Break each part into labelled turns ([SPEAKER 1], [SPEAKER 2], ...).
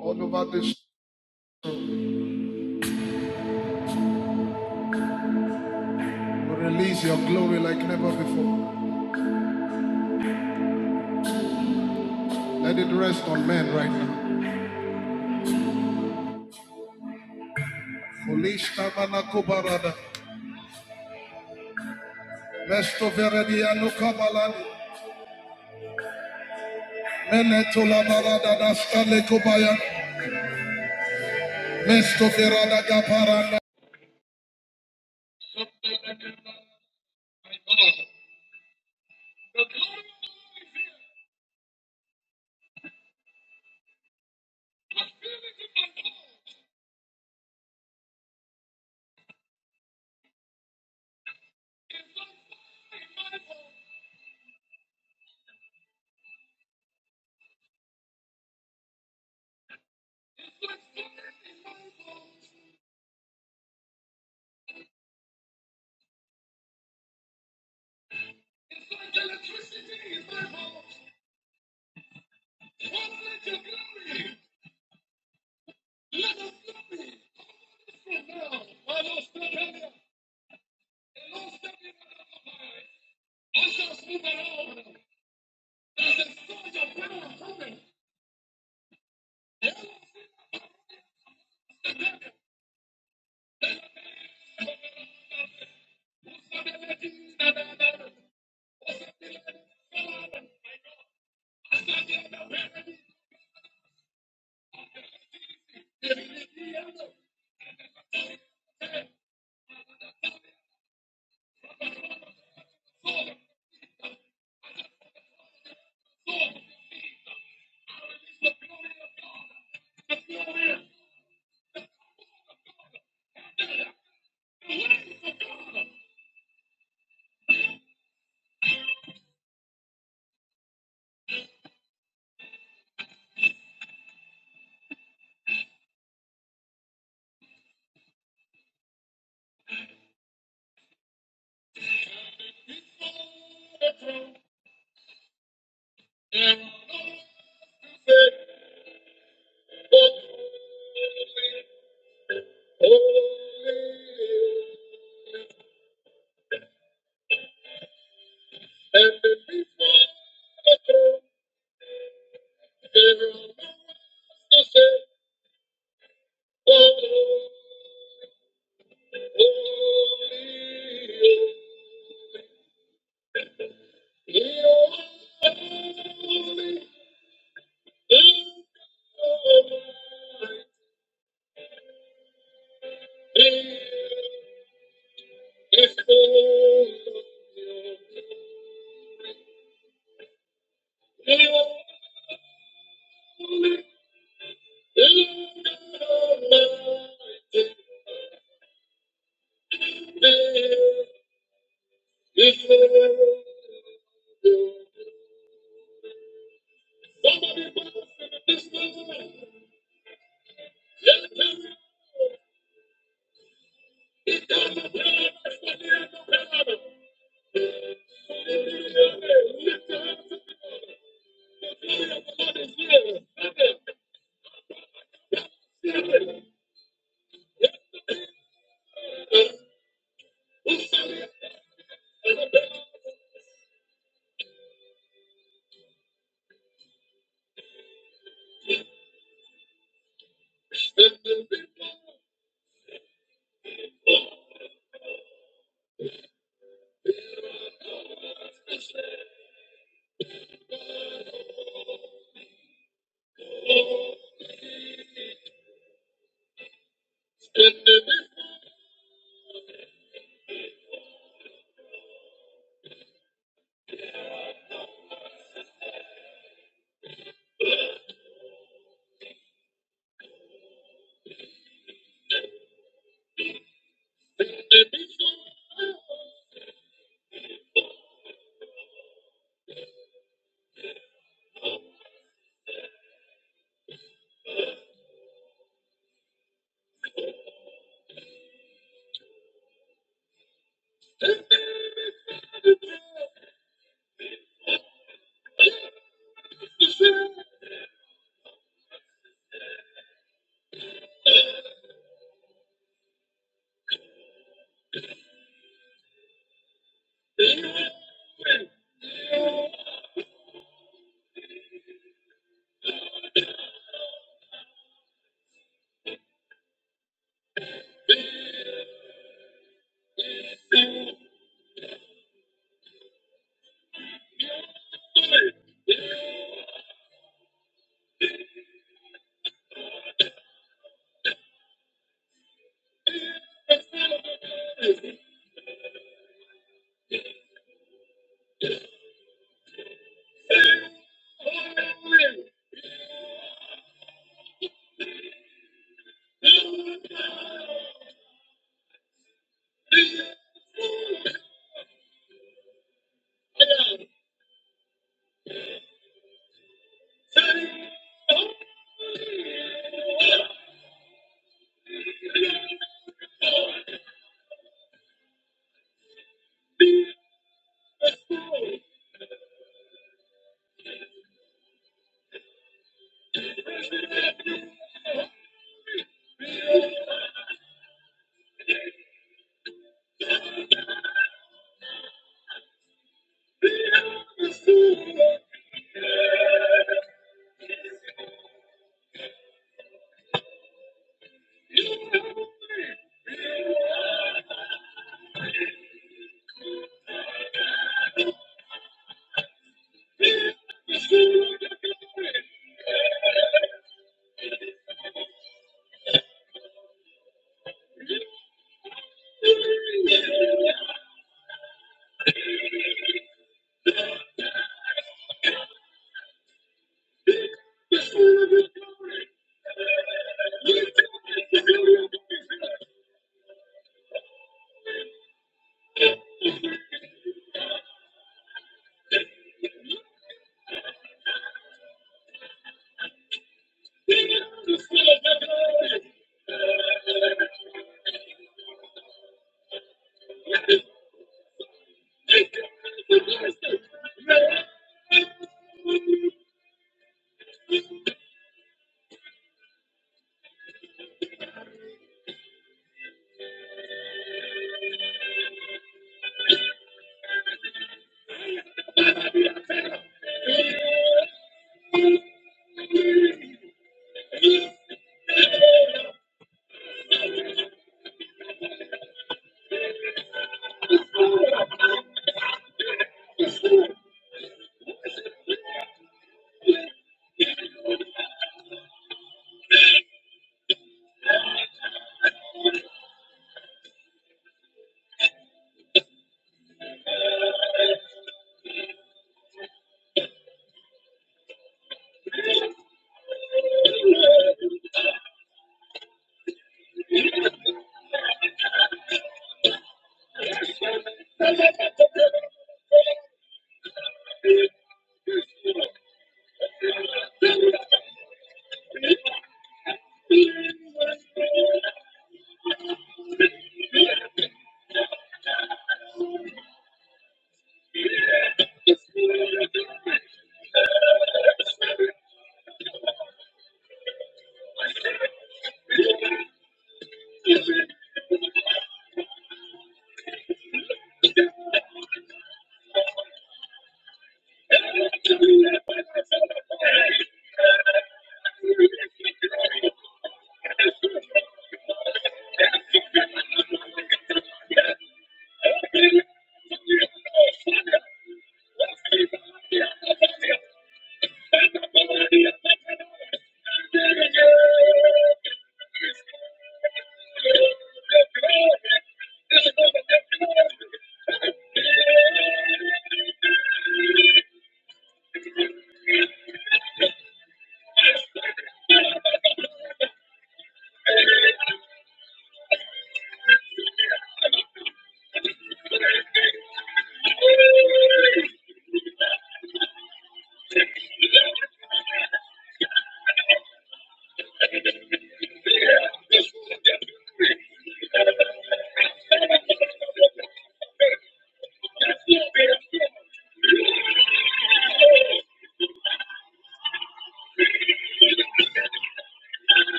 [SPEAKER 1] All over this, release your glory like never before. Let it rest on men right now. Olishta manako barada, mesto veredia no kabalani, meneto la barada da stale kobaya, mesto verada gaparanda.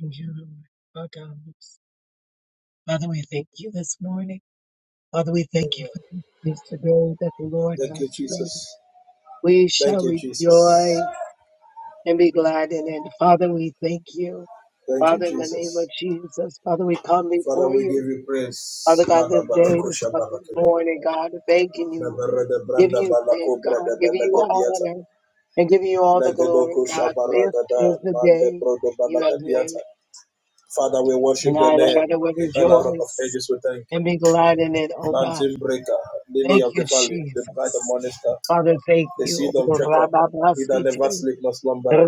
[SPEAKER 1] Thank you, Lord. Our God. Father, we thank you this morning. Father, we thank you
[SPEAKER 2] Amen.
[SPEAKER 1] for this day that the Lord
[SPEAKER 2] Thank you,
[SPEAKER 1] has made.
[SPEAKER 2] Jesus.
[SPEAKER 1] We
[SPEAKER 2] Thank
[SPEAKER 1] shall
[SPEAKER 2] you, Jesus.
[SPEAKER 1] rejoice and be glad in it. Father, we thank you.
[SPEAKER 2] Thank you,
[SPEAKER 1] Father, in the
[SPEAKER 2] Jesus.
[SPEAKER 1] name of Jesus, Father, we come
[SPEAKER 2] Father,
[SPEAKER 1] before
[SPEAKER 2] we give
[SPEAKER 1] you.
[SPEAKER 2] you praise.
[SPEAKER 1] Father God,
[SPEAKER 2] Mada
[SPEAKER 1] this day, this
[SPEAKER 2] barakosha
[SPEAKER 1] coming
[SPEAKER 2] barakina.
[SPEAKER 1] morning, God, thanking you,
[SPEAKER 2] Nebere de
[SPEAKER 1] giving
[SPEAKER 2] branda
[SPEAKER 1] you thanks,
[SPEAKER 2] balakobra
[SPEAKER 1] God,
[SPEAKER 2] de
[SPEAKER 1] giving you all
[SPEAKER 2] belegadiata.
[SPEAKER 1] honor and giving you all the
[SPEAKER 2] Legedo
[SPEAKER 1] glory,
[SPEAKER 2] kosha
[SPEAKER 1] God. This
[SPEAKER 2] baragada.
[SPEAKER 1] is the
[SPEAKER 2] Mande
[SPEAKER 1] day
[SPEAKER 2] brodo
[SPEAKER 1] you have
[SPEAKER 2] balagadiata.
[SPEAKER 1] made,
[SPEAKER 2] Father, we worship
[SPEAKER 1] and I,
[SPEAKER 2] your name.
[SPEAKER 1] Lord, will
[SPEAKER 2] In honor of
[SPEAKER 1] rejoice
[SPEAKER 2] ages, we thank.
[SPEAKER 1] and be glad in it, oh God.
[SPEAKER 2] Mountain breaker, lily
[SPEAKER 1] Thank
[SPEAKER 2] of
[SPEAKER 1] you,
[SPEAKER 2] the valley, the bright and
[SPEAKER 1] Jesus.
[SPEAKER 2] morning star,
[SPEAKER 1] Father, thank
[SPEAKER 2] the
[SPEAKER 1] you. Oh,
[SPEAKER 2] seed of Jacob, he that never
[SPEAKER 1] Rababasiti,
[SPEAKER 2] sleep nor slumber,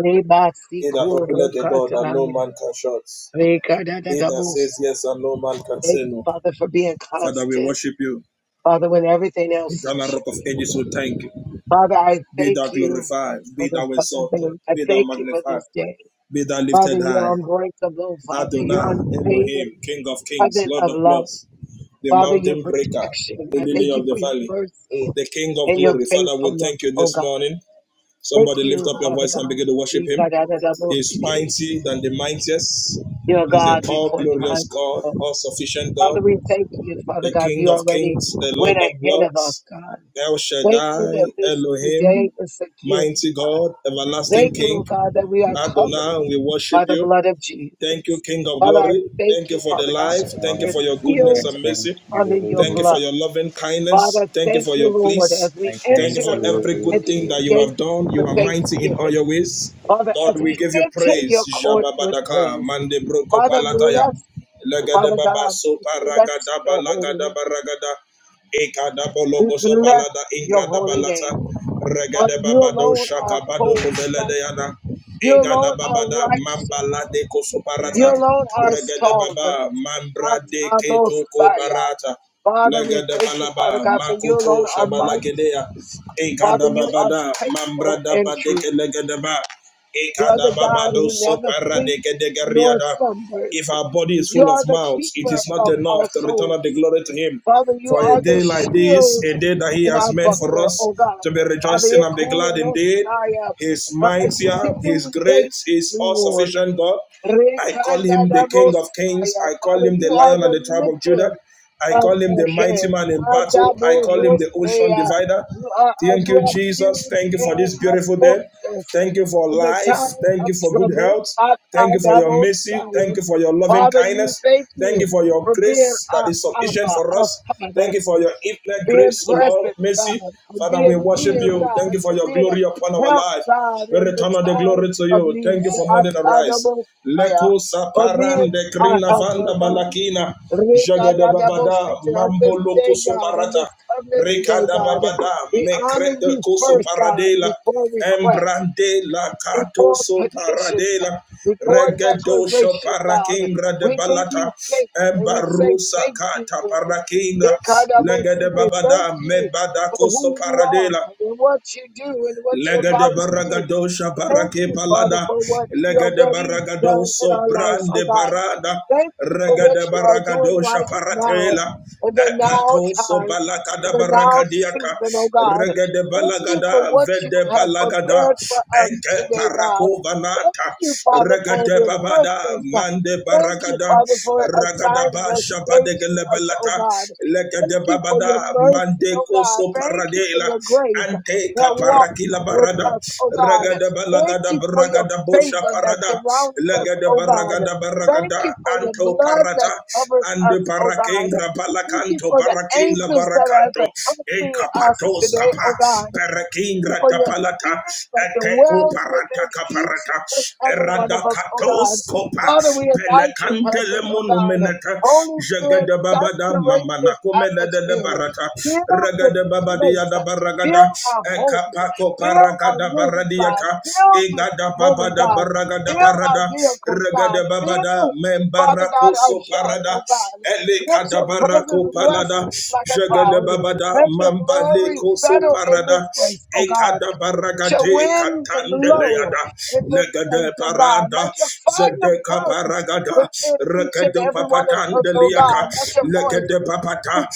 [SPEAKER 2] he that openeth the door that no man can shut. He that says
[SPEAKER 1] Re-ka-da-da-da-bos.
[SPEAKER 2] yes and no man can
[SPEAKER 1] Thank
[SPEAKER 2] say
[SPEAKER 1] you,
[SPEAKER 2] no.
[SPEAKER 1] Father, for being
[SPEAKER 2] Father, we
[SPEAKER 1] constant.
[SPEAKER 2] worship you.
[SPEAKER 1] Father, when everything else is
[SPEAKER 2] Eternal rock of
[SPEAKER 1] shifting.
[SPEAKER 2] ages, we thank you.
[SPEAKER 1] Father, I
[SPEAKER 2] Be
[SPEAKER 1] thank
[SPEAKER 2] thou
[SPEAKER 1] you
[SPEAKER 2] glorified,
[SPEAKER 1] for
[SPEAKER 2] be
[SPEAKER 1] this
[SPEAKER 2] thou
[SPEAKER 1] other day.
[SPEAKER 2] exalted,
[SPEAKER 1] I
[SPEAKER 2] be thou
[SPEAKER 1] thank you for
[SPEAKER 2] magnified,
[SPEAKER 1] this day.
[SPEAKER 2] be thou
[SPEAKER 1] Father,
[SPEAKER 2] lifted high.
[SPEAKER 1] you're unbreakable. Father, you're
[SPEAKER 2] Adonai, Elohim,
[SPEAKER 1] unfailing.
[SPEAKER 2] King of kings,
[SPEAKER 1] Covenant
[SPEAKER 2] Lord
[SPEAKER 1] of
[SPEAKER 2] of
[SPEAKER 1] love.
[SPEAKER 2] lords, the
[SPEAKER 1] Father, your
[SPEAKER 2] mountain breaker,
[SPEAKER 1] protection.
[SPEAKER 2] the
[SPEAKER 1] I
[SPEAKER 2] lily
[SPEAKER 1] thank you
[SPEAKER 2] of
[SPEAKER 1] for
[SPEAKER 2] the
[SPEAKER 1] your
[SPEAKER 2] valley,
[SPEAKER 1] mercy
[SPEAKER 2] the King of
[SPEAKER 1] and your
[SPEAKER 2] glory. Father, we
[SPEAKER 1] faithfulness,
[SPEAKER 2] thank you
[SPEAKER 1] oh
[SPEAKER 2] this
[SPEAKER 1] God.
[SPEAKER 2] morning.
[SPEAKER 1] Thank
[SPEAKER 2] Somebody lift
[SPEAKER 1] you,
[SPEAKER 2] up your
[SPEAKER 1] Father
[SPEAKER 2] voice and
[SPEAKER 1] God.
[SPEAKER 2] begin to worship him. He
[SPEAKER 1] Re-ka-da-da-da-bos.
[SPEAKER 2] is mighty than the mightiest.
[SPEAKER 1] You're
[SPEAKER 2] He is the
[SPEAKER 1] God
[SPEAKER 2] all
[SPEAKER 1] before
[SPEAKER 2] glorious
[SPEAKER 1] time.
[SPEAKER 2] God,
[SPEAKER 1] began.
[SPEAKER 2] all sufficient
[SPEAKER 1] Father,
[SPEAKER 2] God.
[SPEAKER 1] we thank you, Father
[SPEAKER 2] the
[SPEAKER 1] God,
[SPEAKER 2] King
[SPEAKER 1] you
[SPEAKER 2] of
[SPEAKER 1] already
[SPEAKER 2] Kings, the
[SPEAKER 1] went
[SPEAKER 2] Lord of
[SPEAKER 1] ahead of us,
[SPEAKER 2] Lords,
[SPEAKER 1] God.
[SPEAKER 2] El
[SPEAKER 1] Thank you that
[SPEAKER 2] Shaddai,
[SPEAKER 1] this is the day
[SPEAKER 2] Elohim,
[SPEAKER 1] of security.
[SPEAKER 2] Mighty
[SPEAKER 1] God.
[SPEAKER 2] God, Everlasting
[SPEAKER 1] Thank you,
[SPEAKER 2] King.
[SPEAKER 1] Lord God, that we are covered
[SPEAKER 2] Adonai, we worship
[SPEAKER 1] by the
[SPEAKER 2] you.
[SPEAKER 1] blood of
[SPEAKER 2] Thank you,
[SPEAKER 1] Jesus.
[SPEAKER 2] King of
[SPEAKER 1] Father, I
[SPEAKER 2] Glory.
[SPEAKER 1] thank
[SPEAKER 2] Thank you
[SPEAKER 1] you,
[SPEAKER 2] for the
[SPEAKER 1] Father God,
[SPEAKER 3] So
[SPEAKER 2] life.
[SPEAKER 1] that
[SPEAKER 2] Thank you
[SPEAKER 1] we're
[SPEAKER 2] for your
[SPEAKER 3] I
[SPEAKER 2] goodness
[SPEAKER 1] sealed
[SPEAKER 2] and
[SPEAKER 3] thank
[SPEAKER 2] mercy.
[SPEAKER 1] under your
[SPEAKER 2] Thank you
[SPEAKER 3] you.
[SPEAKER 2] for
[SPEAKER 1] blood.
[SPEAKER 2] your loving kindness.
[SPEAKER 1] Father,
[SPEAKER 2] Thank you
[SPEAKER 1] thank
[SPEAKER 2] for
[SPEAKER 1] you,
[SPEAKER 2] your
[SPEAKER 1] Lord, as
[SPEAKER 2] peace.
[SPEAKER 1] we
[SPEAKER 3] I
[SPEAKER 2] Thank
[SPEAKER 3] thank
[SPEAKER 2] you for
[SPEAKER 1] enter
[SPEAKER 2] every good
[SPEAKER 1] into
[SPEAKER 2] thing
[SPEAKER 3] you
[SPEAKER 1] your
[SPEAKER 2] that you
[SPEAKER 3] for
[SPEAKER 1] gates
[SPEAKER 2] have done. You
[SPEAKER 1] with
[SPEAKER 2] are mighty in all
[SPEAKER 1] thanksgiving.
[SPEAKER 2] your ways.
[SPEAKER 1] Father, as
[SPEAKER 2] Lord, we
[SPEAKER 1] we
[SPEAKER 3] truth.
[SPEAKER 2] give you
[SPEAKER 1] enter
[SPEAKER 2] praise.
[SPEAKER 1] your court with
[SPEAKER 2] Jababadaka,
[SPEAKER 1] praise.
[SPEAKER 2] mande broko
[SPEAKER 1] Father,
[SPEAKER 2] palataya.
[SPEAKER 1] bless, Father
[SPEAKER 2] Lagadababa
[SPEAKER 1] God,
[SPEAKER 2] sopa
[SPEAKER 1] we bless
[SPEAKER 2] ragadaba lagadaba
[SPEAKER 1] your holy name.
[SPEAKER 2] ragada. Balagada Baragada.
[SPEAKER 1] We
[SPEAKER 2] Ekadabologoso
[SPEAKER 1] bless
[SPEAKER 2] balada
[SPEAKER 1] your
[SPEAKER 2] ingrada
[SPEAKER 1] holy
[SPEAKER 2] balata
[SPEAKER 1] name. Father,
[SPEAKER 2] regede
[SPEAKER 1] you
[SPEAKER 2] babado
[SPEAKER 1] alone
[SPEAKER 2] shaka
[SPEAKER 1] are
[SPEAKER 2] bado
[SPEAKER 1] holy, God.
[SPEAKER 2] kuvelede yana
[SPEAKER 1] You
[SPEAKER 2] ingada
[SPEAKER 1] alone are
[SPEAKER 2] babada
[SPEAKER 1] righteous.
[SPEAKER 2] mambalade kosoparata
[SPEAKER 1] You
[SPEAKER 3] Yes,
[SPEAKER 1] alone are
[SPEAKER 2] regede
[SPEAKER 1] solvent.
[SPEAKER 2] baba mambrade ketoko
[SPEAKER 1] Atadosaya.
[SPEAKER 2] barata
[SPEAKER 1] Father, we
[SPEAKER 2] legede
[SPEAKER 1] thank you, Father
[SPEAKER 2] balaba
[SPEAKER 1] God, for you
[SPEAKER 2] makoto
[SPEAKER 1] alone are mighty.
[SPEAKER 2] shabalagedea
[SPEAKER 1] Father,
[SPEAKER 2] ingada
[SPEAKER 1] you are
[SPEAKER 2] babada
[SPEAKER 1] faithful
[SPEAKER 2] mambrada
[SPEAKER 1] and true.
[SPEAKER 2] badeke legede ba
[SPEAKER 1] You are
[SPEAKER 2] ekada
[SPEAKER 1] the God
[SPEAKER 2] babado
[SPEAKER 1] who never
[SPEAKER 2] sopara deke
[SPEAKER 1] sleeps nor
[SPEAKER 2] degariada if
[SPEAKER 1] slumbers.
[SPEAKER 2] our body is
[SPEAKER 1] You
[SPEAKER 2] full of
[SPEAKER 1] are the
[SPEAKER 2] mouths, it
[SPEAKER 1] keeper
[SPEAKER 2] is not
[SPEAKER 1] of our
[SPEAKER 2] enough to return the
[SPEAKER 1] souls.
[SPEAKER 2] glory to Him
[SPEAKER 1] Father, you
[SPEAKER 2] for a
[SPEAKER 1] are the
[SPEAKER 2] day like this,
[SPEAKER 1] shield
[SPEAKER 2] a day that He
[SPEAKER 1] in our
[SPEAKER 2] has made for
[SPEAKER 1] buckler,
[SPEAKER 2] us
[SPEAKER 1] oh God.
[SPEAKER 2] to be
[SPEAKER 1] Father,
[SPEAKER 2] rejoicing and be glad indeed.
[SPEAKER 1] Ekurosaya,
[SPEAKER 2] He is
[SPEAKER 1] our
[SPEAKER 2] mightier, He is
[SPEAKER 1] exceeding
[SPEAKER 2] great,
[SPEAKER 1] great
[SPEAKER 2] He is all
[SPEAKER 1] reward.
[SPEAKER 2] sufficient God. I call
[SPEAKER 1] Rekandadabosaya.
[SPEAKER 2] Him the King of Kings, I call
[SPEAKER 1] Father,
[SPEAKER 2] Him the
[SPEAKER 1] you are
[SPEAKER 2] Lion of
[SPEAKER 1] the
[SPEAKER 2] the tribe of Judah,
[SPEAKER 1] lifter
[SPEAKER 2] I
[SPEAKER 1] of
[SPEAKER 2] call Him
[SPEAKER 1] our
[SPEAKER 2] the mighty
[SPEAKER 1] heads.
[SPEAKER 2] man in battle, I call Him the ocean
[SPEAKER 1] Adaborosaya.
[SPEAKER 2] divider,
[SPEAKER 1] You are our
[SPEAKER 2] Thank you, Jesus.
[SPEAKER 1] refuge
[SPEAKER 2] Thank you for
[SPEAKER 1] and
[SPEAKER 2] this
[SPEAKER 1] our
[SPEAKER 2] beautiful day.
[SPEAKER 1] fortress
[SPEAKER 2] Thank you for
[SPEAKER 1] in the
[SPEAKER 2] life.
[SPEAKER 1] time
[SPEAKER 2] Thank
[SPEAKER 1] of
[SPEAKER 2] you for good
[SPEAKER 1] trouble.
[SPEAKER 2] health. Thank you for your mercy. Thank
[SPEAKER 1] Akadabosaya.
[SPEAKER 2] you for your loving
[SPEAKER 1] Father, you
[SPEAKER 2] kindness.
[SPEAKER 1] thank
[SPEAKER 2] Thank
[SPEAKER 1] you
[SPEAKER 2] you for your
[SPEAKER 1] for being
[SPEAKER 2] grace that
[SPEAKER 1] our
[SPEAKER 2] is sufficient
[SPEAKER 1] Abba,
[SPEAKER 2] for us.
[SPEAKER 1] our Father
[SPEAKER 2] Thank you for your infinite
[SPEAKER 1] being
[SPEAKER 2] grace, O Lord,
[SPEAKER 1] present,
[SPEAKER 2] mercy.
[SPEAKER 1] God, for
[SPEAKER 2] Father, we
[SPEAKER 1] being
[SPEAKER 2] worship
[SPEAKER 1] near,
[SPEAKER 2] you. Thank
[SPEAKER 1] God,
[SPEAKER 2] you for
[SPEAKER 1] for
[SPEAKER 2] your
[SPEAKER 1] being
[SPEAKER 2] glory upon
[SPEAKER 1] a
[SPEAKER 2] our
[SPEAKER 1] help,
[SPEAKER 2] life.
[SPEAKER 1] God,
[SPEAKER 2] We
[SPEAKER 1] in the
[SPEAKER 2] return all the
[SPEAKER 1] time
[SPEAKER 2] glory to
[SPEAKER 1] of
[SPEAKER 2] you. Thank
[SPEAKER 1] need.
[SPEAKER 2] you for morning arise. a rise.
[SPEAKER 1] Atadabosaya,
[SPEAKER 2] Leko
[SPEAKER 1] For being
[SPEAKER 2] saparande
[SPEAKER 1] our
[SPEAKER 2] grina
[SPEAKER 1] helper,
[SPEAKER 2] vanda
[SPEAKER 1] God.
[SPEAKER 2] balakina. Jagadababada
[SPEAKER 1] Rekadadabosita, On
[SPEAKER 2] mambo
[SPEAKER 1] this
[SPEAKER 2] loko
[SPEAKER 1] day, God, on this
[SPEAKER 2] soparata.
[SPEAKER 1] covenant day,
[SPEAKER 2] Ricada
[SPEAKER 1] God,
[SPEAKER 2] babada,
[SPEAKER 1] we honor
[SPEAKER 2] mecrete
[SPEAKER 1] you
[SPEAKER 2] coso
[SPEAKER 1] first, God,
[SPEAKER 2] paradela,
[SPEAKER 1] before request
[SPEAKER 2] embrande la
[SPEAKER 1] before
[SPEAKER 2] catoso
[SPEAKER 1] petitions,
[SPEAKER 2] paradela,
[SPEAKER 1] before
[SPEAKER 2] regedosho
[SPEAKER 1] declaration, God.
[SPEAKER 2] parakingra de
[SPEAKER 1] We give you
[SPEAKER 2] balata,
[SPEAKER 1] thanks and we say
[SPEAKER 2] embarusa
[SPEAKER 1] thank you,
[SPEAKER 2] cata
[SPEAKER 1] Lord.
[SPEAKER 2] parakinga, legede
[SPEAKER 1] Ikadabosike, Thank
[SPEAKER 2] babada,
[SPEAKER 1] you
[SPEAKER 2] mebada
[SPEAKER 1] for
[SPEAKER 2] coso
[SPEAKER 1] who you are
[SPEAKER 2] paradela,
[SPEAKER 1] and what you do and what you're
[SPEAKER 2] Legade
[SPEAKER 1] about to do.
[SPEAKER 2] baragado
[SPEAKER 1] Thank
[SPEAKER 2] shabarake
[SPEAKER 1] you, Father,
[SPEAKER 2] palada.
[SPEAKER 1] for what you have
[SPEAKER 2] Legade
[SPEAKER 1] already
[SPEAKER 2] baragado
[SPEAKER 1] done in our lives, oh
[SPEAKER 2] sobrande
[SPEAKER 1] God.
[SPEAKER 2] barada.
[SPEAKER 1] Thank you for what
[SPEAKER 2] Regade
[SPEAKER 1] you are doing
[SPEAKER 2] baragado
[SPEAKER 1] right now,
[SPEAKER 2] shaparatela.
[SPEAKER 1] in the now
[SPEAKER 2] Epato so
[SPEAKER 1] time, in
[SPEAKER 2] balakada
[SPEAKER 1] the now
[SPEAKER 2] barakadiaka.
[SPEAKER 1] season, oh God.
[SPEAKER 2] Regade
[SPEAKER 1] Thank you for
[SPEAKER 2] balagada
[SPEAKER 1] what you
[SPEAKER 2] vede
[SPEAKER 1] have
[SPEAKER 2] balagada.
[SPEAKER 1] prepared for us
[SPEAKER 2] Enke
[SPEAKER 1] today, God.
[SPEAKER 2] parako
[SPEAKER 1] Thank
[SPEAKER 2] banata.
[SPEAKER 1] you, Father, for
[SPEAKER 2] Regade
[SPEAKER 1] your
[SPEAKER 2] babada
[SPEAKER 1] goodness.
[SPEAKER 2] mande
[SPEAKER 1] Thank you,
[SPEAKER 2] baragada.
[SPEAKER 1] Father, for
[SPEAKER 2] Ragada ba
[SPEAKER 1] assignments made
[SPEAKER 2] shabade
[SPEAKER 1] to us, oh
[SPEAKER 2] gelebelata.
[SPEAKER 1] God.
[SPEAKER 2] Legade
[SPEAKER 1] Thank
[SPEAKER 2] regede
[SPEAKER 1] you for your
[SPEAKER 2] babada
[SPEAKER 1] mercy, oh
[SPEAKER 2] mandeko
[SPEAKER 1] God.
[SPEAKER 2] so
[SPEAKER 1] Thank you for
[SPEAKER 2] paradela
[SPEAKER 1] your grace
[SPEAKER 2] ante
[SPEAKER 1] that walks
[SPEAKER 2] kaparakila
[SPEAKER 1] with
[SPEAKER 2] barada
[SPEAKER 1] us, oh God.
[SPEAKER 2] regede
[SPEAKER 1] Thank
[SPEAKER 2] balagada
[SPEAKER 1] you for your
[SPEAKER 2] bragada bosha
[SPEAKER 1] favor that
[SPEAKER 2] parada
[SPEAKER 1] surrounds us,
[SPEAKER 2] legede
[SPEAKER 1] oh God.
[SPEAKER 2] baragada
[SPEAKER 1] Thank
[SPEAKER 2] baragada
[SPEAKER 1] you for your
[SPEAKER 2] anto
[SPEAKER 1] blood that
[SPEAKER 2] parata
[SPEAKER 1] covers
[SPEAKER 2] ande
[SPEAKER 1] us, oh God.
[SPEAKER 2] parakengra
[SPEAKER 1] Thank you
[SPEAKER 2] balakanto
[SPEAKER 1] for the
[SPEAKER 2] parakenla
[SPEAKER 1] angels that has
[SPEAKER 2] barakanto
[SPEAKER 1] accompanied us
[SPEAKER 2] ekapatos
[SPEAKER 1] today,
[SPEAKER 2] kapa
[SPEAKER 1] oh God. Thank you
[SPEAKER 2] parakengra
[SPEAKER 1] for your
[SPEAKER 2] tapalata
[SPEAKER 1] spirit that
[SPEAKER 2] eteko
[SPEAKER 1] dwells within
[SPEAKER 2] parata
[SPEAKER 1] each
[SPEAKER 2] kaparata
[SPEAKER 1] and every one
[SPEAKER 2] erada
[SPEAKER 1] of us, oh God.
[SPEAKER 2] katos kopa
[SPEAKER 1] Father, we invite your
[SPEAKER 2] Pelekantele
[SPEAKER 1] presence, oh God.
[SPEAKER 2] monumeneta.
[SPEAKER 1] Holy Spirit,
[SPEAKER 2] Jagada babada
[SPEAKER 1] saturate
[SPEAKER 2] mamana
[SPEAKER 1] this
[SPEAKER 2] komele de
[SPEAKER 1] atmosphere.
[SPEAKER 2] barata.
[SPEAKER 1] Fill this
[SPEAKER 2] Ragada babadi yada
[SPEAKER 1] place.
[SPEAKER 2] baragada.
[SPEAKER 1] Fill our homes.
[SPEAKER 2] Ekapako
[SPEAKER 1] Fill our
[SPEAKER 2] paragada
[SPEAKER 1] rooms, God.
[SPEAKER 2] baradiata.
[SPEAKER 1] Fill this
[SPEAKER 2] Egada
[SPEAKER 1] moment,
[SPEAKER 2] babada
[SPEAKER 1] God.
[SPEAKER 2] baragada
[SPEAKER 1] Fill our
[SPEAKER 2] parada.
[SPEAKER 1] vehicles,
[SPEAKER 2] Ragada
[SPEAKER 1] God.
[SPEAKER 2] babada
[SPEAKER 1] Fill, Father God,
[SPEAKER 2] membarako
[SPEAKER 1] our
[SPEAKER 2] so
[SPEAKER 1] jobs,
[SPEAKER 2] parada.
[SPEAKER 1] oh God. Let
[SPEAKER 2] Elekada
[SPEAKER 1] your presence
[SPEAKER 2] barako
[SPEAKER 1] rest
[SPEAKER 2] palada.
[SPEAKER 1] like a
[SPEAKER 2] Jagada
[SPEAKER 1] cloud.
[SPEAKER 2] babada
[SPEAKER 1] Let your glory
[SPEAKER 2] mambaleko so
[SPEAKER 1] settle in this
[SPEAKER 2] parada.
[SPEAKER 1] place, oh God.
[SPEAKER 2] Ekada
[SPEAKER 1] Let your
[SPEAKER 2] baragade
[SPEAKER 1] winds blow
[SPEAKER 2] katandeleada
[SPEAKER 1] in this place,
[SPEAKER 2] legade
[SPEAKER 1] oh God.
[SPEAKER 2] parada
[SPEAKER 1] Let your fire
[SPEAKER 2] zedeka
[SPEAKER 1] burn
[SPEAKER 2] paragada
[SPEAKER 1] within each and
[SPEAKER 2] rekedu
[SPEAKER 1] every one of us, oh
[SPEAKER 2] papatandeliata
[SPEAKER 1] God. Let your voice
[SPEAKER 2] legede papata
[SPEAKER 1] Speak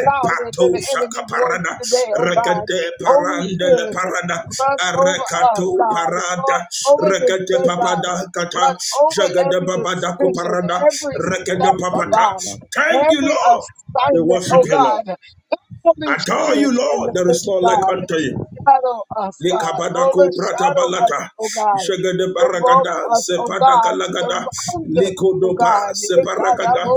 [SPEAKER 1] louder than the enemy voice
[SPEAKER 2] shakaparada
[SPEAKER 1] today, oh God.
[SPEAKER 2] regede
[SPEAKER 1] Holy
[SPEAKER 2] parandele
[SPEAKER 1] Spirit,
[SPEAKER 2] parada
[SPEAKER 1] run over us,
[SPEAKER 2] arekato
[SPEAKER 1] God. Run
[SPEAKER 2] parada
[SPEAKER 1] over this
[SPEAKER 2] regede
[SPEAKER 1] day, God.
[SPEAKER 2] papada
[SPEAKER 1] Run
[SPEAKER 2] kata
[SPEAKER 1] over
[SPEAKER 2] jagade
[SPEAKER 1] every
[SPEAKER 2] babada
[SPEAKER 1] decision,
[SPEAKER 2] kuparada
[SPEAKER 1] every
[SPEAKER 2] regede
[SPEAKER 1] step, oh
[SPEAKER 3] you
[SPEAKER 2] papata
[SPEAKER 1] God.
[SPEAKER 3] have
[SPEAKER 2] thank you
[SPEAKER 3] been
[SPEAKER 1] Every
[SPEAKER 2] lord we
[SPEAKER 1] assignment,
[SPEAKER 2] worship
[SPEAKER 1] oh
[SPEAKER 2] you lord
[SPEAKER 1] God. Holy
[SPEAKER 2] adore you
[SPEAKER 1] Spirit in
[SPEAKER 2] lord
[SPEAKER 1] the
[SPEAKER 2] there
[SPEAKER 1] name
[SPEAKER 2] is
[SPEAKER 1] of
[SPEAKER 2] none like
[SPEAKER 1] God
[SPEAKER 2] unto you
[SPEAKER 1] shadow us, God.
[SPEAKER 2] Likabadako
[SPEAKER 1] Overshadow us,
[SPEAKER 2] pratabalata,
[SPEAKER 1] oh God.
[SPEAKER 2] Shagada
[SPEAKER 1] Invoke
[SPEAKER 2] Baragada,
[SPEAKER 1] us, oh
[SPEAKER 2] Sepadaka
[SPEAKER 1] God.
[SPEAKER 2] Lagada,
[SPEAKER 1] Surround us, oh
[SPEAKER 2] Likodopa, Separagada,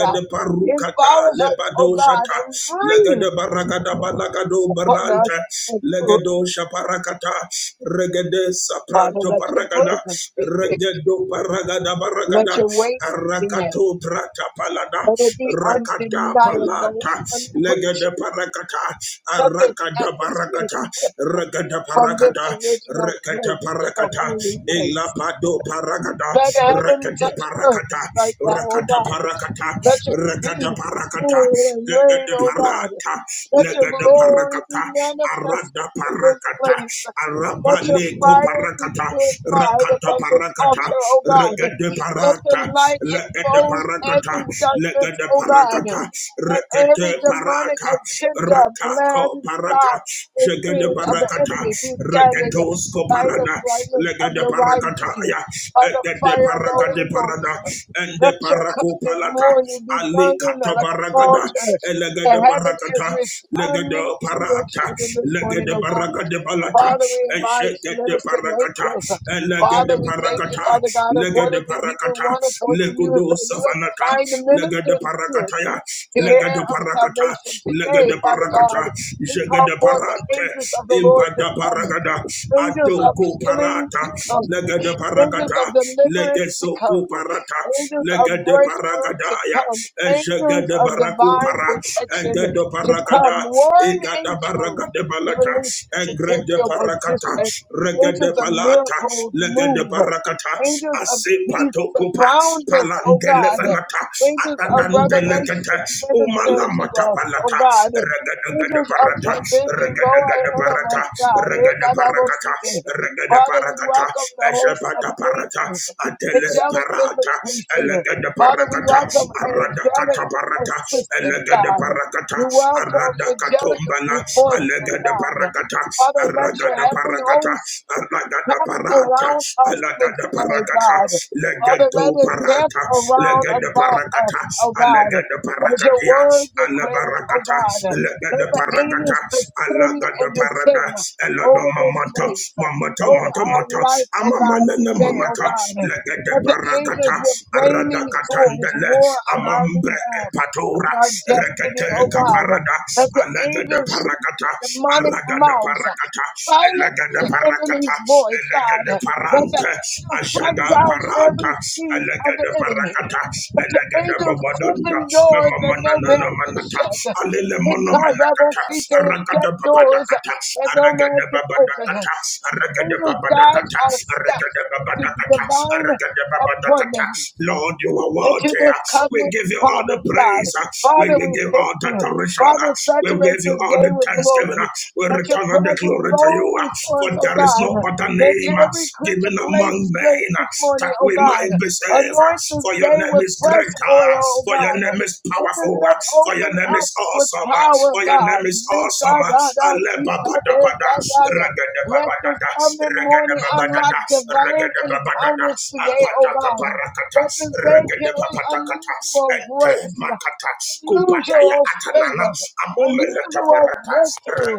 [SPEAKER 1] God.
[SPEAKER 2] Parukata,
[SPEAKER 1] Empower us, oh
[SPEAKER 2] Lepado
[SPEAKER 1] God,
[SPEAKER 2] Shata,
[SPEAKER 1] and
[SPEAKER 2] Lagada
[SPEAKER 1] breathe
[SPEAKER 2] Baragada Balagado
[SPEAKER 1] upon
[SPEAKER 2] Baranta,
[SPEAKER 1] us and through.
[SPEAKER 2] Lagado Shaparakata, Regade
[SPEAKER 1] Father,
[SPEAKER 2] Sapranto
[SPEAKER 1] let your
[SPEAKER 2] Paragada,
[SPEAKER 1] presence be big.
[SPEAKER 2] Regedo Paragada
[SPEAKER 1] Let
[SPEAKER 2] Baragada,
[SPEAKER 1] your weight be heavy.
[SPEAKER 2] Arakato Prata Palada,
[SPEAKER 1] Let it be
[SPEAKER 2] Rakada
[SPEAKER 1] undeniable,
[SPEAKER 2] Palata, Lagada
[SPEAKER 1] unquenchable.
[SPEAKER 2] Parakata,
[SPEAKER 1] Let this
[SPEAKER 2] Arakada
[SPEAKER 1] atmosphere
[SPEAKER 2] Barakata,
[SPEAKER 1] shift
[SPEAKER 2] regada Rekata
[SPEAKER 1] from this
[SPEAKER 2] parakata,
[SPEAKER 1] original
[SPEAKER 2] rekata
[SPEAKER 1] place to the
[SPEAKER 2] parakata,
[SPEAKER 1] holy place.
[SPEAKER 2] elapado parakata,
[SPEAKER 1] Let heaven
[SPEAKER 2] rekata
[SPEAKER 1] touch earth
[SPEAKER 2] parakata,
[SPEAKER 1] right now, oh
[SPEAKER 2] rekata
[SPEAKER 1] God.
[SPEAKER 2] parakata,
[SPEAKER 1] Let your
[SPEAKER 2] rekata
[SPEAKER 1] peace
[SPEAKER 2] parakata,
[SPEAKER 1] rule and reign,
[SPEAKER 2] lekata
[SPEAKER 1] oh God.
[SPEAKER 2] parata,
[SPEAKER 1] Let your
[SPEAKER 2] lekata
[SPEAKER 1] glory
[SPEAKER 2] parakata,
[SPEAKER 1] be
[SPEAKER 2] arada
[SPEAKER 1] manifested in this
[SPEAKER 2] parakata,
[SPEAKER 1] place. Let your
[SPEAKER 2] leko
[SPEAKER 1] fire be
[SPEAKER 2] parakata,
[SPEAKER 1] purified
[SPEAKER 2] rakata
[SPEAKER 1] upon this
[SPEAKER 2] parakata,
[SPEAKER 1] altar, oh God.
[SPEAKER 2] rekata
[SPEAKER 1] Let
[SPEAKER 2] parata,
[SPEAKER 1] the light
[SPEAKER 2] lekata
[SPEAKER 1] expose
[SPEAKER 2] parakata,
[SPEAKER 1] every darkness,
[SPEAKER 2] lekata
[SPEAKER 1] oh God.
[SPEAKER 2] parakata,
[SPEAKER 1] Let
[SPEAKER 2] rekata
[SPEAKER 1] every demonic
[SPEAKER 2] parata,
[SPEAKER 1] agenda, plan,
[SPEAKER 2] rakako parata,
[SPEAKER 1] thought, and
[SPEAKER 2] jegede
[SPEAKER 1] dream of the
[SPEAKER 2] barakata.
[SPEAKER 1] enemy
[SPEAKER 2] Paracata,
[SPEAKER 1] be scattered
[SPEAKER 2] Regetosco
[SPEAKER 1] by the
[SPEAKER 2] Parada,
[SPEAKER 1] brightness of
[SPEAKER 2] Legade
[SPEAKER 1] your light
[SPEAKER 2] Paracataya,
[SPEAKER 1] by the
[SPEAKER 2] Egede
[SPEAKER 1] fire of the
[SPEAKER 2] Paracade
[SPEAKER 1] Holy Ghost.
[SPEAKER 2] Parada, and
[SPEAKER 1] Let
[SPEAKER 2] the
[SPEAKER 1] your
[SPEAKER 2] Paraco
[SPEAKER 1] covenant
[SPEAKER 2] Palata,
[SPEAKER 1] morning be
[SPEAKER 2] Ali
[SPEAKER 1] burning like an
[SPEAKER 2] Catabaragada,
[SPEAKER 1] altar where
[SPEAKER 2] Elegade
[SPEAKER 1] heaven is
[SPEAKER 2] Paracata, Legade
[SPEAKER 1] responding to your
[SPEAKER 2] Parata,
[SPEAKER 1] children this morning,
[SPEAKER 2] Legade
[SPEAKER 1] oh God.
[SPEAKER 2] Paracade Palata,
[SPEAKER 1] Father, we invite the
[SPEAKER 2] Eshegede
[SPEAKER 1] ministering
[SPEAKER 2] Paracata,
[SPEAKER 1] angels. Father,
[SPEAKER 2] Elegade
[SPEAKER 1] we thank you,
[SPEAKER 2] Paracata,
[SPEAKER 1] Father God, according
[SPEAKER 2] Legade
[SPEAKER 1] to Hebrew
[SPEAKER 2] Paracata,
[SPEAKER 1] 1 according to you,
[SPEAKER 2] Legudo
[SPEAKER 1] so you have
[SPEAKER 2] Savanata,
[SPEAKER 1] signed the
[SPEAKER 2] Legade
[SPEAKER 1] minister's spirit
[SPEAKER 2] Paracataya,
[SPEAKER 1] the air
[SPEAKER 2] Legade
[SPEAKER 1] of
[SPEAKER 2] Paracata,
[SPEAKER 1] salvation today,
[SPEAKER 2] Legade
[SPEAKER 1] Father God.
[SPEAKER 2] Paracata,
[SPEAKER 1] We call
[SPEAKER 2] Jegade
[SPEAKER 1] forth the angels of the Lord
[SPEAKER 2] Parate,
[SPEAKER 1] to
[SPEAKER 2] Legada
[SPEAKER 1] come,
[SPEAKER 2] paragada,
[SPEAKER 1] angels of
[SPEAKER 2] adoko
[SPEAKER 1] healing to
[SPEAKER 2] parata,
[SPEAKER 1] come,
[SPEAKER 2] legada
[SPEAKER 1] angels of
[SPEAKER 2] paragada,
[SPEAKER 1] deliverance to come,
[SPEAKER 2] legezoko parata,
[SPEAKER 1] angels of
[SPEAKER 2] legada
[SPEAKER 1] breakthrough to
[SPEAKER 2] paragadaya,
[SPEAKER 1] come, angels
[SPEAKER 2] ejegada
[SPEAKER 1] of
[SPEAKER 2] baraku
[SPEAKER 1] divine
[SPEAKER 2] para,
[SPEAKER 1] protection
[SPEAKER 2] egada
[SPEAKER 1] to come,
[SPEAKER 2] paragada,
[SPEAKER 1] warring
[SPEAKER 2] egada
[SPEAKER 1] angels.
[SPEAKER 2] baragade
[SPEAKER 1] We
[SPEAKER 2] balata,
[SPEAKER 1] release you to take
[SPEAKER 2] egrede
[SPEAKER 1] your
[SPEAKER 2] parakata,
[SPEAKER 1] position.
[SPEAKER 2] regede
[SPEAKER 1] Angels of
[SPEAKER 2] palata,
[SPEAKER 1] miracles move.
[SPEAKER 2] legede parakata,
[SPEAKER 1] Angels of peace
[SPEAKER 2] asepato kupa,
[SPEAKER 1] surround us, oh
[SPEAKER 2] palangele
[SPEAKER 1] God.
[SPEAKER 2] venata,
[SPEAKER 1] Angels of revelation
[SPEAKER 2] atatandelekete,
[SPEAKER 1] minister to
[SPEAKER 2] umalamata
[SPEAKER 1] us, oh
[SPEAKER 2] palata,
[SPEAKER 1] God.
[SPEAKER 2] regede gede
[SPEAKER 1] Angels of
[SPEAKER 2] parata,
[SPEAKER 1] provision go
[SPEAKER 2] regede gede
[SPEAKER 1] ahead of us,
[SPEAKER 2] parata,
[SPEAKER 1] God. Eh,
[SPEAKER 2] regede
[SPEAKER 1] God, I will
[SPEAKER 2] parakata
[SPEAKER 1] see thee.
[SPEAKER 2] regede
[SPEAKER 1] Father, we
[SPEAKER 2] parakata
[SPEAKER 1] welcome the host of
[SPEAKER 2] eshepata parata
[SPEAKER 1] angels,
[SPEAKER 2] atele
[SPEAKER 1] angelic
[SPEAKER 2] parata
[SPEAKER 1] visitation.
[SPEAKER 2] elegede
[SPEAKER 1] Father, we
[SPEAKER 2] paragata,
[SPEAKER 1] welcome
[SPEAKER 2] arada
[SPEAKER 1] angelic
[SPEAKER 2] kata parata
[SPEAKER 1] assistance,
[SPEAKER 2] elegede
[SPEAKER 1] God.
[SPEAKER 2] paragata,
[SPEAKER 1] We welcome
[SPEAKER 2] arada
[SPEAKER 1] angelic
[SPEAKER 2] katombala
[SPEAKER 1] reinforcement,
[SPEAKER 2] elegede
[SPEAKER 1] God.
[SPEAKER 2] parakata
[SPEAKER 1] Father, let your
[SPEAKER 2] aragada
[SPEAKER 1] heavenly
[SPEAKER 2] parakata
[SPEAKER 1] host
[SPEAKER 2] aragada
[SPEAKER 1] Camp
[SPEAKER 2] parata
[SPEAKER 1] around us this
[SPEAKER 2] alagada
[SPEAKER 1] day,
[SPEAKER 2] paragata,
[SPEAKER 1] God. Father, let
[SPEAKER 2] legedo
[SPEAKER 1] it camp
[SPEAKER 2] parata
[SPEAKER 1] around
[SPEAKER 2] legede
[SPEAKER 1] about
[SPEAKER 2] paragata,
[SPEAKER 1] us, oh God.
[SPEAKER 2] alegede
[SPEAKER 1] As your
[SPEAKER 2] parakatia
[SPEAKER 1] word declares, oh
[SPEAKER 2] alabarakata
[SPEAKER 1] God, let
[SPEAKER 2] legede
[SPEAKER 1] the
[SPEAKER 2] parakata
[SPEAKER 1] angels descend
[SPEAKER 2] alagada
[SPEAKER 1] and descend
[SPEAKER 2] parada Elodo
[SPEAKER 1] over this
[SPEAKER 2] mamata,
[SPEAKER 1] place,
[SPEAKER 2] mamata,
[SPEAKER 1] over
[SPEAKER 2] mata,
[SPEAKER 1] our
[SPEAKER 2] mata,
[SPEAKER 1] life, oh God,
[SPEAKER 2] amamanana
[SPEAKER 1] today, oh
[SPEAKER 2] mamata,
[SPEAKER 1] God.
[SPEAKER 2] legede
[SPEAKER 1] Let the angels
[SPEAKER 2] barakata,
[SPEAKER 1] with flaming swords
[SPEAKER 2] aradakatandele,
[SPEAKER 1] war on our
[SPEAKER 2] amambre
[SPEAKER 1] behalf,
[SPEAKER 2] epatora,
[SPEAKER 1] on our destiny, oh
[SPEAKER 2] rekete
[SPEAKER 1] God.
[SPEAKER 2] kaparada,
[SPEAKER 1] Let the
[SPEAKER 2] alegede
[SPEAKER 1] angels shut
[SPEAKER 2] parakata,
[SPEAKER 1] demonic
[SPEAKER 2] aragada
[SPEAKER 1] mouths
[SPEAKER 2] parakata,
[SPEAKER 1] Silence
[SPEAKER 2] elegede
[SPEAKER 1] the
[SPEAKER 2] parakata,
[SPEAKER 1] enemy's voice,
[SPEAKER 2] elegede
[SPEAKER 1] God. Let the
[SPEAKER 2] parante,
[SPEAKER 1] angels track
[SPEAKER 2] ashada
[SPEAKER 1] down every
[SPEAKER 2] parata,
[SPEAKER 1] scheme of the
[SPEAKER 2] elegede
[SPEAKER 1] enemy.
[SPEAKER 2] parakata,
[SPEAKER 1] Let the
[SPEAKER 2] elegede
[SPEAKER 1] angels
[SPEAKER 2] babadonda,
[SPEAKER 1] open doors that no man
[SPEAKER 2] memamanana
[SPEAKER 1] can
[SPEAKER 2] manata,
[SPEAKER 1] shut.
[SPEAKER 2] alele mono
[SPEAKER 1] Because I will
[SPEAKER 2] manakata,
[SPEAKER 1] see and
[SPEAKER 2] aragada
[SPEAKER 1] shut doors
[SPEAKER 2] babadakata,
[SPEAKER 1] that no
[SPEAKER 2] aragada
[SPEAKER 1] man
[SPEAKER 2] Aragada
[SPEAKER 1] can open. Let
[SPEAKER 2] Babadakata,
[SPEAKER 1] the
[SPEAKER 2] Aragada
[SPEAKER 1] angels guide
[SPEAKER 2] Babadakata,
[SPEAKER 1] our
[SPEAKER 2] Aragada
[SPEAKER 1] steps to the
[SPEAKER 2] Babadakata,
[SPEAKER 1] divine
[SPEAKER 2] Aragada Babadakata.
[SPEAKER 1] appointment
[SPEAKER 2] Lord, you are
[SPEAKER 1] into
[SPEAKER 2] worthy.
[SPEAKER 1] this
[SPEAKER 2] We
[SPEAKER 1] covenant
[SPEAKER 2] give you all the
[SPEAKER 1] promise, God.
[SPEAKER 2] praise. We
[SPEAKER 1] Father,
[SPEAKER 2] will
[SPEAKER 1] we
[SPEAKER 2] give
[SPEAKER 1] thank
[SPEAKER 2] all the
[SPEAKER 1] you.
[SPEAKER 2] adoration.
[SPEAKER 1] Father,
[SPEAKER 2] We will give
[SPEAKER 1] saturate
[SPEAKER 2] you
[SPEAKER 1] this
[SPEAKER 2] all
[SPEAKER 1] day
[SPEAKER 2] the
[SPEAKER 1] with
[SPEAKER 2] thanksgiving.
[SPEAKER 1] glory.
[SPEAKER 2] We
[SPEAKER 1] Let your
[SPEAKER 2] return all the
[SPEAKER 1] presence
[SPEAKER 2] glory to
[SPEAKER 1] go
[SPEAKER 2] you.
[SPEAKER 1] before
[SPEAKER 2] For
[SPEAKER 1] us, oh
[SPEAKER 2] there is
[SPEAKER 1] God.
[SPEAKER 2] no other
[SPEAKER 1] Make
[SPEAKER 2] name
[SPEAKER 1] every
[SPEAKER 2] given
[SPEAKER 1] creature place
[SPEAKER 2] among men
[SPEAKER 1] straight this morning,
[SPEAKER 2] that
[SPEAKER 1] oh
[SPEAKER 2] we
[SPEAKER 1] God.
[SPEAKER 2] might be saved.
[SPEAKER 1] Anoint this
[SPEAKER 2] For your
[SPEAKER 1] day
[SPEAKER 2] name
[SPEAKER 1] with
[SPEAKER 2] is
[SPEAKER 1] fresh
[SPEAKER 2] greater.
[SPEAKER 1] oil, oh
[SPEAKER 2] For your
[SPEAKER 1] God.
[SPEAKER 2] name is
[SPEAKER 1] Let this
[SPEAKER 2] powerful.
[SPEAKER 1] day
[SPEAKER 2] For your
[SPEAKER 1] open
[SPEAKER 2] name is
[SPEAKER 1] up with
[SPEAKER 2] awesome.
[SPEAKER 1] power,
[SPEAKER 2] For your name
[SPEAKER 1] God.
[SPEAKER 2] is awesome. Alebapadabada. Regada
[SPEAKER 1] Let this
[SPEAKER 2] babadada,
[SPEAKER 1] coming
[SPEAKER 2] Regada
[SPEAKER 1] morning unlock
[SPEAKER 2] babadada, Regada babadada.
[SPEAKER 1] divine
[SPEAKER 2] regadababadada, regadababadada,
[SPEAKER 1] encounters today, oh God
[SPEAKER 2] apadakabarakata,
[SPEAKER 1] that is, they carry
[SPEAKER 2] regadababatakata,
[SPEAKER 1] unusual
[SPEAKER 2] ente
[SPEAKER 1] grace,
[SPEAKER 2] makata, kupataya
[SPEAKER 1] unusual
[SPEAKER 2] atanana,
[SPEAKER 1] favor, unusual
[SPEAKER 2] amomelekabarata,
[SPEAKER 1] breakthrough,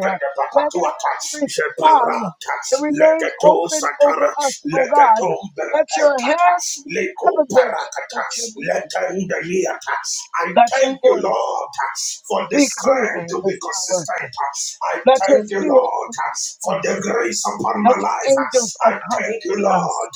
[SPEAKER 1] that heaven respond
[SPEAKER 2] jebarata,
[SPEAKER 1] and remain
[SPEAKER 2] legedo
[SPEAKER 1] open over
[SPEAKER 2] satara,
[SPEAKER 1] us, oh God.
[SPEAKER 2] legedombere
[SPEAKER 1] Let your hand
[SPEAKER 2] ekata,
[SPEAKER 1] be evident,
[SPEAKER 2] lekoparakata,
[SPEAKER 1] let your, movement,
[SPEAKER 2] letendeliata. I
[SPEAKER 1] let your
[SPEAKER 2] thank you,
[SPEAKER 1] voice
[SPEAKER 2] Lord, for the
[SPEAKER 1] be clear
[SPEAKER 2] strength
[SPEAKER 1] in
[SPEAKER 2] to be
[SPEAKER 1] this hour.
[SPEAKER 2] consistent. I
[SPEAKER 1] Let your
[SPEAKER 2] thank you,
[SPEAKER 1] spirit
[SPEAKER 2] Lord,
[SPEAKER 1] lead
[SPEAKER 2] for
[SPEAKER 1] us.
[SPEAKER 2] the grace upon my
[SPEAKER 1] Let
[SPEAKER 2] life.
[SPEAKER 1] your angels
[SPEAKER 2] I thank you,
[SPEAKER 1] accompany
[SPEAKER 2] Lord,
[SPEAKER 1] us.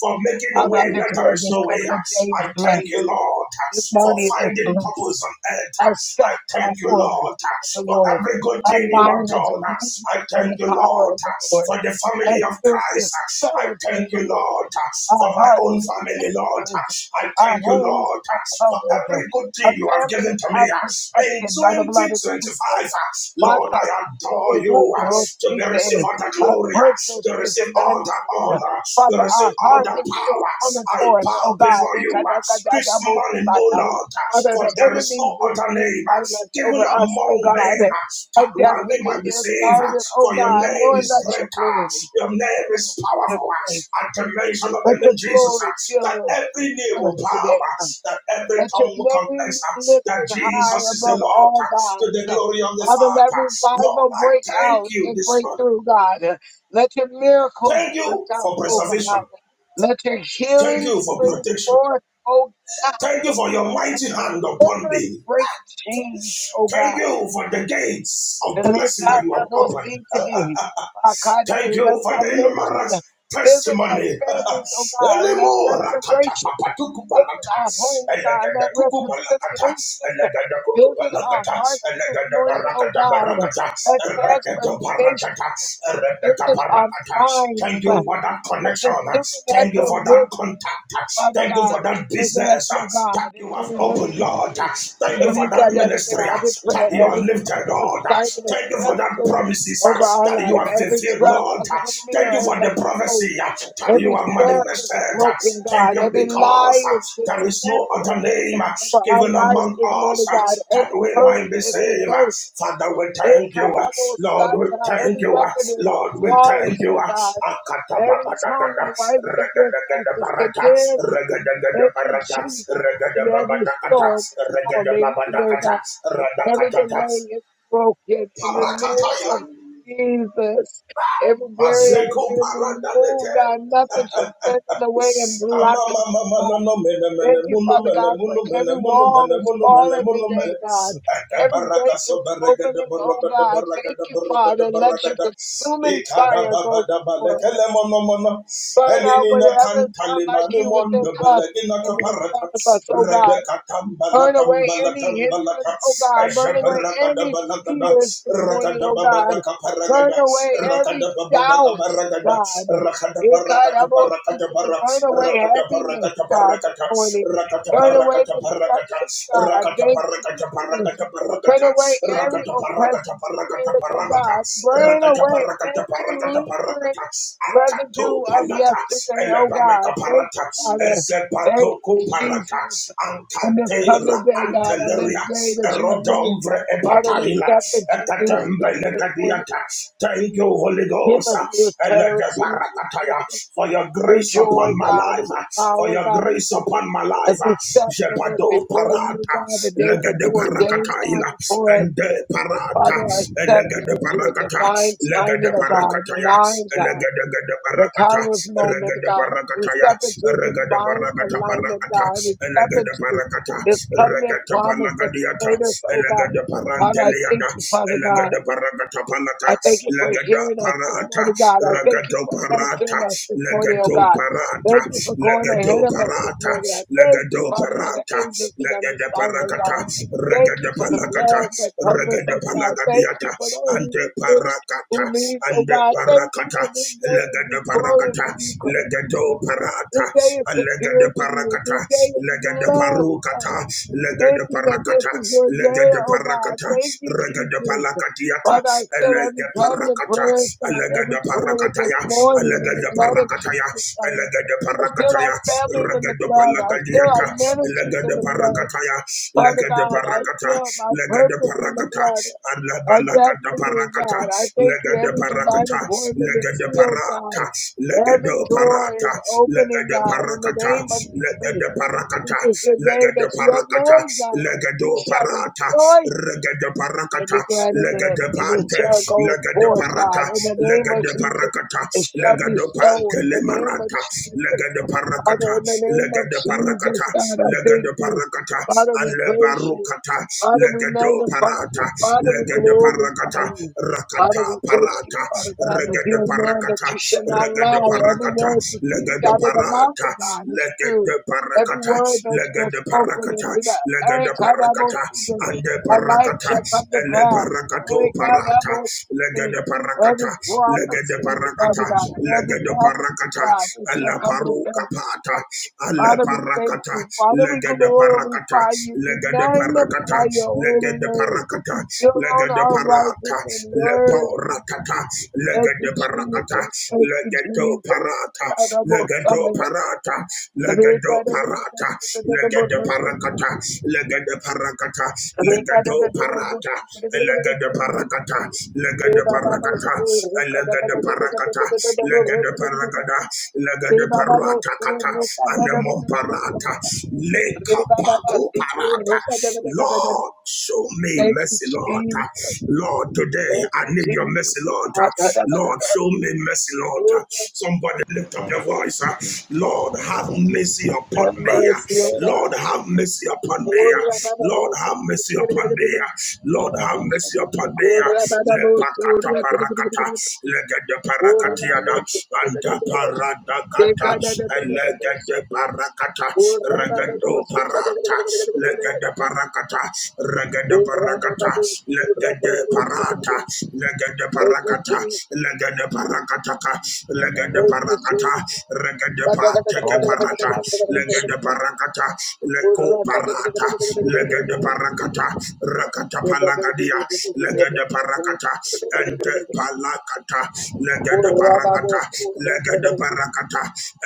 [SPEAKER 2] for making the
[SPEAKER 1] Father,
[SPEAKER 2] way
[SPEAKER 1] I
[SPEAKER 2] where there
[SPEAKER 1] declare
[SPEAKER 2] is
[SPEAKER 1] this
[SPEAKER 2] no way.
[SPEAKER 1] covenant day is
[SPEAKER 2] I thank you,
[SPEAKER 1] blessed.
[SPEAKER 2] Lord,
[SPEAKER 1] This
[SPEAKER 2] for
[SPEAKER 1] morning is
[SPEAKER 2] finding
[SPEAKER 1] blessed.
[SPEAKER 2] purpose on earth.
[SPEAKER 1] Our
[SPEAKER 2] I
[SPEAKER 1] steps are
[SPEAKER 2] thank you,
[SPEAKER 1] ordered of
[SPEAKER 2] Lord,
[SPEAKER 1] the
[SPEAKER 2] for
[SPEAKER 1] Lord.
[SPEAKER 2] every good
[SPEAKER 1] Our
[SPEAKER 2] thing you have
[SPEAKER 1] mind is
[SPEAKER 2] done.
[SPEAKER 1] renewed
[SPEAKER 2] I
[SPEAKER 1] in
[SPEAKER 2] thank
[SPEAKER 1] the
[SPEAKER 2] you,
[SPEAKER 1] power
[SPEAKER 2] Lord,
[SPEAKER 1] of the Lord.
[SPEAKER 2] for the
[SPEAKER 1] Our
[SPEAKER 2] family of
[SPEAKER 1] spirit is
[SPEAKER 2] Christ. I
[SPEAKER 1] filled this
[SPEAKER 2] thank you,
[SPEAKER 1] morning
[SPEAKER 2] Lord,
[SPEAKER 1] our
[SPEAKER 2] for my
[SPEAKER 1] hearts,
[SPEAKER 2] own
[SPEAKER 1] are
[SPEAKER 2] family, Lord.
[SPEAKER 1] angels,
[SPEAKER 2] I
[SPEAKER 1] our
[SPEAKER 2] thank you,
[SPEAKER 1] homes
[SPEAKER 2] Lord,
[SPEAKER 1] are
[SPEAKER 2] for
[SPEAKER 1] covered,
[SPEAKER 2] every good thing
[SPEAKER 1] our
[SPEAKER 2] you have given
[SPEAKER 1] families
[SPEAKER 2] to me
[SPEAKER 1] are
[SPEAKER 2] in
[SPEAKER 1] protected by the blood of Jesus.
[SPEAKER 2] 2025. Lord, I
[SPEAKER 1] Bakatite
[SPEAKER 2] adore you to be they receive
[SPEAKER 1] noroskite.
[SPEAKER 2] all the
[SPEAKER 1] Our
[SPEAKER 2] glory.
[SPEAKER 1] purpose
[SPEAKER 2] They
[SPEAKER 1] is
[SPEAKER 2] receive all the
[SPEAKER 1] advancing.
[SPEAKER 2] honor. They
[SPEAKER 1] Father,
[SPEAKER 2] receive
[SPEAKER 1] our
[SPEAKER 2] all the
[SPEAKER 1] harvest is
[SPEAKER 2] power.
[SPEAKER 1] coming
[SPEAKER 2] I
[SPEAKER 1] forth,
[SPEAKER 2] bow
[SPEAKER 1] oh God.
[SPEAKER 2] before you uh, this morning, O
[SPEAKER 1] Ikadakadadabosaya.
[SPEAKER 2] Lord, uh,
[SPEAKER 1] Father,
[SPEAKER 2] for
[SPEAKER 1] the
[SPEAKER 2] there is
[SPEAKER 1] enemy
[SPEAKER 2] no
[SPEAKER 1] is
[SPEAKER 2] other
[SPEAKER 1] being
[SPEAKER 2] name
[SPEAKER 1] silenced
[SPEAKER 2] given
[SPEAKER 1] over us,
[SPEAKER 2] among
[SPEAKER 1] oh
[SPEAKER 2] men
[SPEAKER 1] God.
[SPEAKER 2] uh,
[SPEAKER 1] Our
[SPEAKER 2] that one we
[SPEAKER 1] destiny
[SPEAKER 2] might be
[SPEAKER 1] is
[SPEAKER 2] saved.
[SPEAKER 1] guarded, oh
[SPEAKER 2] For your
[SPEAKER 1] God.
[SPEAKER 2] name
[SPEAKER 1] Lord,
[SPEAKER 2] is
[SPEAKER 1] let your
[SPEAKER 2] greater.
[SPEAKER 1] glory
[SPEAKER 2] Your name is
[SPEAKER 1] fill this
[SPEAKER 2] powerful.
[SPEAKER 1] place.
[SPEAKER 2] uh, At the mention of the
[SPEAKER 1] Let your
[SPEAKER 2] name Jesus,
[SPEAKER 1] glory
[SPEAKER 2] uh, that
[SPEAKER 1] fill
[SPEAKER 2] every knee
[SPEAKER 1] the earth
[SPEAKER 2] will bow,
[SPEAKER 1] today.
[SPEAKER 2] uh,
[SPEAKER 1] God.
[SPEAKER 2] that every
[SPEAKER 1] Let your
[SPEAKER 2] tongue will confess
[SPEAKER 1] name
[SPEAKER 2] uh,
[SPEAKER 1] be
[SPEAKER 2] that
[SPEAKER 1] lifted high
[SPEAKER 2] Jesus is the
[SPEAKER 1] above
[SPEAKER 2] Lord
[SPEAKER 1] all
[SPEAKER 2] uh, to the
[SPEAKER 1] gods.
[SPEAKER 2] glory of the
[SPEAKER 1] Father, let
[SPEAKER 2] Father. Lord,
[SPEAKER 1] revival
[SPEAKER 2] I
[SPEAKER 1] break
[SPEAKER 2] thank
[SPEAKER 1] out
[SPEAKER 2] you
[SPEAKER 1] and
[SPEAKER 2] this
[SPEAKER 1] break
[SPEAKER 2] morning.
[SPEAKER 1] through, God. Let your miracles
[SPEAKER 2] Thank
[SPEAKER 1] break
[SPEAKER 2] you
[SPEAKER 1] out,
[SPEAKER 2] for
[SPEAKER 1] oh God.
[SPEAKER 2] preservation.
[SPEAKER 1] Let your
[SPEAKER 2] Thank
[SPEAKER 1] healing
[SPEAKER 2] you for
[SPEAKER 1] spring
[SPEAKER 2] protection.
[SPEAKER 1] forth, oh God.
[SPEAKER 2] Thank you for your
[SPEAKER 1] Let
[SPEAKER 2] mighty
[SPEAKER 1] your
[SPEAKER 2] hand upon
[SPEAKER 1] deliverance
[SPEAKER 2] me.
[SPEAKER 1] break chains, oh
[SPEAKER 2] Thank
[SPEAKER 1] God.
[SPEAKER 2] you for the gates of blessing that you have opened.
[SPEAKER 1] Rekadabosite. Akade,
[SPEAKER 2] Thank you
[SPEAKER 1] Let
[SPEAKER 2] for the
[SPEAKER 1] salvation
[SPEAKER 2] numerous
[SPEAKER 1] visit our
[SPEAKER 2] testimony.
[SPEAKER 1] families, oh God. Let
[SPEAKER 2] Elimora kata
[SPEAKER 1] restoration
[SPEAKER 2] papa tuku
[SPEAKER 1] visit
[SPEAKER 2] balata.
[SPEAKER 1] our homes, God.
[SPEAKER 2] Elegada
[SPEAKER 1] Let
[SPEAKER 2] kuku balakata.
[SPEAKER 1] reconciliation
[SPEAKER 2] Elegada kuku
[SPEAKER 1] visit our
[SPEAKER 2] balakata.
[SPEAKER 1] hearts this
[SPEAKER 2] Elegada
[SPEAKER 1] morning, oh
[SPEAKER 2] barakata
[SPEAKER 1] God.
[SPEAKER 2] barakata.
[SPEAKER 1] Let
[SPEAKER 2] Elegada
[SPEAKER 1] transformation
[SPEAKER 2] barakata. Elegada
[SPEAKER 1] visit our
[SPEAKER 2] barakata.
[SPEAKER 1] minds.
[SPEAKER 2] Thank you for that
[SPEAKER 1] Such
[SPEAKER 2] connection.
[SPEAKER 1] a
[SPEAKER 2] Thank you
[SPEAKER 1] supernatural
[SPEAKER 2] for that
[SPEAKER 1] visit,
[SPEAKER 2] contact.
[SPEAKER 1] Father
[SPEAKER 2] Thank you
[SPEAKER 1] God,
[SPEAKER 2] for that
[SPEAKER 1] the
[SPEAKER 2] business that you have
[SPEAKER 1] natural
[SPEAKER 2] opened, Lord.
[SPEAKER 1] God.
[SPEAKER 2] Thank you for
[SPEAKER 1] Rika
[SPEAKER 2] that
[SPEAKER 1] da da da da.
[SPEAKER 2] ministry
[SPEAKER 1] I
[SPEAKER 2] that
[SPEAKER 1] declare
[SPEAKER 2] you have
[SPEAKER 1] every
[SPEAKER 2] lifted,
[SPEAKER 1] demonic
[SPEAKER 2] Lord.
[SPEAKER 1] assignment is
[SPEAKER 2] Thank you for that
[SPEAKER 1] canceled
[SPEAKER 2] promises uh,
[SPEAKER 1] over our
[SPEAKER 2] that you
[SPEAKER 1] life.
[SPEAKER 3] kind to
[SPEAKER 2] have
[SPEAKER 3] us,
[SPEAKER 1] Every
[SPEAKER 2] fulfilled,
[SPEAKER 1] trap
[SPEAKER 2] Lord.
[SPEAKER 1] of the
[SPEAKER 2] Uh,
[SPEAKER 1] enemy
[SPEAKER 2] Thank you
[SPEAKER 1] is
[SPEAKER 2] for the prophecy
[SPEAKER 1] exposed.
[SPEAKER 2] uh, that you
[SPEAKER 1] Every
[SPEAKER 2] have
[SPEAKER 1] snare is
[SPEAKER 2] manifested. Uh,
[SPEAKER 1] broken,
[SPEAKER 2] Thank
[SPEAKER 1] God.
[SPEAKER 2] you
[SPEAKER 1] Every
[SPEAKER 2] because
[SPEAKER 1] lie
[SPEAKER 2] uh,
[SPEAKER 1] is
[SPEAKER 2] there is no other
[SPEAKER 1] dismantled
[SPEAKER 2] name uh,
[SPEAKER 1] over our
[SPEAKER 2] given
[SPEAKER 1] lives
[SPEAKER 2] among
[SPEAKER 1] this
[SPEAKER 2] us
[SPEAKER 1] morning,
[SPEAKER 2] uh,
[SPEAKER 1] God.
[SPEAKER 2] that
[SPEAKER 1] Every
[SPEAKER 2] we
[SPEAKER 1] curse
[SPEAKER 2] might be
[SPEAKER 1] is
[SPEAKER 2] saved. Uh,
[SPEAKER 1] reversed.
[SPEAKER 2] Father, we thank you. uh, Lord, we
[SPEAKER 1] Ekadabosata,
[SPEAKER 2] thank
[SPEAKER 1] Every
[SPEAKER 2] you. uh,
[SPEAKER 1] weapon is
[SPEAKER 2] Lord, we thank
[SPEAKER 1] disarmed,
[SPEAKER 2] you.
[SPEAKER 1] oh
[SPEAKER 2] uh,
[SPEAKER 1] God. Every
[SPEAKER 2] Akatababadadada,
[SPEAKER 1] tongue rising against us is
[SPEAKER 2] regadagadabarata,
[SPEAKER 1] condemned. Thank you,
[SPEAKER 2] regadagadabarata,
[SPEAKER 1] Jesus. And every
[SPEAKER 2] regadababadakata,
[SPEAKER 1] storm is calming. Lord
[SPEAKER 2] regadababadakata,
[SPEAKER 1] God. Every
[SPEAKER 2] radakatata,
[SPEAKER 1] delay is broken in the name of
[SPEAKER 2] parakataila.
[SPEAKER 1] Jesus. Every barrier has
[SPEAKER 2] Maseko
[SPEAKER 1] been removed,
[SPEAKER 2] paradalete.
[SPEAKER 1] God. Nothing should stand in the way and
[SPEAKER 2] Ama na
[SPEAKER 1] block us,
[SPEAKER 2] na
[SPEAKER 1] oh God. Thank you, Father God, for every wall is falling today, God. Every gate is opening, oh God. Thank you, Father. Let your consuming fire go before us. Burn out whatever is not
[SPEAKER 2] kantali
[SPEAKER 1] like
[SPEAKER 2] mani
[SPEAKER 1] you within
[SPEAKER 2] mondo bale
[SPEAKER 1] us and in
[SPEAKER 2] kaparata.
[SPEAKER 1] front of us, oh
[SPEAKER 2] Rakada
[SPEAKER 1] God. Burn away
[SPEAKER 2] Rakada
[SPEAKER 1] any hindrance, oh God. Burn away any fears this morning, oh God. Burn away every doubt, God.
[SPEAKER 2] Rakada Rakada Rakada
[SPEAKER 1] Ikarabosi- Burn away
[SPEAKER 2] rakata
[SPEAKER 1] heaviness,
[SPEAKER 2] parakata
[SPEAKER 1] God, this
[SPEAKER 2] parakata
[SPEAKER 1] morning.
[SPEAKER 2] rakata
[SPEAKER 1] Burn away
[SPEAKER 2] parakata parakata
[SPEAKER 1] distractions, God.
[SPEAKER 2] rakata
[SPEAKER 1] Thank you,
[SPEAKER 2] parakata
[SPEAKER 1] Jesus.
[SPEAKER 2] parakata parakata
[SPEAKER 1] Burn away every
[SPEAKER 2] rakata parakata
[SPEAKER 1] oppressive
[SPEAKER 2] parakata parakata
[SPEAKER 1] spirit, oh God. Burn
[SPEAKER 2] rakata
[SPEAKER 1] away
[SPEAKER 2] parakata
[SPEAKER 1] every
[SPEAKER 2] parakata
[SPEAKER 1] lingering
[SPEAKER 2] parakata akato
[SPEAKER 1] residue of
[SPEAKER 2] palata
[SPEAKER 1] yesterday, oh
[SPEAKER 2] elepanaka
[SPEAKER 1] God. Thank you,
[SPEAKER 2] parata
[SPEAKER 1] Father. Thank you,
[SPEAKER 2] ezepatoko parata
[SPEAKER 1] Jesus on this
[SPEAKER 2] ankadera
[SPEAKER 1] covenant day, God, on this
[SPEAKER 2] anteleria
[SPEAKER 1] day that you have made.
[SPEAKER 2] erodomvre
[SPEAKER 1] Father, we
[SPEAKER 2] epataila
[SPEAKER 1] step into new strength this morning.
[SPEAKER 2] ekatembelekadiata thank you Holy
[SPEAKER 1] Give
[SPEAKER 2] Ghost
[SPEAKER 1] us new clarity, new
[SPEAKER 2] elegeparakataya
[SPEAKER 1] vision,
[SPEAKER 2] for your
[SPEAKER 1] new
[SPEAKER 2] grace upon
[SPEAKER 1] joy,
[SPEAKER 2] my
[SPEAKER 1] God, new
[SPEAKER 2] life for
[SPEAKER 1] power,
[SPEAKER 2] your
[SPEAKER 1] God,
[SPEAKER 2] grace upon my
[SPEAKER 1] as we
[SPEAKER 2] life
[SPEAKER 1] step in this
[SPEAKER 2] Jebado
[SPEAKER 1] before you,
[SPEAKER 2] parata,
[SPEAKER 1] God, the day that
[SPEAKER 2] legede
[SPEAKER 1] you ordained,
[SPEAKER 2] parakata
[SPEAKER 1] God,
[SPEAKER 2] ila,
[SPEAKER 1] before us.
[SPEAKER 2] ende parata,
[SPEAKER 1] Father, I step
[SPEAKER 2] legede
[SPEAKER 1] into a
[SPEAKER 2] parakata,
[SPEAKER 1] divine
[SPEAKER 2] legede
[SPEAKER 1] timing of God,
[SPEAKER 2] parakata
[SPEAKER 1] the
[SPEAKER 2] ya,
[SPEAKER 1] nine God.
[SPEAKER 2] legede gede
[SPEAKER 1] The
[SPEAKER 2] parakata,
[SPEAKER 1] Kairos moment,
[SPEAKER 2] regede
[SPEAKER 1] God. We
[SPEAKER 2] parakata ya,
[SPEAKER 1] step into the
[SPEAKER 2] regede
[SPEAKER 1] divine
[SPEAKER 2] parakata
[SPEAKER 1] alignment,
[SPEAKER 2] parakata,
[SPEAKER 1] God. We step
[SPEAKER 2] legede
[SPEAKER 1] into
[SPEAKER 2] parakata,
[SPEAKER 1] this covenant
[SPEAKER 2] regede
[SPEAKER 1] promise that you
[SPEAKER 2] parakadiata,
[SPEAKER 1] made us, oh God.
[SPEAKER 2] legede
[SPEAKER 1] Father, I thank
[SPEAKER 2] paranteliada,
[SPEAKER 1] you, Father God.
[SPEAKER 2] legede parakata palata,
[SPEAKER 1] I thank you for
[SPEAKER 2] legede
[SPEAKER 1] hearing us this
[SPEAKER 2] parata,
[SPEAKER 1] morning, God. I thank you
[SPEAKER 2] regede
[SPEAKER 1] for
[SPEAKER 2] parata,
[SPEAKER 1] answering us this morning, oh
[SPEAKER 2] legede
[SPEAKER 1] God.
[SPEAKER 2] parata,
[SPEAKER 1] Thank you for going
[SPEAKER 2] legede
[SPEAKER 1] ahead of us this
[SPEAKER 2] parata, parakata,
[SPEAKER 1] morning. I thank you,
[SPEAKER 2] legado
[SPEAKER 1] Father, for the
[SPEAKER 2] parata,
[SPEAKER 1] angels that
[SPEAKER 2] legada
[SPEAKER 1] understand, oh God.
[SPEAKER 2] parakata,
[SPEAKER 1] Thank you
[SPEAKER 2] regada
[SPEAKER 1] for the
[SPEAKER 2] palakata,
[SPEAKER 1] blood that covers
[SPEAKER 2] regada
[SPEAKER 1] us, God. Thank you
[SPEAKER 2] palagadiata,
[SPEAKER 1] for the Holy
[SPEAKER 2] ante
[SPEAKER 1] Spirit
[SPEAKER 2] parakata,
[SPEAKER 1] who leads, oh
[SPEAKER 2] ante
[SPEAKER 1] God. Thank you for
[SPEAKER 2] parakata,
[SPEAKER 1] this day is
[SPEAKER 2] legada
[SPEAKER 1] victorious
[SPEAKER 2] parakata,
[SPEAKER 1] in you, Christ
[SPEAKER 2] legado
[SPEAKER 1] Jesus. This
[SPEAKER 2] parata,
[SPEAKER 1] day is
[SPEAKER 2] and legada
[SPEAKER 1] secured in you.
[SPEAKER 2] parakata,
[SPEAKER 1] This day is
[SPEAKER 2] legada
[SPEAKER 1] blessed,
[SPEAKER 2] parukata,
[SPEAKER 1] God. Thank
[SPEAKER 2] legada
[SPEAKER 1] you that this
[SPEAKER 2] parakata,
[SPEAKER 1] is your day,
[SPEAKER 2] legada
[SPEAKER 1] oh God.
[SPEAKER 2] parakata,
[SPEAKER 1] Thank you,
[SPEAKER 2] regada
[SPEAKER 1] Jesus.
[SPEAKER 2] palakatiata,
[SPEAKER 1] Father, I seal every
[SPEAKER 2] legada
[SPEAKER 1] covenant
[SPEAKER 2] parakata,
[SPEAKER 1] prayer,
[SPEAKER 2] and
[SPEAKER 1] God, every
[SPEAKER 2] legada
[SPEAKER 1] prayer with this
[SPEAKER 2] parakataya, and
[SPEAKER 1] morning in the
[SPEAKER 2] legada
[SPEAKER 1] blood of
[SPEAKER 2] parakataya,
[SPEAKER 1] Jesus,
[SPEAKER 2] and
[SPEAKER 1] God.
[SPEAKER 2] legada
[SPEAKER 1] I
[SPEAKER 2] parakataya,
[SPEAKER 1] seal our
[SPEAKER 2] parakataya,
[SPEAKER 1] families in the
[SPEAKER 2] ragada
[SPEAKER 1] blood. I seal our
[SPEAKER 2] palagadiata,
[SPEAKER 1] ministries in
[SPEAKER 2] legada
[SPEAKER 1] the blood.
[SPEAKER 2] parakataya,
[SPEAKER 1] Father
[SPEAKER 2] legada
[SPEAKER 1] God, I
[SPEAKER 2] parakata,
[SPEAKER 1] seal my
[SPEAKER 2] legada
[SPEAKER 1] purpose in the
[SPEAKER 2] parakata,
[SPEAKER 1] blood. Our
[SPEAKER 2] alabalagada
[SPEAKER 1] destiny,
[SPEAKER 2] parakata,
[SPEAKER 1] God. I thank you.
[SPEAKER 2] legada
[SPEAKER 1] Every divine
[SPEAKER 2] parakata,
[SPEAKER 1] appointment is
[SPEAKER 2] legada
[SPEAKER 1] sealed, God.
[SPEAKER 2] parata,
[SPEAKER 1] Every
[SPEAKER 2] legada
[SPEAKER 1] door
[SPEAKER 2] parata,
[SPEAKER 1] is opening,
[SPEAKER 2] legada
[SPEAKER 1] God. In the
[SPEAKER 2] parakata,
[SPEAKER 1] name of Jesus,
[SPEAKER 2] legada
[SPEAKER 1] this
[SPEAKER 2] parakata,
[SPEAKER 1] is the day that
[SPEAKER 2] legada
[SPEAKER 1] you have
[SPEAKER 2] parakata,
[SPEAKER 1] made, God. We
[SPEAKER 2] legado
[SPEAKER 1] shall
[SPEAKER 2] parata,
[SPEAKER 1] rejoice
[SPEAKER 2] regada
[SPEAKER 1] and
[SPEAKER 2] parakata,
[SPEAKER 1] be glad in it.
[SPEAKER 2] legada
[SPEAKER 1] And it
[SPEAKER 2] pante,
[SPEAKER 1] shall go
[SPEAKER 2] legada
[SPEAKER 1] forth,
[SPEAKER 2] parata,
[SPEAKER 1] God, in the name of
[SPEAKER 2] legada
[SPEAKER 1] Jesus.
[SPEAKER 2] parakata,
[SPEAKER 1] It shall be
[SPEAKER 2] legado
[SPEAKER 1] so in the
[SPEAKER 2] panke
[SPEAKER 1] name of
[SPEAKER 2] parata,
[SPEAKER 1] Jesus.
[SPEAKER 2] lega de
[SPEAKER 1] Father,
[SPEAKER 2] parakata,
[SPEAKER 1] in the name
[SPEAKER 2] lega
[SPEAKER 1] of
[SPEAKER 2] de parakata,
[SPEAKER 1] Jesus, God, I
[SPEAKER 2] lega
[SPEAKER 1] thank
[SPEAKER 2] de
[SPEAKER 1] you.
[SPEAKER 2] parakata,
[SPEAKER 1] Father, we
[SPEAKER 2] ale
[SPEAKER 1] praise you.
[SPEAKER 2] barukata,
[SPEAKER 1] Father, we
[SPEAKER 2] lega do
[SPEAKER 1] magnify you.
[SPEAKER 2] parata,
[SPEAKER 1] Father, we
[SPEAKER 2] lega de
[SPEAKER 1] glorify
[SPEAKER 2] parakata,
[SPEAKER 1] you. Father,
[SPEAKER 2] rakata
[SPEAKER 1] we thank you,
[SPEAKER 2] parata,
[SPEAKER 1] Father God, that
[SPEAKER 2] rega de
[SPEAKER 1] you're a man that you
[SPEAKER 2] parakata,
[SPEAKER 1] shall not
[SPEAKER 2] rega de
[SPEAKER 1] lie. Every
[SPEAKER 2] parakata,
[SPEAKER 1] word
[SPEAKER 2] lega
[SPEAKER 1] proceeds
[SPEAKER 2] de
[SPEAKER 1] out of the mouth
[SPEAKER 2] parata,
[SPEAKER 1] of God is
[SPEAKER 2] lega
[SPEAKER 1] true.
[SPEAKER 2] de
[SPEAKER 1] Every
[SPEAKER 2] parakata,
[SPEAKER 1] word that you
[SPEAKER 2] lega
[SPEAKER 1] have
[SPEAKER 2] de
[SPEAKER 1] spoken into
[SPEAKER 2] parakata,
[SPEAKER 1] the
[SPEAKER 2] lega
[SPEAKER 1] air,
[SPEAKER 2] de
[SPEAKER 1] God, I will
[SPEAKER 2] parakata,
[SPEAKER 1] see you.
[SPEAKER 2] ande
[SPEAKER 1] Our life
[SPEAKER 2] parakata,
[SPEAKER 1] shall come to
[SPEAKER 2] ele
[SPEAKER 1] pass.
[SPEAKER 2] barakato
[SPEAKER 1] Hey, God, I
[SPEAKER 2] parata,
[SPEAKER 1] will see
[SPEAKER 2] lega
[SPEAKER 1] you.
[SPEAKER 2] de parakata,
[SPEAKER 1] Every
[SPEAKER 2] lega de
[SPEAKER 1] prophecy, Father God,
[SPEAKER 2] parakata,
[SPEAKER 1] every
[SPEAKER 2] legede
[SPEAKER 1] prophecy,
[SPEAKER 2] parakata
[SPEAKER 1] God, it shall
[SPEAKER 2] ala
[SPEAKER 1] come to
[SPEAKER 2] paruka pata
[SPEAKER 1] pass.
[SPEAKER 2] ala
[SPEAKER 1] Father, we thank
[SPEAKER 2] parakata
[SPEAKER 1] you. Father, we
[SPEAKER 2] legede parakata
[SPEAKER 1] glorify you. We
[SPEAKER 2] legede parakata
[SPEAKER 1] magnify your holy
[SPEAKER 2] Legado
[SPEAKER 1] name. You alone are
[SPEAKER 2] parakata
[SPEAKER 1] righteous and
[SPEAKER 2] legede
[SPEAKER 1] worthy.
[SPEAKER 2] parata
[SPEAKER 1] Thank you,
[SPEAKER 2] le parakata
[SPEAKER 1] Jesus. Thank you,
[SPEAKER 2] Legado
[SPEAKER 1] Jesus.
[SPEAKER 2] parakata
[SPEAKER 1] Father, most high.
[SPEAKER 2] legede parata legede parata Legado parata legede parakata legede parakata Legado parata legede parakata legede parakata legede de parakata, lega de
[SPEAKER 1] Rekada
[SPEAKER 2] paragada, lega
[SPEAKER 1] Re
[SPEAKER 2] de
[SPEAKER 1] Baba ba bo
[SPEAKER 2] parata
[SPEAKER 1] o
[SPEAKER 2] kata,
[SPEAKER 1] ro ka
[SPEAKER 2] and
[SPEAKER 1] da
[SPEAKER 2] the
[SPEAKER 1] da da da da da da
[SPEAKER 2] momparata,
[SPEAKER 1] da. da. Re
[SPEAKER 2] leka
[SPEAKER 1] Baba ba ba
[SPEAKER 2] paku
[SPEAKER 1] ti ko ro sa da
[SPEAKER 2] parata.
[SPEAKER 1] da da da da da da.
[SPEAKER 2] Lord, show me
[SPEAKER 1] Thank you,
[SPEAKER 2] mercy, Lord.
[SPEAKER 1] Jesus.
[SPEAKER 2] Lord, today
[SPEAKER 1] Thank
[SPEAKER 2] I
[SPEAKER 1] you,
[SPEAKER 2] need your
[SPEAKER 1] Jesus.
[SPEAKER 2] mercy, Lord.
[SPEAKER 1] Ah, da da da da
[SPEAKER 2] Lord,
[SPEAKER 1] da.
[SPEAKER 2] show me mercy,
[SPEAKER 1] O
[SPEAKER 2] Lord.
[SPEAKER 1] da- da, da.
[SPEAKER 2] Somebody lift up your
[SPEAKER 3] brother.
[SPEAKER 2] voice. Lord, have mercy
[SPEAKER 1] Have
[SPEAKER 2] upon me.
[SPEAKER 1] mercy, O
[SPEAKER 3] Lord,
[SPEAKER 2] Lord,
[SPEAKER 1] God.
[SPEAKER 2] have
[SPEAKER 3] God.
[SPEAKER 2] mercy upon
[SPEAKER 3] Lord, I
[SPEAKER 2] me.
[SPEAKER 1] O ra ba ba
[SPEAKER 3] God.
[SPEAKER 2] Lord,
[SPEAKER 1] bo so.
[SPEAKER 2] have mercy upon me. Lord,
[SPEAKER 3] Lord, I
[SPEAKER 2] have
[SPEAKER 3] God. Lord, I Lord,
[SPEAKER 2] mercy upon
[SPEAKER 1] O ra ba
[SPEAKER 2] me.
[SPEAKER 1] ba bo su.
[SPEAKER 2] Lepakata
[SPEAKER 1] Ra
[SPEAKER 2] parata
[SPEAKER 1] da da
[SPEAKER 2] parakata,
[SPEAKER 1] da
[SPEAKER 2] legede
[SPEAKER 1] O ra ba
[SPEAKER 2] parakatiada,
[SPEAKER 1] bo so.
[SPEAKER 2] anda
[SPEAKER 1] Te
[SPEAKER 2] paradakata,
[SPEAKER 1] ka da da da da da da.
[SPEAKER 2] legede parakata,
[SPEAKER 1] O ra ba ba bo
[SPEAKER 2] regedo
[SPEAKER 1] se da da da
[SPEAKER 2] parata,
[SPEAKER 1] da da da da.
[SPEAKER 2] legede parakata, regede
[SPEAKER 1] O ra ba ba
[SPEAKER 2] parakata,
[SPEAKER 1] bo su. Ra da
[SPEAKER 2] legede
[SPEAKER 1] da da. da da da.
[SPEAKER 2] parata, legede
[SPEAKER 1] Thank you,
[SPEAKER 2] parakata,
[SPEAKER 1] Jesus.
[SPEAKER 2] legede parakataka, legede
[SPEAKER 1] Thank you,
[SPEAKER 2] parakata,
[SPEAKER 1] Jesus.
[SPEAKER 2] regede pa, teke parata,
[SPEAKER 3] have mercy
[SPEAKER 2] legede
[SPEAKER 3] upon us.
[SPEAKER 2] parakata, leko parata, legede parakata, rakata palagadia, legede parakata Parakata ente palakata legede parakata legede parakata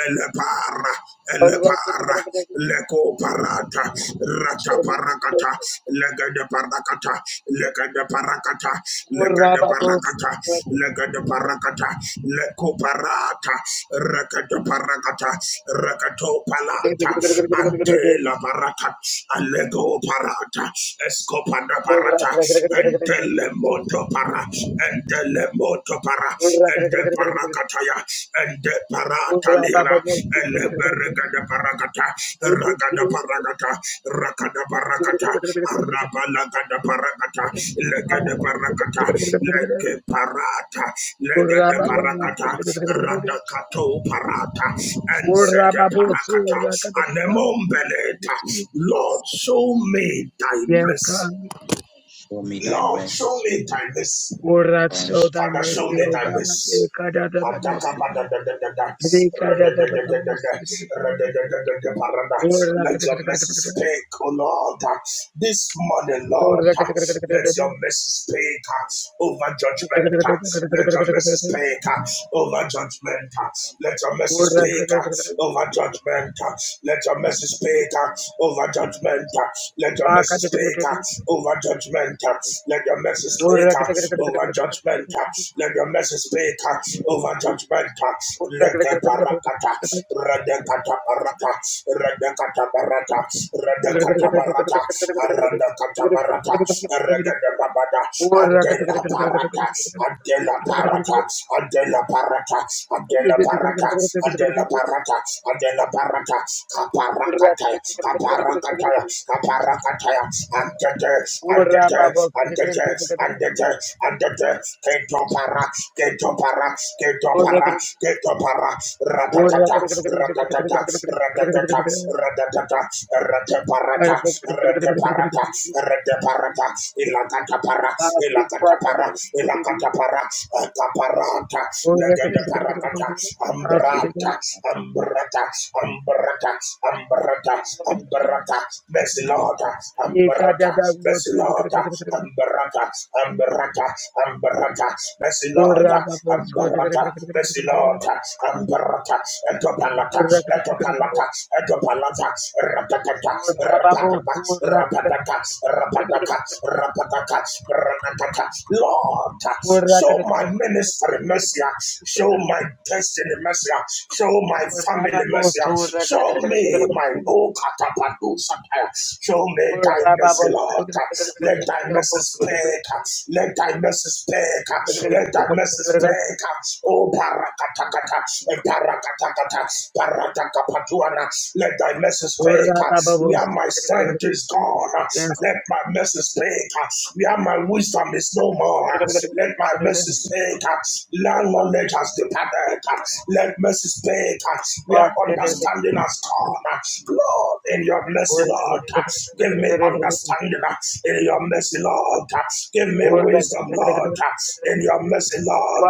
[SPEAKER 2] ele para ele para leko parata rata parakata legede parakata legede parakata legede parakata legede parakata leko parata rekede parakata reketo palata ante la parata alego parata escopada parata Entelemoto para, entelemoto para, ente parakataya, ente parataliana, eleberega de paragata, ragada paragata, rakada
[SPEAKER 1] Thank
[SPEAKER 2] paragata,
[SPEAKER 1] you, Jesus.
[SPEAKER 2] arabalaga de paragata,
[SPEAKER 1] Thank you,
[SPEAKER 2] lega de
[SPEAKER 1] Father.
[SPEAKER 2] paragata, lege parata, lega de paragata, radakato parata, enze de parakata, anemombeleta, Lord, show me thy
[SPEAKER 1] Yeah,
[SPEAKER 2] mercy.
[SPEAKER 1] God.
[SPEAKER 3] Show me thy
[SPEAKER 2] Lord,
[SPEAKER 3] mercy,
[SPEAKER 2] show me thy mercy.
[SPEAKER 1] Urat, show
[SPEAKER 3] Christ.
[SPEAKER 1] thy
[SPEAKER 2] Father,
[SPEAKER 3] Lord,
[SPEAKER 2] show
[SPEAKER 1] mercy,
[SPEAKER 2] me
[SPEAKER 1] O
[SPEAKER 2] thy
[SPEAKER 1] God.
[SPEAKER 2] mercy.
[SPEAKER 1] Ekadadadabosukuru.
[SPEAKER 3] God,
[SPEAKER 1] Ekadadadadabosukuru.
[SPEAKER 2] Let your message
[SPEAKER 1] Urakadakadakadakada.
[SPEAKER 2] speak, O Lord. This morning, Lord, let your
[SPEAKER 1] Urakadakadakadakada.
[SPEAKER 2] message speak over judgment. Let your message speak over judgment.
[SPEAKER 3] God,
[SPEAKER 2] Let
[SPEAKER 3] God,
[SPEAKER 2] your
[SPEAKER 3] God.
[SPEAKER 2] message speak
[SPEAKER 1] Urakadakadakadakada.
[SPEAKER 2] over judgment. Let your message
[SPEAKER 3] We
[SPEAKER 2] speak
[SPEAKER 3] thank
[SPEAKER 2] over judgment. Let your message speak
[SPEAKER 1] Pakadakadakadakada.
[SPEAKER 2] over judgment. Let your message speak over judgment. Let your message speak spirit uh, over judgment. uh,
[SPEAKER 1] Thank
[SPEAKER 2] Leke parakata, redekata parata, redekata parata, redekata parata, redekata parata, regede babada, adela parata, adela parata, adela parata, adela parata, adela parata, adela parata, kaparakata, kaparakata, kaparakata, and the death, and the death, and the death, and the death, and the death, para, que to para, que to para, que to para, ratatata, ratatata, ratatata, ratatata, rataparata, para rataparata, ilakatapara, ilakatapara, para, ataparata, legendaparatata, ambrata, ambrata, ambrata, ambrata,
[SPEAKER 1] you.
[SPEAKER 2] ambrata, mesilota, ambrata, mesilota, ambrata, ambrata, ambrata, Ambarata, Messi Lord, Ambarata, Messi Lord, Ambarata, Etopalata, Etopalata, Etopalata, Rapatata, Rapatata, Rapatata, Rapatata, Rapatata, Rapatata. Lord, show my ministry mercy, show my destiny mercy, show my family mercy, show me my own catapatu satire, show me thy mercy, Lord. Let thy mercy speak. let. Let thy mercy speak. Let thy mercy speak. Oh, parakatakata, eh, parakatakata, paratakapaduana. Let thy mercy speak. We are my strength is gone. Let my mercy speak. We are my wisdom is no more. Let my
[SPEAKER 1] Yes.
[SPEAKER 2] mercy speak. Land knowledge has departed. Let mercy speak. We are
[SPEAKER 1] Jesus.
[SPEAKER 2] understanding has gone. Lord, in your mercy, Lord, give me understanding in your mercy, Lord. Give me wisdom, Lord, in your mercy, Lord.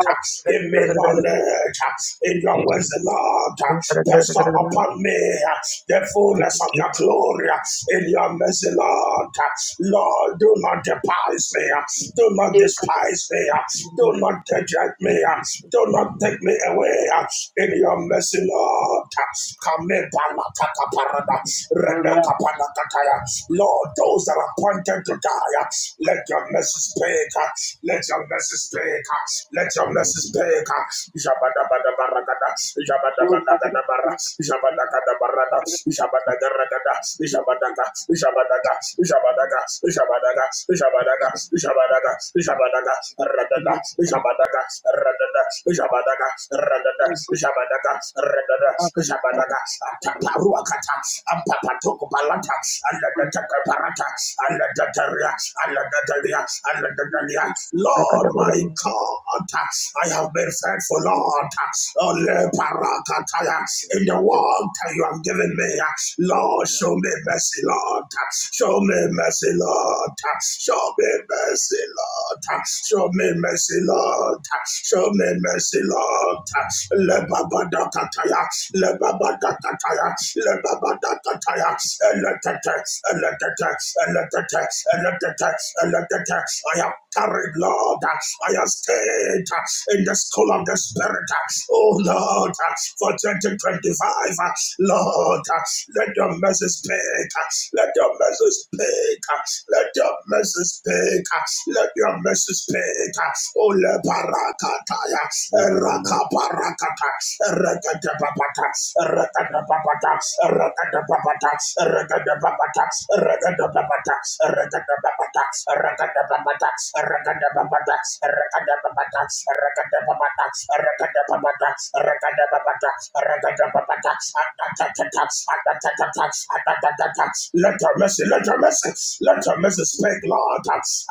[SPEAKER 2] Give me knowledge in your wisdom, Lord. Bestow upon me the fullness of your glory in your mercy, Lord. Lord, do not despise me. Do not despise me. Do not reject me. Do not take me away in your mercy, Lord. Lord, Lord, those that are appointed to die, uh, let your mercy speak. uh, Let your mercy speak. uh, Let your mercy speak. uh. Jabadabadabaragada, jabadabadagadabara, jabadagadabarada, jabadagaragada,
[SPEAKER 3] Thank
[SPEAKER 2] jabadaga, jabadaga, jabadaga, jabadaga, jabadaga, jabadaga, Jabadaga, Radada, Jabadaga, Radada, Jabadaga, Radada, Jabadaga, Radada, Jabadaga, Taparuakata, Ampapatoko Palata, and the Takaparata, and the Tataria, and the Tataria, and the Tataria. Lord, my God, I have been faithful, Lord, Ole Parakataya, in the world you have given me. Lord, show me mercy, Lord. Show me mercy, Lord. Show me mercy, Lord. Show me mercy, Lord. Show me mercy, Lord. Le baba da kataya, le baba da kataya, le baba da kataya. Eletete, eletete, eletete, eletete, eletete. I have carried, Lord. I have stayed spirit, uh, in the school of the spirit. uh, Oh Lord, uh, for 2025, uh, Lord, uh, let your mercy speak. uh, Let your mercy speak. uh, Let your mercy speak. uh, Let your mercy speak. uh, Oh le parakataya, raka parakata, rakata papata, rakata papata, rakata papata, rakata papata, rakata papata, rakata papata, rakata papata, rakata papata, raka de papata, Rakadababata, rakadababata, rakadababata, rakadababata, atatatata, atatatata, Let your mercy, let your mercy, let your mercy speak, Lord.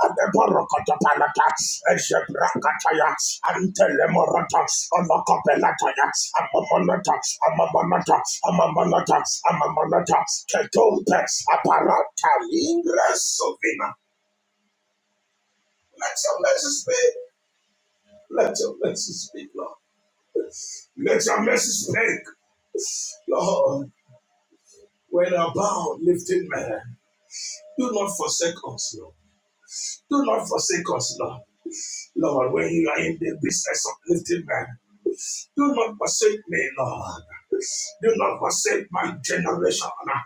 [SPEAKER 2] And the Borokota Palata, Eshebrakataya, and Telemorata, Amakapelata, Amamonata, Amamonata, Amamonata, Amamonata, Ketumpe, Aparata, Lingra Sovina. Let your mercy speak, let your mercy speak, Lord. Let your mercy speak, Lord, when our bound lifted man. Do not forsake us, Lord. Do not forsake us, Lord. Lord, when you are in the business of lifting man, do not forsake me, Lord. Do not forsake my generation. uh,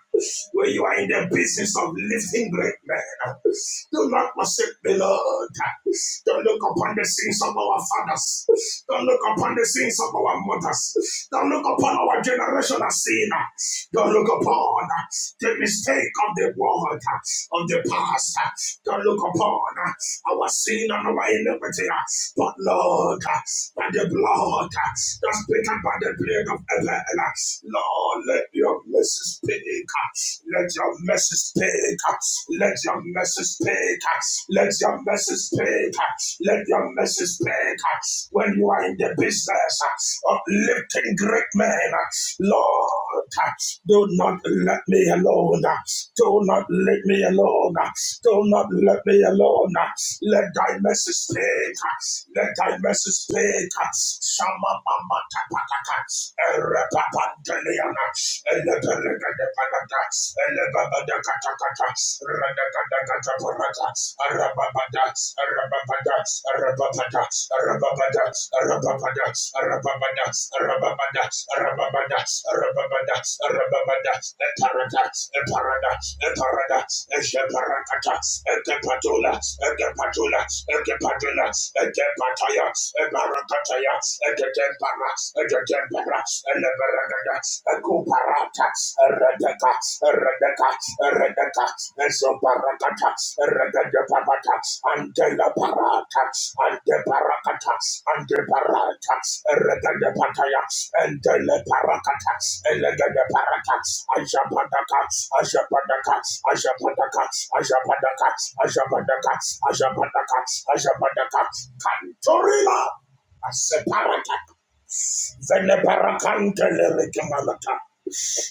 [SPEAKER 2] Where you are in the business of lifting great men. Do not forsake the Lord. Don't look upon the sins of our fathers. Don't look upon the sins of our mothers. Don't look upon our generation as sin. Don't look upon the mistake of the world, of the past. Don't look upon our sin and our iniquity. But Lord, by the blood that's speaking by the blood of Atlanta. Lord, let your message speak. Let your message speak. Let your message speak. Let your message speak. Let your message speak. When you are in the business of lifting great men, Lord. Do not let me alone. Do not let me alone. Do not let me alone. Let thy message speak. Let thy message speak. Shama mama tapataka. Erepapanteliana. Elebelegelebenata. Elebabadakatakata. Redakadakataporata. Arababada. Arababada. Arababada, Arababada, Arababada, Arababada, Arababada, Arababada, Arababada, Arababada, Eparada, Eparada, Eparada, Ejeparakata, Ekepatula, Ekepatula, Ekepatula, Ekepataya, Ebarakataya, Eketempara, Eketempara, Eleberagada, Ekuparata, Redeka, Eredeka, Eredeka, Ezobarakata, Eredeka Parata, Antela Parata, Ante Parakata, Ante Parata, Eredeka Pataya, Antele Parakata, Elegede Parata, Ajapadaka, Ajapadaka, Ajapadaka, Ajapadaka, Ajapadaka, Ajapadaka, Ajapadaka, Cantorila, a Separata, Veneparakante Lericamalata,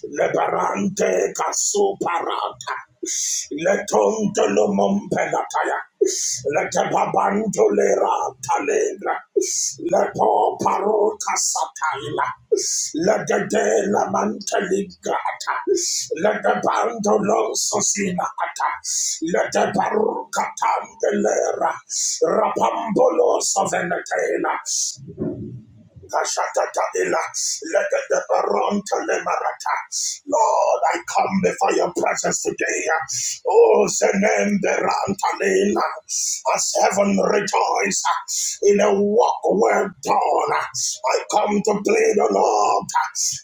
[SPEAKER 2] Lebarante Casuparata. Letonto lo mompelataya. Letebabanto lera talegra. Leto paroka sataila. Legede la manteligata. Letebanto lo sosina ata. Letebaruka tandelera. Rapambolo sovenetela. Kashatatadila, leketeperontelemarata. Lord, I come before your presence today. Oh, Zenemberantalila. as heaven rejoices in a work well done. I come to plead, O Lord,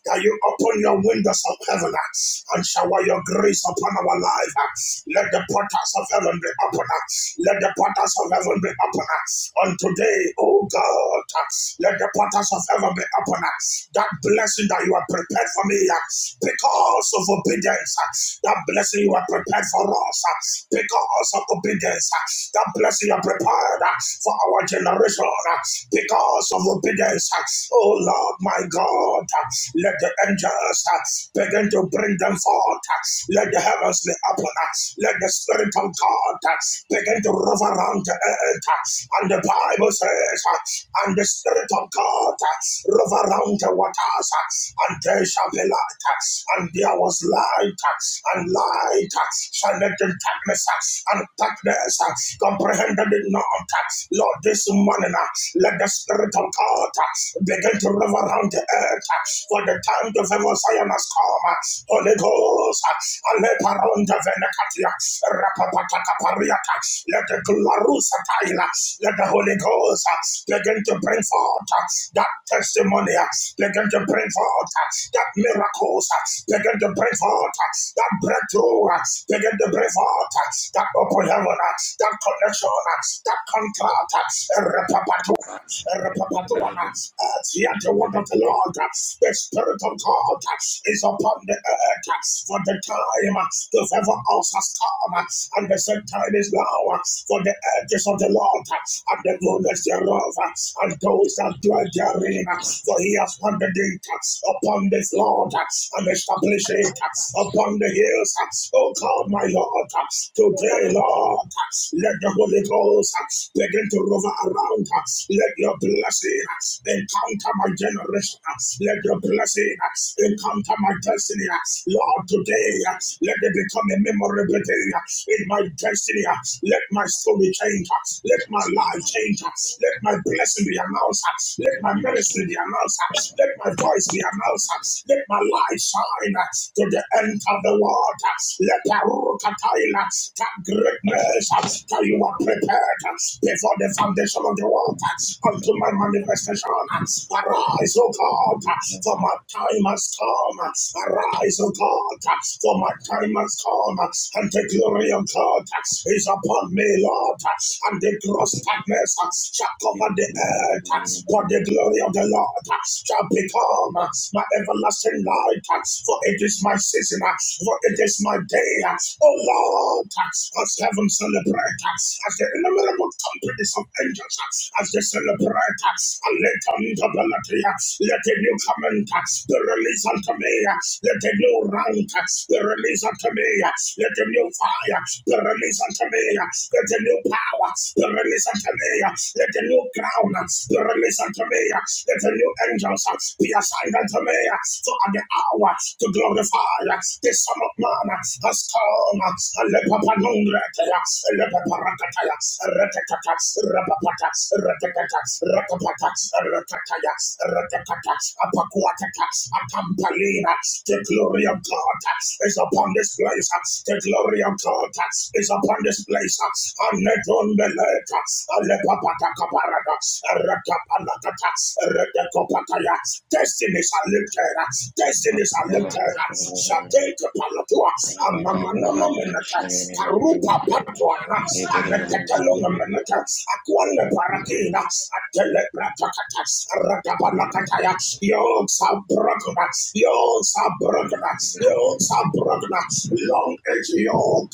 [SPEAKER 2] that you open your windows of heaven and shower your grace upon our life. Let the portals of heaven be open. Let the portals of of heaven be upon us. On today, oh God, let the portals of heaven be upon us. That blessing that you have prepared for me uh, because of obedience, uh, that blessing you have prepared for us uh, because of obedience, uh, that blessing you have prepared uh, for our generation uh, because of obedience. uh. Oh Lord, my God, uh, let the angels uh, begin to bring them forth. uh. Let the heavens heavens be upon us. Let the Spirit of God uh, begin to rove around the earth. uh, And the Bible says, uh, and the Spirit of God uh, rove around the waters, uh, and there shall be light. uh, And there was light, uh, and light uh, shined in darkness, uh, and darkness uh, comprehended it not. uh. Lord, this morning, uh, let the Spirit of God uh, begin to rove around the earth. uh, For for the time to favor Zion has come. Holy Ghost, Aleparonda Venekatia, Rapapataka Pariata, let the Glarusa Taila, let the Holy Ghost begin to bring forth that testimony, begin to bring forth that miracles, begin to bring forth that breakthrough, begin to bring forth that open heaven, that connection, that contract, Rapapatu. Repapatuana, as the word of the Lord, the Spirit of God is upon the earth, for the time the favor us has come, and the same time is now, for the edges of the Lord, and the goodness thereof, and those that dwell therein, for he has wandered it upon this Lord, and established it upon the hills, O God, my Lord, today, Lord, let the Holy Ghost begin to rover around, let let your blessing encounter my generation. Let your blessing encounter my destiny. Lord, today, let it become a memorable day in my destiny. Let my story change. Let my life change. Let my blessing be announced. Let my ministry be announced. Let my voice be announced. Let my light shine to the end of the world. Let the Rukataila, that greatness that you are prepared before the foundation of the world unto my manifestation. Arise, O God, for my time has come. Arise, O God, for my time has come. And the glory of God is upon me, Lord. And the gross darkness shall cover the earth. But the glory of the Lord shall become my everlasting light. For it is my season, for it is my day. O Lord, as heaven celebrate, as the innumerable companies of angels, as they celebrate breath and let unto the Latria. Let a new command be released unto me. Let a new rank be released unto me. Let a new fire be released unto me. Let a new power be released unto me. Let a new crown be released unto me. Let a new angels be assigned unto me. For at the hour to glorify the Son of Man has come. Alepapanungrete, elepaparakataya, retetata, rapapata, retetata, rakapata, rakataya, rakatata, apakuatata, atampalina. The glory of God is upon this place. The glory of God is upon this place. Anetondeleka, alepapata kaparada, rakapalakata, rakakopataya. Destinies are lifted. Destinies are lifted. Shateka palatua, amamanono menata, karupa patuana, anetetelonga menata, akwale parakina, Telepratakata, Rakapanakataya, Yokes are broken, yokes are broken, yokes are broken, long age yoke,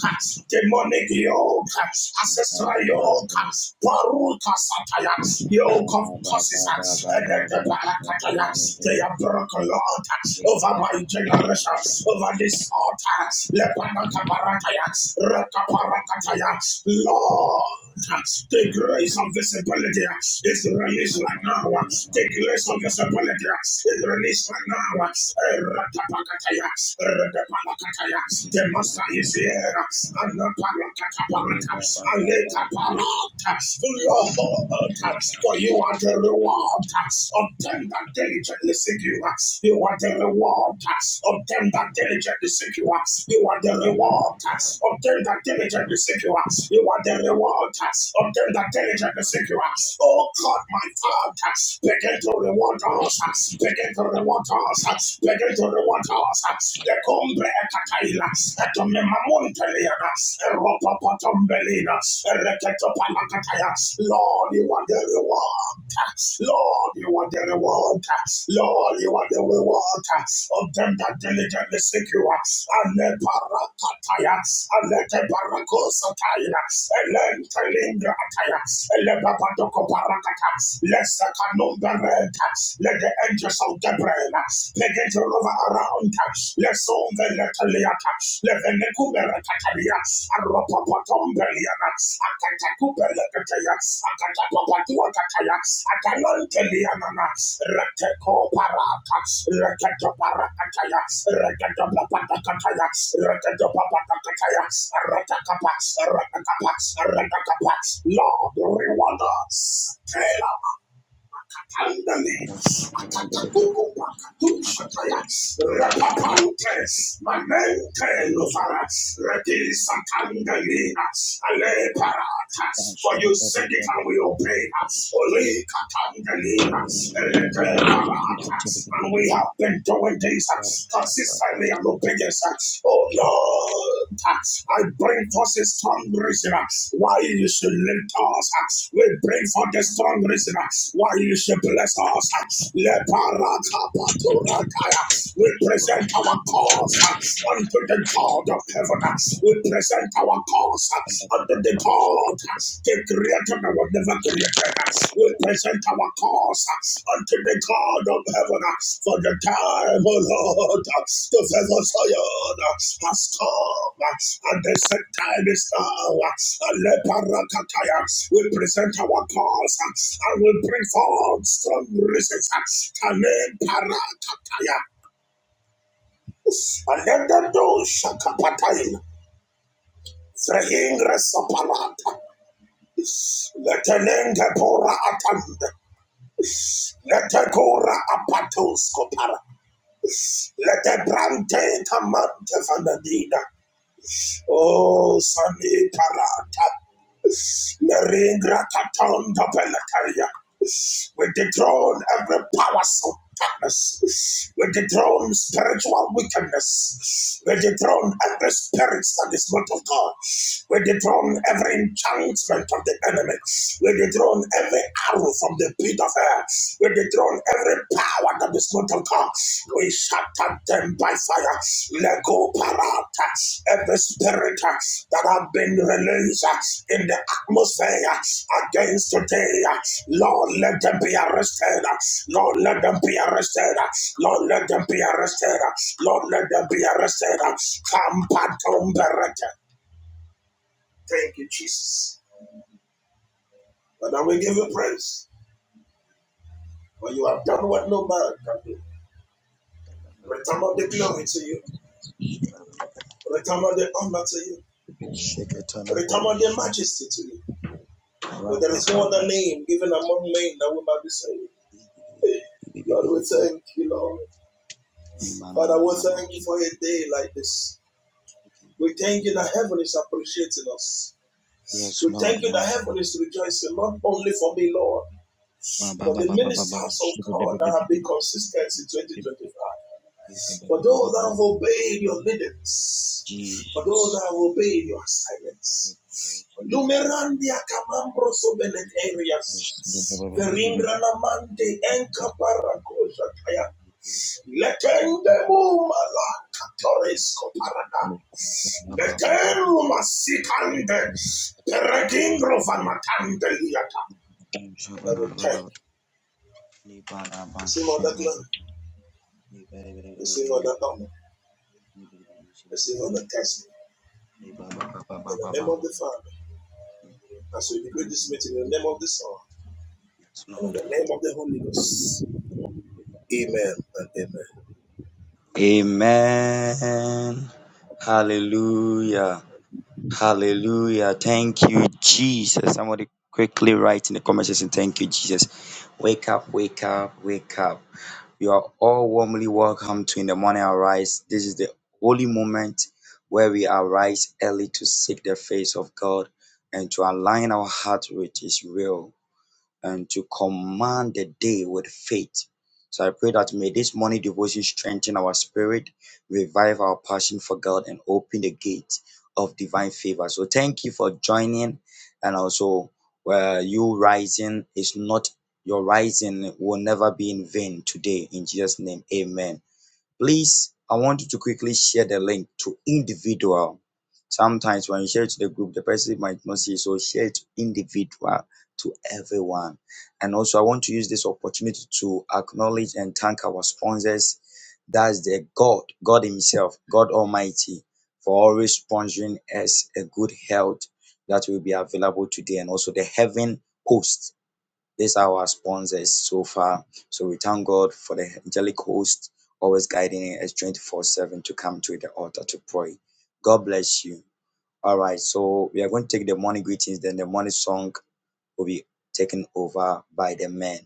[SPEAKER 2] demonic yoke, ancestral yoke, Baruka Sataya, yoke of causes, and the Barakataya, they are broken, Lord, over my generation, over this altar, Lepanakaparataya, Rakaparakataya, Lord, the grace of visibility is it's released right now.
[SPEAKER 3] you.
[SPEAKER 2] Take less of disability. It's released right now. Ratapakataya. Ratapakataya. The master is here. And the parakataparata. And later parata. Lord, for you are the reward of them that diligently seek you. You are the reward of them that diligently seek you. You are the reward of them that diligently seek you. You are the reward of them that diligently seek you. Oh God. God, my Father. Begin to reward us. Begin to reward us. Begin to reward us. The cumbre ekataila. Etome mamunteliana. Eropopotombelina. Ereketopalakataya. Lord, you are the reward. Lord, you are the reward. Lord, you are the reward of them that diligently seek you. Ale parakataya. Ale barakosataya. Ele telinga ataya. Ele Let's take a number red. Let the angels of Gabriel begin to rover around. Let's own the Letaliata. Let the Necubera Catalia. A Ropopotombeliana. A Catacubela Cataya. A Catapatua Cataya. A Talanteliana. Reteco Parata. Reteco Paracataya. Reteco Papatacataya. Reteco Papatacataya. Reteco Pax. Reteco Pax. Reteco Pax. Lord, reward us. Tell Andale, Atatakuku Pakatu Shataya, Rapapantes, Mamente Lovara, Redi Satangalina, Ale Parata, for you said it and we obey us, Oli Katangalina, Rede Parata, and we have been doing this consistently and obedience, oh Lord. I bring forth a strong reason uh, why you should lift us. uh, We bring forth a strong reason uh, why you should bless us. uh, Le Leparata we present our cause uh, unto the God of heaven. uh, We present our cause uh, unto the God uh, that created and was never created. uh, We present our cause uh, unto the God of heaven uh, for the time, O Lord, uh, to favor Zion uh, has come. uh, And the set time is now. uh, We present our cause uh, and we bring forth strong reasons. uh, Amen. Parakataya. Alendendo shakapatain. Frehingre sapalata. Letenenge pora atand. Letekora apatos kopara. Letebrante tamante fanadina. Oh, sani parata. Leringra tatonda We dethrone every powers of darkness. We dethrone spiritual wickedness. We dethrone every spirit that is not of God. We dethrone every enchantment of the enemy. We dethrone every arrow from the pit of hell. We dethrone every power that is not of God. We shut and them by fire. Let go, Parata. Every spirit uh, that have been released uh, in the atmosphere uh, against today, uh, Lord, let them be arrested. uh, Lord, let them be arrested. uh, Lord, let them be arrested. uh, Lord, let them be arrested. uh, Come, Patum Beretta. Thank you, Jesus. And I will give you praise. For you have done what no man can do. Return all the glory to you. Return all the honor to you. Return all the majesty to you. But there is no other name given among men that we might be saved. Lord, we thank you, Lord. Father, we thank you for a day like this. We thank you that heaven is appreciating us.
[SPEAKER 3] Yes,
[SPEAKER 2] We
[SPEAKER 3] Lord.
[SPEAKER 2] thank you that heaven is rejoicing, not only for me, Lord, but the ministers of God that have been consistent in 2025. For those
[SPEAKER 3] Yes,
[SPEAKER 2] that
[SPEAKER 3] Lord.
[SPEAKER 2] have obeyed your leadings, for those
[SPEAKER 3] Jesus.
[SPEAKER 2] that have obeyed your silence. Numerandia camambro sobelet areas.
[SPEAKER 3] Yes,
[SPEAKER 2] Veringranamante encaparacosha taya. Letendemu malacatoresco parada. Letenum asicande. Peregingro van matande liata. And I will take. Receive all the glory. Receive all the honor. Receive all the testimony. In the name of the Father. And so we decree this meeting in the name of the Son and in
[SPEAKER 3] Lord.
[SPEAKER 2] the name of the Holy Ghost. Amen and amen.
[SPEAKER 3] Amen. Hallelujah. Hallelujah. Thank you, Jesus. Somebody quickly write in the comment section, Thank you, Jesus. Wake up, wake up, wake up. You are all warmly welcome to In the Morning Arise. This is the holy moment where we arise early to seek the face of God and to align our heart with His will and to command the day with faith. So I pray that may this morning devotion strengthen our spirit, revive our passion for God, and open the gate of divine favor. So thank you for joining, and also where you rising is not your rising will never be in vain today. In Jesus' name, Amen. Please, I want you to quickly share the link to individual. Sometimes when you share it to the group, the person might not see, so share it to individual, to everyone. And also, I want to use this opportunity to acknowledge and thank our sponsors. That's the God, God Himself, God Almighty, for always sponsoring us a good health that will be available today, and also the heaven host these are our sponsors so far. So we thank God for the angelic host always guiding us 24 7 to come to the altar to pray. God bless you. All right, so we are going to take the morning greetings, then the morning song will be taken over by the men.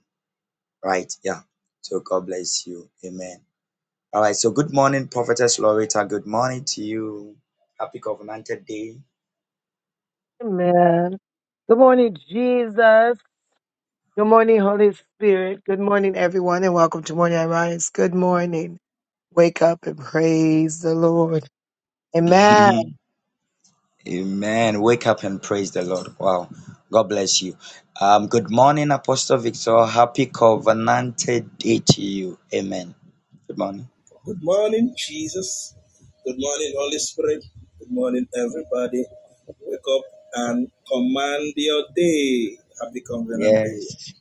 [SPEAKER 3] Right? Yeah. So God bless you. Amen. All right. So good morning, Prophetess Loretta. Good morning to you. Happy covenanted day.
[SPEAKER 1] Amen. Good morning, Jesus. Good morning, Holy Spirit. Good morning, everyone, and welcome to Morning I Rise. Good morning. Wake up and praise the Lord. Amen.
[SPEAKER 3] Amen. Wake up and praise the Lord. Wow. God bless you. Um, good morning, Apostle Victor. Happy covenanted day to you. Amen. Good morning.
[SPEAKER 2] Good morning, Jesus. Good morning, Holy Spirit. Good morning, everybody. Wake up and command your day. Happy Covenant Day.
[SPEAKER 3] Yes.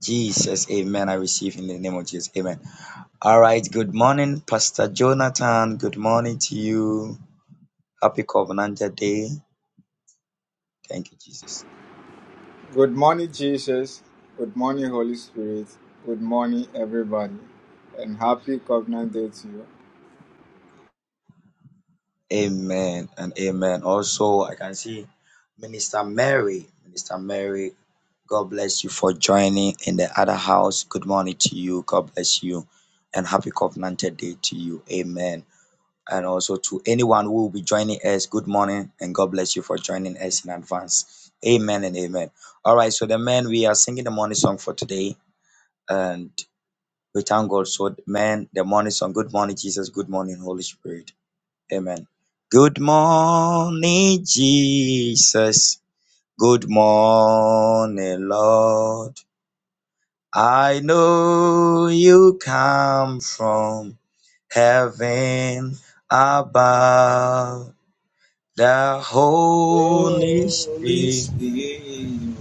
[SPEAKER 3] Jesus. Amen. I receive in the name of Jesus. Amen. All right. Good morning, Pastor Jonathan. Good morning to you. Happy covenanted day. Thank you, Jesus.
[SPEAKER 4] Good morning, Jesus. Good morning, Holy Spirit. Good morning, everybody. And happy Covenant Day to you.
[SPEAKER 3] Amen and amen. Also, I can see Minister Mary. Minister Mary, God bless you for joining in the other house. Good morning to you. God bless you. And happy covenanted day to you. Amen. And also to anyone who will be joining us, good morning and God bless you for joining us in advance. Amen and amen. All right, so the men, we are singing the morning song for today. And we thank God. So, men, the morning song, good morning, Jesus, good morning, Holy Spirit. Amen. Good morning, Jesus. Good morning, Lord. I know you come from heaven above. The Holy
[SPEAKER 2] Holy
[SPEAKER 3] Spirit
[SPEAKER 2] Spirit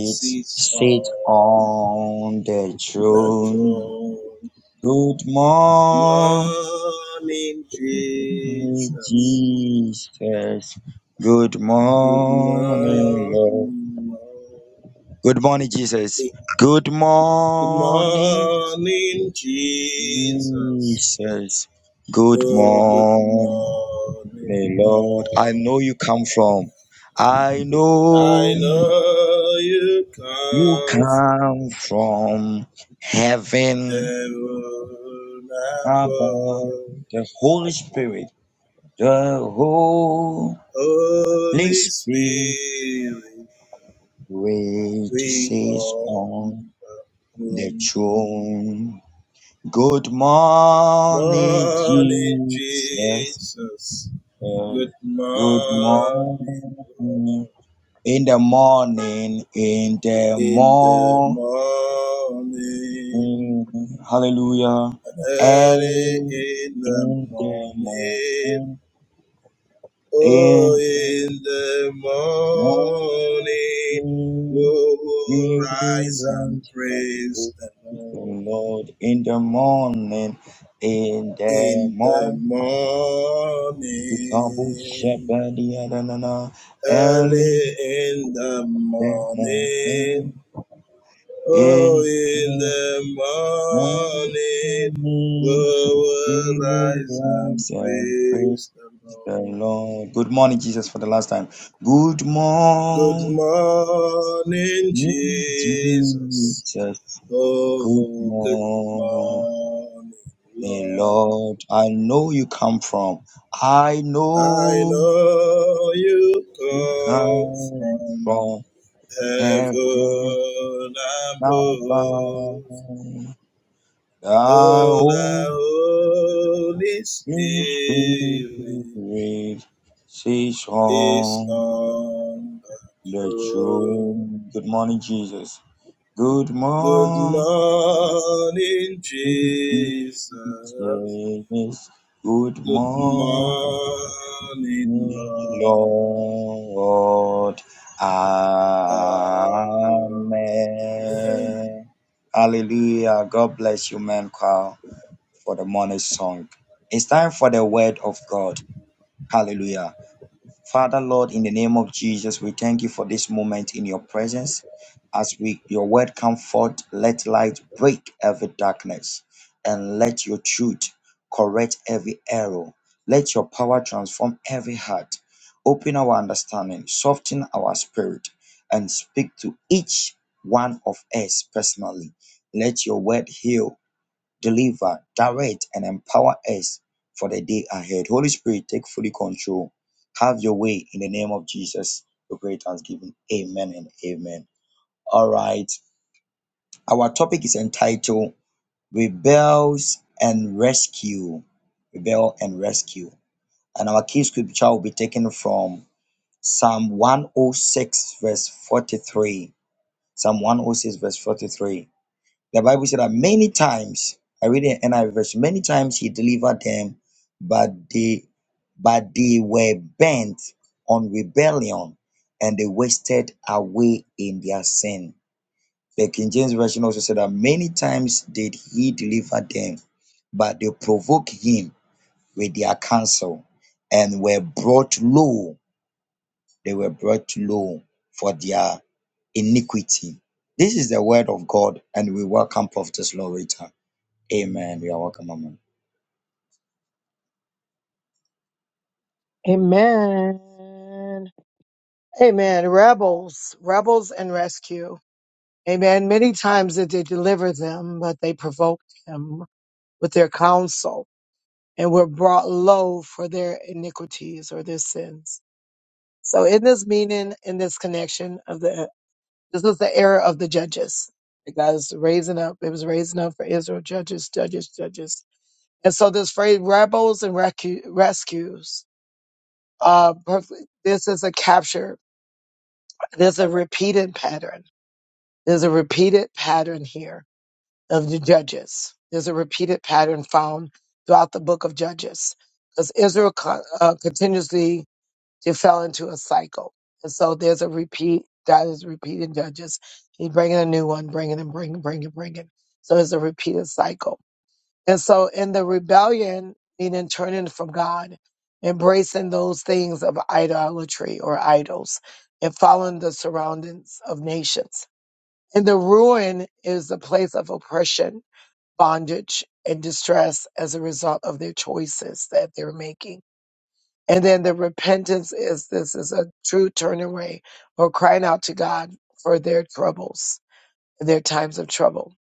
[SPEAKER 2] sits
[SPEAKER 3] sits
[SPEAKER 2] on
[SPEAKER 3] on the
[SPEAKER 2] the
[SPEAKER 3] throne.
[SPEAKER 2] throne.
[SPEAKER 3] Good morning,
[SPEAKER 2] Morning, Jesus.
[SPEAKER 3] Jesus. Good
[SPEAKER 2] Good
[SPEAKER 3] morning, Lord.
[SPEAKER 2] morning, Lord.
[SPEAKER 3] Good morning, Jesus.
[SPEAKER 2] Good
[SPEAKER 3] Good morning,
[SPEAKER 2] morning, Jesus.
[SPEAKER 3] Jesus. Good
[SPEAKER 2] Oh, good
[SPEAKER 3] morning,
[SPEAKER 2] morning,
[SPEAKER 3] Lord. I
[SPEAKER 2] Lord.
[SPEAKER 3] know you come from, I know
[SPEAKER 2] I know you
[SPEAKER 3] you
[SPEAKER 2] come from
[SPEAKER 3] come from heaven
[SPEAKER 2] heaven
[SPEAKER 3] above.
[SPEAKER 2] above.
[SPEAKER 3] The Holy Spirit, the Holy
[SPEAKER 2] Holy
[SPEAKER 3] Spirit
[SPEAKER 2] Spirit, we
[SPEAKER 3] sits
[SPEAKER 2] come.
[SPEAKER 3] on the
[SPEAKER 2] Good
[SPEAKER 3] throne. Good morning,
[SPEAKER 2] morning,
[SPEAKER 3] Jesus.
[SPEAKER 2] Jesus.
[SPEAKER 3] Yes.
[SPEAKER 2] Good
[SPEAKER 3] Good
[SPEAKER 2] morning,
[SPEAKER 3] morning.
[SPEAKER 2] Lord.
[SPEAKER 3] In the morning, in the
[SPEAKER 2] in the
[SPEAKER 3] morning.
[SPEAKER 2] morning,
[SPEAKER 3] Hallelujah.
[SPEAKER 2] and early
[SPEAKER 3] Early
[SPEAKER 2] in the
[SPEAKER 3] in the
[SPEAKER 2] morning,
[SPEAKER 3] morning,
[SPEAKER 2] oh,
[SPEAKER 3] in the
[SPEAKER 2] in the
[SPEAKER 3] morning,
[SPEAKER 2] morning, we will
[SPEAKER 3] we
[SPEAKER 2] rise and
[SPEAKER 3] rise and praise
[SPEAKER 2] praise the
[SPEAKER 3] the
[SPEAKER 2] Lord.
[SPEAKER 3] Lord. In the morning, in the
[SPEAKER 2] In the
[SPEAKER 3] morning, we come to
[SPEAKER 2] morning,
[SPEAKER 3] shepherd the other, na, na, na. early
[SPEAKER 2] early in the
[SPEAKER 3] in the morning.
[SPEAKER 2] morning, Oh,
[SPEAKER 3] In
[SPEAKER 2] in
[SPEAKER 3] the
[SPEAKER 2] the
[SPEAKER 3] morning,
[SPEAKER 2] morning we will
[SPEAKER 3] we
[SPEAKER 2] rise
[SPEAKER 3] will
[SPEAKER 2] and
[SPEAKER 3] rise and praise
[SPEAKER 2] praise the
[SPEAKER 3] the
[SPEAKER 2] Lord.
[SPEAKER 3] Lord. Good morning, Jesus, for the last time. Good
[SPEAKER 2] Good
[SPEAKER 3] morning,
[SPEAKER 2] morning, Jesus.
[SPEAKER 3] Jesus. Good
[SPEAKER 2] Oh, good
[SPEAKER 3] morning,
[SPEAKER 2] morning, Lord.
[SPEAKER 3] Lord. I know you come from. I
[SPEAKER 2] I
[SPEAKER 3] know
[SPEAKER 2] know
[SPEAKER 3] you
[SPEAKER 2] you come
[SPEAKER 3] come
[SPEAKER 2] from
[SPEAKER 3] from heaven
[SPEAKER 2] heaven
[SPEAKER 3] above.
[SPEAKER 2] above.
[SPEAKER 3] The
[SPEAKER 2] Oh,
[SPEAKER 3] Holy
[SPEAKER 2] the Holy Spirit
[SPEAKER 3] Spirit says,
[SPEAKER 2] is
[SPEAKER 3] on.
[SPEAKER 2] on the
[SPEAKER 3] Let your
[SPEAKER 2] throne.
[SPEAKER 3] good morning, Jesus. Good
[SPEAKER 2] Good
[SPEAKER 3] morning,
[SPEAKER 2] morning,
[SPEAKER 3] Jesus.
[SPEAKER 2] Jesus.
[SPEAKER 3] Good
[SPEAKER 2] Good
[SPEAKER 3] morning,
[SPEAKER 2] morning, Lord.
[SPEAKER 3] Lord.
[SPEAKER 2] Amen.
[SPEAKER 3] Amen. Hallelujah. God bless you, man, choir, for the morning song. It's time for the word of God. Hallelujah. Father, Lord, in the name of Jesus, we thank you for this moment in your presence. As we your word come forth, let light break every darkness and let your truth correct every error. Let your power transform every heart. Open our understanding, soften our spirit, and speak to each one of us personally. Let your word heal deliver, direct, and empower us for the day ahead. Holy Spirit, take fully control. Have your way in the name of Jesus. We pray thanksgiving. Amen and amen. All right. Our topic is entitled Rebels and Rescue. Rebel and Rescue. And our key scripture will be taken from Psalm 106, verse 43. Psalm 106, verse 43. The Bible said that many times, I read it in NIV version, many times he delivered them, but they but they were bent on rebellion and they wasted away in their sin. The King James Version also said that many times did he deliver them, but they provoked him with their counsel and were brought low. They were brought low for their iniquity. This is the word of God, and we welcome Prophetess Loretta. Amen. You are welcome, Mama.
[SPEAKER 1] Amen. Amen. Rebels, rebels and rescue. Amen. Many times did they deliver them, but they provoked him with their counsel and were brought low for their iniquities or their sins. So in this meaning, in this connection of the This was the era of the judges. The guys raising up. It was raising up for Israel. Judges, judges, judges. And so this phrase, rebels and recu- rescues, uh, perfect- this is a capture. There's a repeated pattern. There's a repeated pattern here of the judges. There's a repeated pattern found throughout the book of Judges because Israel co- uh, continuously you fell into a cycle. And so there's a repeat. God is repeating judges. He's bringing a new one, bringing and bringing, bringing, bringing. So it's a repeated cycle. And so in the rebellion, meaning turning from God, embracing those things of idolatry or idols, and following the surroundings of nations. And the ruin is the place of oppression, bondage, and distress as a result of their choices that they're making and then the repentance is this is a true turning away or crying out to God for their troubles, their times of trouble.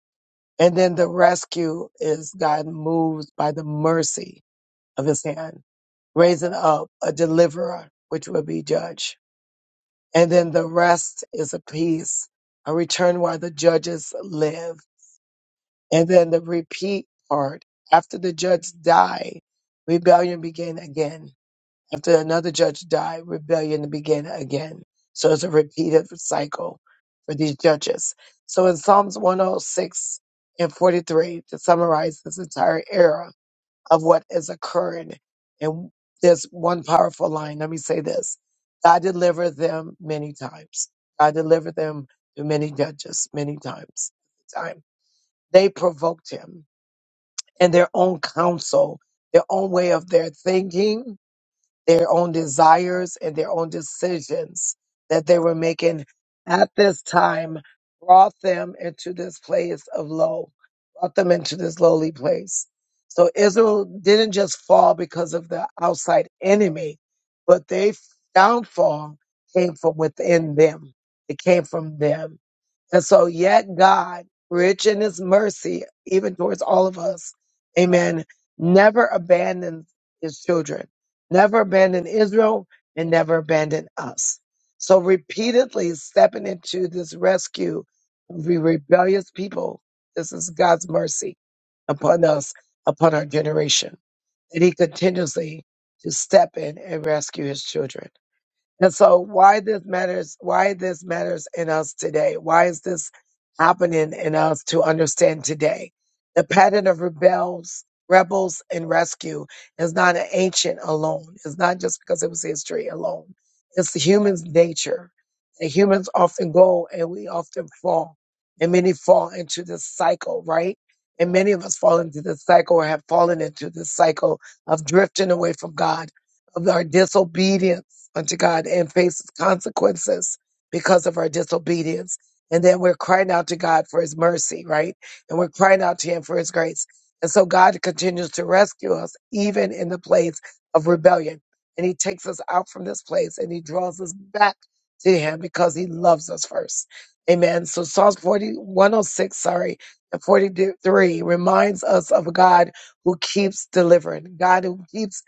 [SPEAKER 1] And then the rescue is God moves by the mercy of his hand, raising up a deliverer, which will be judge. And then the rest is a peace, a return while the judges live. And then the repeat part, after the judge die, rebellion began again After another judge died, rebellion began again. So it's a repeated cycle for these judges. So in Psalms 106 and 43, to summarize this entire era of what is occurring, and there's one powerful line. Let me say this God delivered them many times. God delivered them to many judges many times. Time. They provoked him and their own counsel, their own way of their thinking their own desires and their own decisions that they were making at this time brought them into this place of low, brought them into this lowly place. So Israel didn't just fall because of the outside enemy, but their downfall came from within them. It came from them and so, yet God, rich in his mercy, even towards all of us, amen, never abandons his children, never abandoned Israel, and never abandoned us. So, repeatedly stepping into this rescue of the rebellious people, this is God's mercy upon us, upon our generation, that he continuously to step in and rescue his children. And so why this matters, why this matters in us today? Why is this happening in us to understand today? The pattern of rebels, rebels and rescue is not an ancient alone. It's not just because it was history alone. It's the human's nature. The humans often go and we often fall and many fall into this cycle, right? And many of us fall into this cycle or have fallen into this cycle of drifting away from God, of our disobedience unto God and faces consequences because of our disobedience. And then we're crying out to God for his mercy, right? And we're crying out to him for his grace. And so God continues to rescue us even in the place of rebellion. And he takes us out from this place and he draws us back to him because he loves us first. Amen. So Psalms 40, 106, sorry, and 43 reminds us of a God who keeps delivering, God who keeps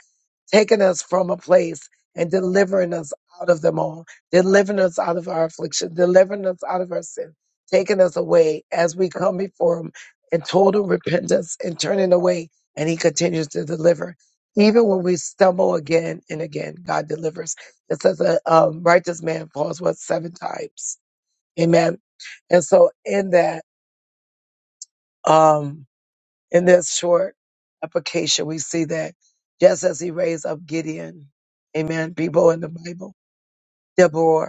[SPEAKER 1] taking us from a place and delivering us out of them all, delivering us out of our affliction, delivering us out of our sin, taking us away as we come before Him in total repentance and turning away. And He continues to deliver. Even when we stumble again and again, God delivers. It says a um, righteous man falls what seven times. Amen. And so in that, um, in this short application, we see that just as he raised up Gideon, amen, people in the Bible, Deborah.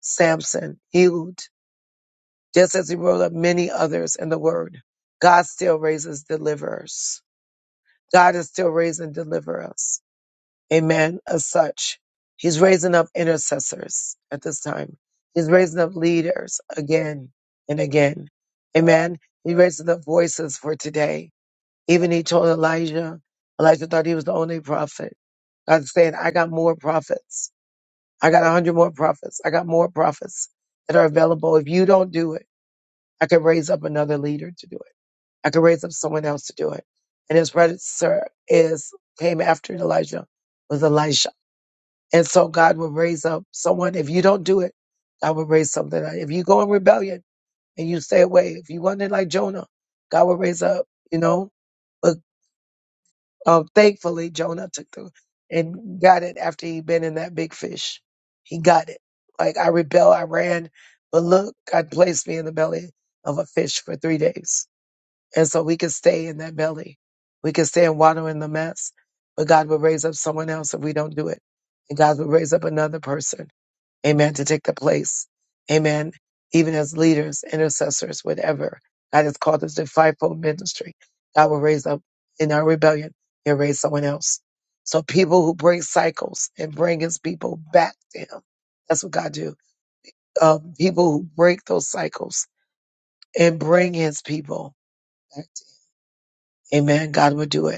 [SPEAKER 1] Samson, Ehud, just as he rolled up many others in the word. God still raises deliverers. God is still raising deliverers. Amen. As such, he's raising up intercessors at this time. He's raising up leaders again and again. Amen. He raises up voices for today. Even he told Elijah, Elijah thought he was the only prophet. God's saying, I got more prophets. I got a hundred more prophets. I got more prophets that are available. If you don't do it, I could raise up another leader to do it. I could raise up someone else to do it. And his predecessor is came after Elijah was Elisha. And so God will raise up someone. If you don't do it, God will raise something. up. If you go in rebellion and you stay away, if you wanted like Jonah, God will raise up, you know. But um, thankfully, Jonah took the and got it after he'd been in that big fish. He got it. Like I rebel, I ran, but look, God placed me in the belly of a fish for three days and so we can stay in that belly. We can stay and water in the mess. But God will raise up someone else if we don't do it. And God will raise up another person. Amen. To take the place. Amen. Even as leaders, intercessors, whatever. God has called us to fivefold ministry. God will raise up in our rebellion. He'll raise someone else. So people who break cycles and bring his people back to him. That's what God do. Um, people who break those cycles and bring his people back to him. Amen. God will do it.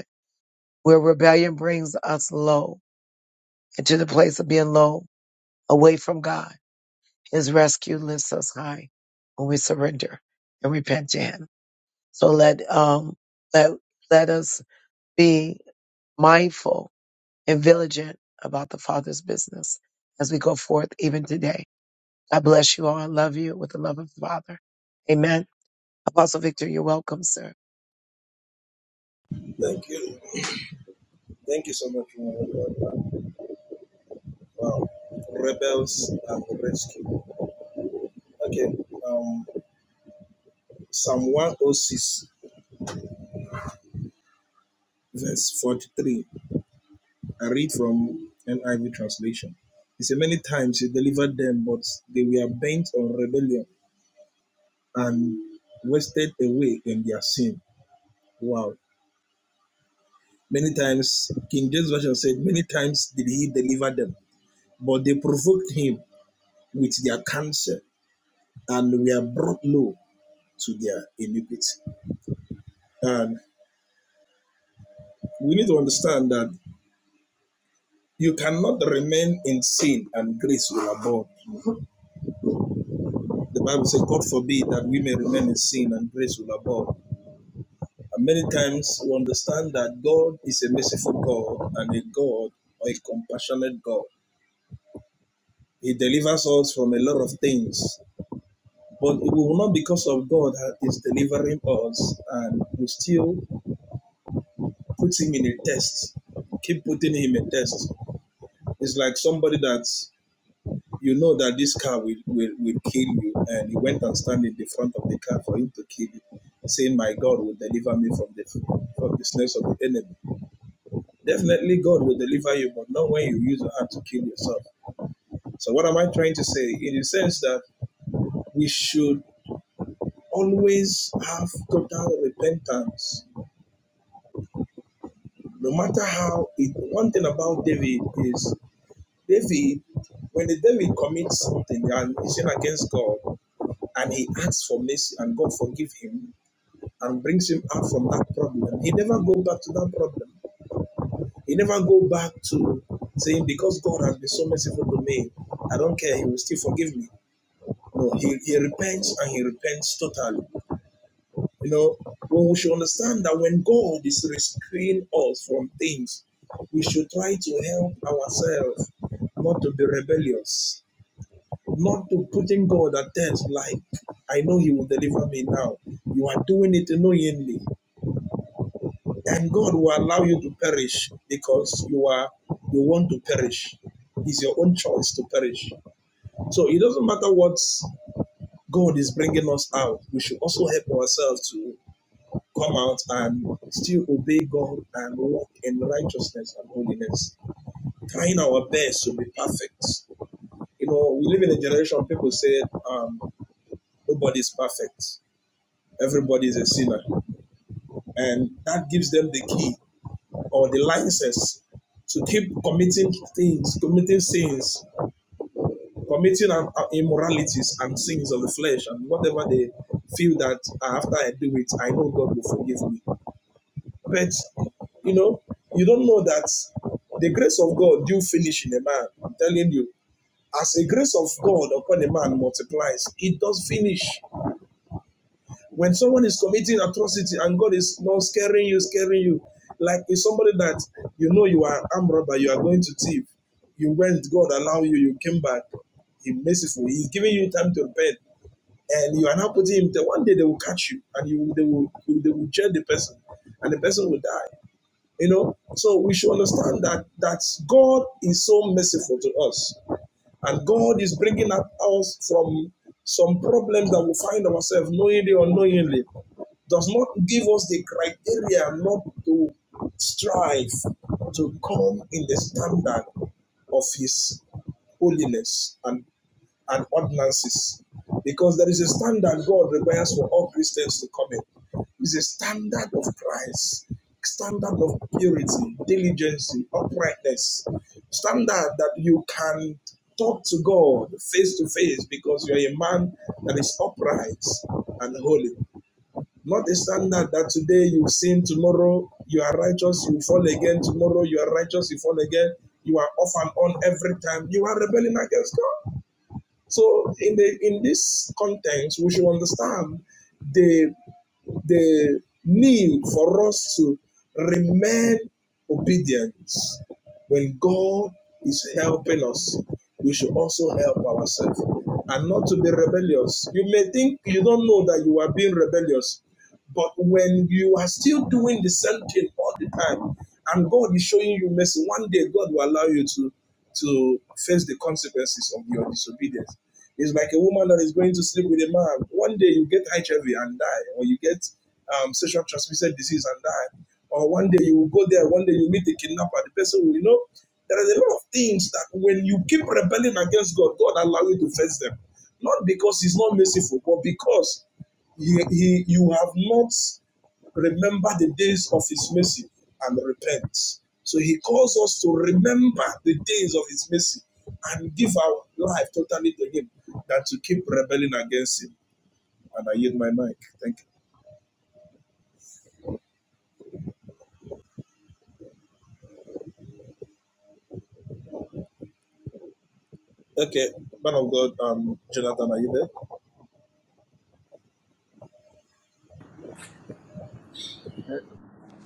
[SPEAKER 1] where rebellion brings us low into the place of being low, away from God. His rescue lifts us high when we surrender and repent to Him. So let um let let us be mindful and vigilant about the Father's business as we go forth even today. God bless you all. I love you with the love of the Father. Amen. Apostle Victor, you're welcome, sir.
[SPEAKER 2] Thank you. Thank you so much, woman Wow. Rebels and rescue. Okay. Um, Psalm 106, verse 43. I read from NIV translation. He said, Many times he delivered them, but they were bent on rebellion and wasted away in their sin. Wow. Many times, King James Version said, Many times did he deliver them, but they provoked him with their cancer and were brought low to their iniquity. And we need to understand that you cannot remain in sin and grace will abound. The Bible says, God forbid that we may remain in sin and grace will abound. And many times we understand that God is a merciful God and a God or a compassionate God. He delivers us from a lot of things, but it will not because of God that is delivering us, and we still put him in a test. Keep putting him in a test. It's like somebody that you know that this car will, will, will kill you, and he went and stand in the front of the car for him to kill you, saying, "My God will deliver me from the from the snares of the enemy." Definitely God will deliver you, but not when you use your hand to kill yourself. So what am I trying to say? In the sense that we should always have total repentance. No matter how it one thing about David is David, when the David commits something and he sin against God and he asks for mercy and God forgive him and brings him out from that problem, he never go back to that problem. He never go back to saying, because God has been so merciful to me, I don't care, he will still forgive me. No, he, he repents and he repents totally. You know, well, we should understand that when God is restraining us from things, we should try to help ourselves not to be rebellious, not to putting God at test like, I know he will deliver me now. You are doing it knowingly. and God will allow you to perish because you are you want to perish. It's your own choice to perish. So it doesn't matter what God is bringing us out. We should also help ourselves to come out and still obey God and walk in righteousness and holiness, trying our best to be perfect. You know, we live in a generation people say um, nobody's perfect, everybody is a sinner, and that gives them the key or the license to keep committing things, committing sins, committing um, uh, immoralities and sins of the flesh and whatever they feel that "Ah, after I do it, I know God will forgive me. But, you know, you don't know that the grace of God do finish in a man. I'm telling you, as the grace of God upon a man multiplies, it does finish. When someone is committing atrocity and God is not scaring you, scaring you, like it's somebody that you know you are an armed robber, you are going to thief. You went, God allow you, you came back. He merciful. He's giving you time to repent. And you are now putting him there. One day they will catch you and you they will they will judge the person and the person will die. You know? So we should understand that that God is so merciful to us and God is bringing us from some problems that we find ourselves knowingly or unknowingly. Does not give us the criteria not to strive to come in the standard of His holiness and and ordinances because there is a standard God requires for all Christians to come in. It's a standard of Christ, standard of purity, diligence, uprightness, standard that you can talk to God face to face because you are a man that is upright and holy. Not a standard that today you sin, tomorrow you are righteous, you fall again, tomorrow you are righteous, you fall again, you are off and on every time. You are rebelling against God. So in the in this context, we should understand the the need for us to remain obedient when God is helping us. We should also help ourselves and not to be rebellious. You may think you don't know that you are being rebellious, but when you are still doing the same thing all the time, and God is showing you mercy, one day God will allow you to to face the consequences of your disobedience. It's like a woman that is going to sleep with a man. One day you get HIV and die, or you get um, sexual transmitted disease and die, or one day you will go there, one day you meet the kidnapper, the person will, you know, there are a lot of things that when you keep rebelling against God, God allow you to face them. Not because He's not merciful, but because he, he, you have not remember the days of his mercy and repent. So he calls us to remember the days of his mercy and give our life totally to him than to keep rebelling against him. And I yield my mic. Thank you. Okay, man of God, um, Jonathan, are you there?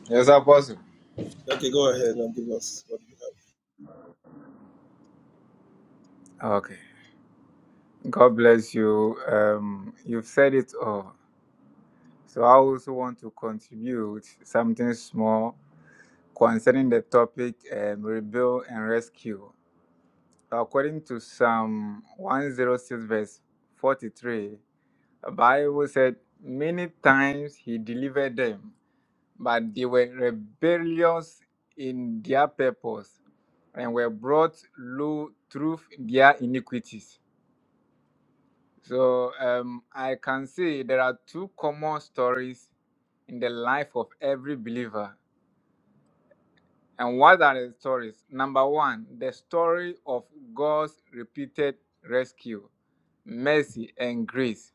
[SPEAKER 4] Yes, Apostle.
[SPEAKER 2] Okay, go ahead and give us what you have.
[SPEAKER 4] Okay. God bless you. Um, you've said it all. So I also want to contribute something small concerning the topic um, rebuild and rescue. So According to Psalm 106, verse 43, the Bible said, Many times he delivered them but they were rebellious in their purpose and were brought low through their iniquities. So um, I can say there are two common stories in the life of every believer. And what are the stories? Number one, the story of God's repeated rescue, mercy, and grace.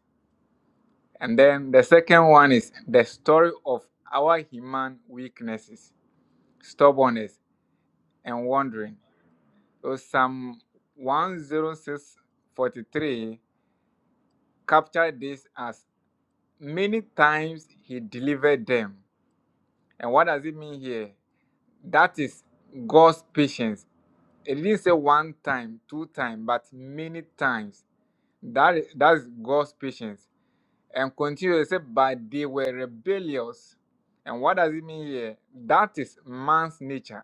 [SPEAKER 4] And then the second one is the story of our human weaknesses, stubbornness, and wandering. So Psalm 106:43 captured this as many times he delivered them. And what does it mean here? That is God's patience. It didn't say one time, two times, but many times. That is, that is God's patience. And continue, it said, but they were rebellious. And what does it mean here? That is man's nature.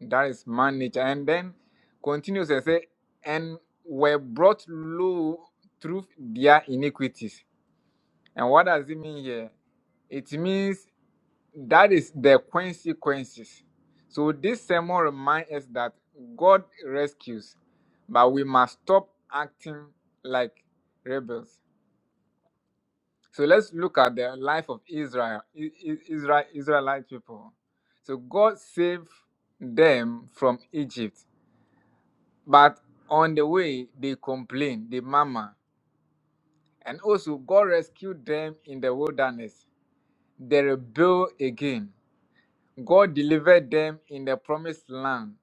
[SPEAKER 4] That is man nature. And then continues and say, and were brought low through their iniquities. And what does it mean here? It means that is the consequences. So this sermon reminds us that God rescues, but we must stop acting like rebels. So let's look at the life of Israel, I- I- Israel Israelite people. So God saved them from Egypt But on the way, they complained, they murmured, and also God rescued them in the wilderness. They rebelled again. God delivered them in the promised land,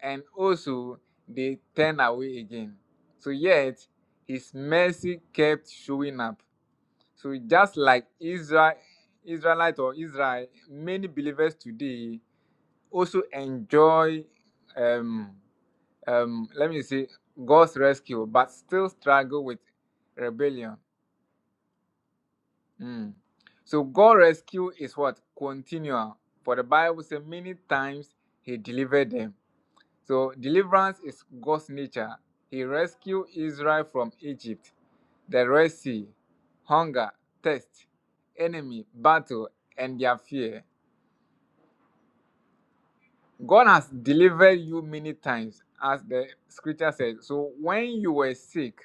[SPEAKER 4] and also they turned away again. So, yet, His mercy kept showing up. So, just like Israel, Israelite or Israel, many believers today also enjoy. Um, um, let me see, God's rescue, but still struggle with rebellion. Mm. So God's rescue is what? Continual. For the Bible says many times he delivered them. So deliverance is God's nature. He rescued Israel from Egypt, the Red Sea, hunger, thirst, enemy, battle, and their fear. God has delivered you many times, as the scripture says. So when you were sick,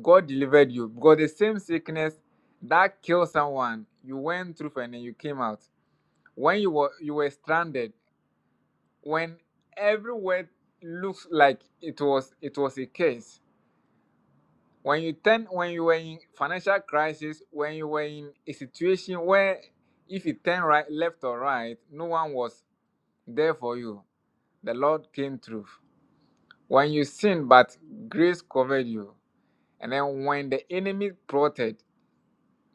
[SPEAKER 4] God delivered you because the same sickness that killed someone you went through and then you came out. When you were you were stranded, when everywhere looks like it was it was a case. When you turn when you were in financial crisis, when you were in a situation where if you turn right left or right, no one was there for you. The Lord came through. When you sinned, but grace covered you. And then when the enemy plotted,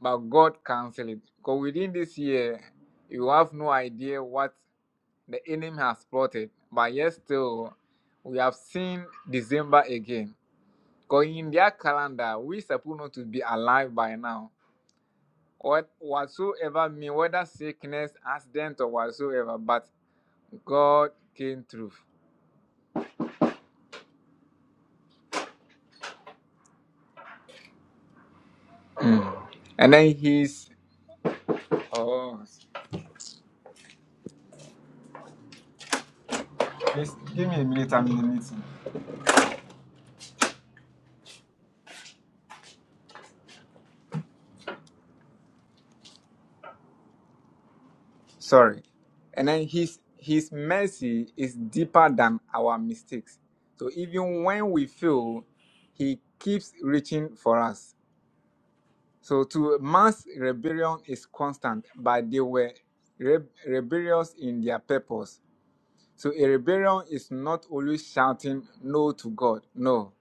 [SPEAKER 4] but God cancel it. Because within this year, you have no idea what the enemy has plotted. But yet still, we have seen December again. Because in their calendar, we supposed not to be alive by now. What whatsoever mean, whether sickness, accident, or whatsoever, but God came through. Mm. And then he's oh please give me a minute, I'm in a meeting. sorry. And then his his mercy is deeper than our mistakes. So even when we fail, he keeps reaching for us. So to man's rebellion is constant, but they were re- rebellious in their purpose. So a rebellion is not always shouting no to God. No.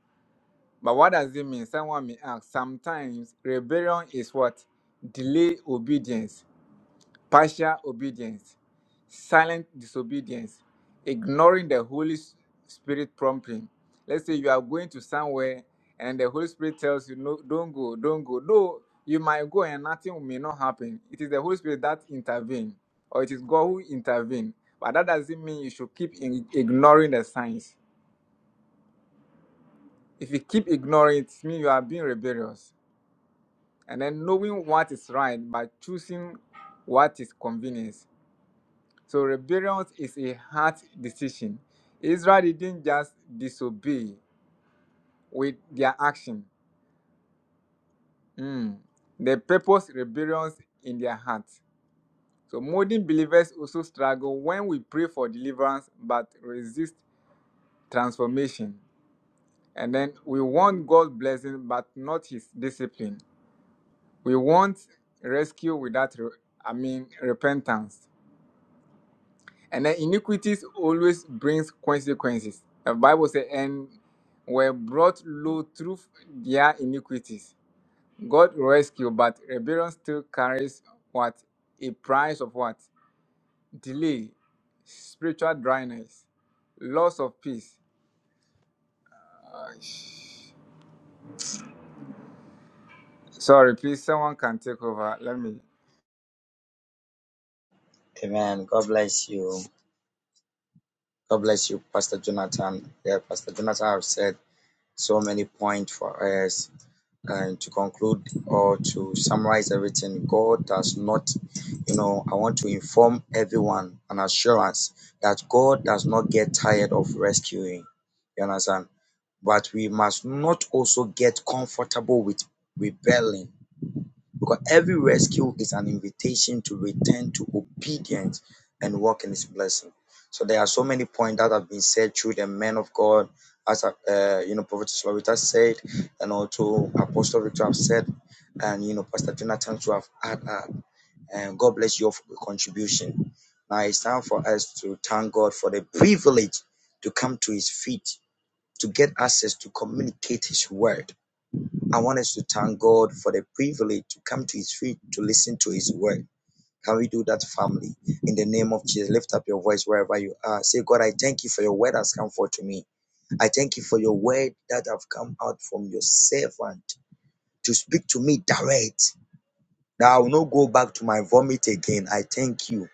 [SPEAKER 4] But what does it mean? Someone may ask. Sometimes rebellion is what? Delay obedience, partial obedience. silent disobedience, ignoring the Holy S- Spirit prompting. Let's say you are going to somewhere and the Holy Spirit tells you, no, don't go, don't go. Though you might go and nothing may not happen. It is the Holy Spirit that intervenes, or it is God who intervenes. But that doesn't mean you should keep in, ignoring the signs. If you keep ignoring it, it means you are being rebellious. And then knowing what is right, but choosing what is convenient. So rebellion is a hard decision. Israel didn't just disobey with their action. Mm. They purpose rebellions in their hearts. So modern believers also struggle when we pray for deliverance but resist transformation. And then we want God's blessing but not his discipline. We want rescue without re- I mean repentance. And then iniquities always brings consequences. The Bible says, and were brought low through their iniquities. God rescued, but rebellion still carries what? A price of what? Delay, spiritual dryness, loss of peace. Sorry, please, someone can take over. Let me.
[SPEAKER 3] Amen. God bless you. God bless you, Pastor Jonathan. Yeah, Pastor Jonathan have said so many points for us. And to conclude or to summarize everything, God does not, you know, I want to inform everyone an assurance that God does not get tired of rescuing. You understand? But we must not also get comfortable with rebelling Because every rescue is an invitation to return to obedience and walk in His blessing. So there are so many points that have been said through the men of God, as uh, uh, you know, Prophet Slovita said, and also Apostle Victor have said, and you know, Pastor Jonathan to have had. Uh, and God bless you all for the contribution. Now it's time for us to thank God for the privilege to come to His feet to get access to communicate His word I want us to thank God for the privilege to come to His feet to listen to His word. Can we do that, family? In the name of Jesus, lift up your voice wherever you are. Say, God, I thank you for your word that has come forth to me. I thank you for your word that have come out from your servant to speak to me direct. Now I will not go back to my vomit again. I thank you.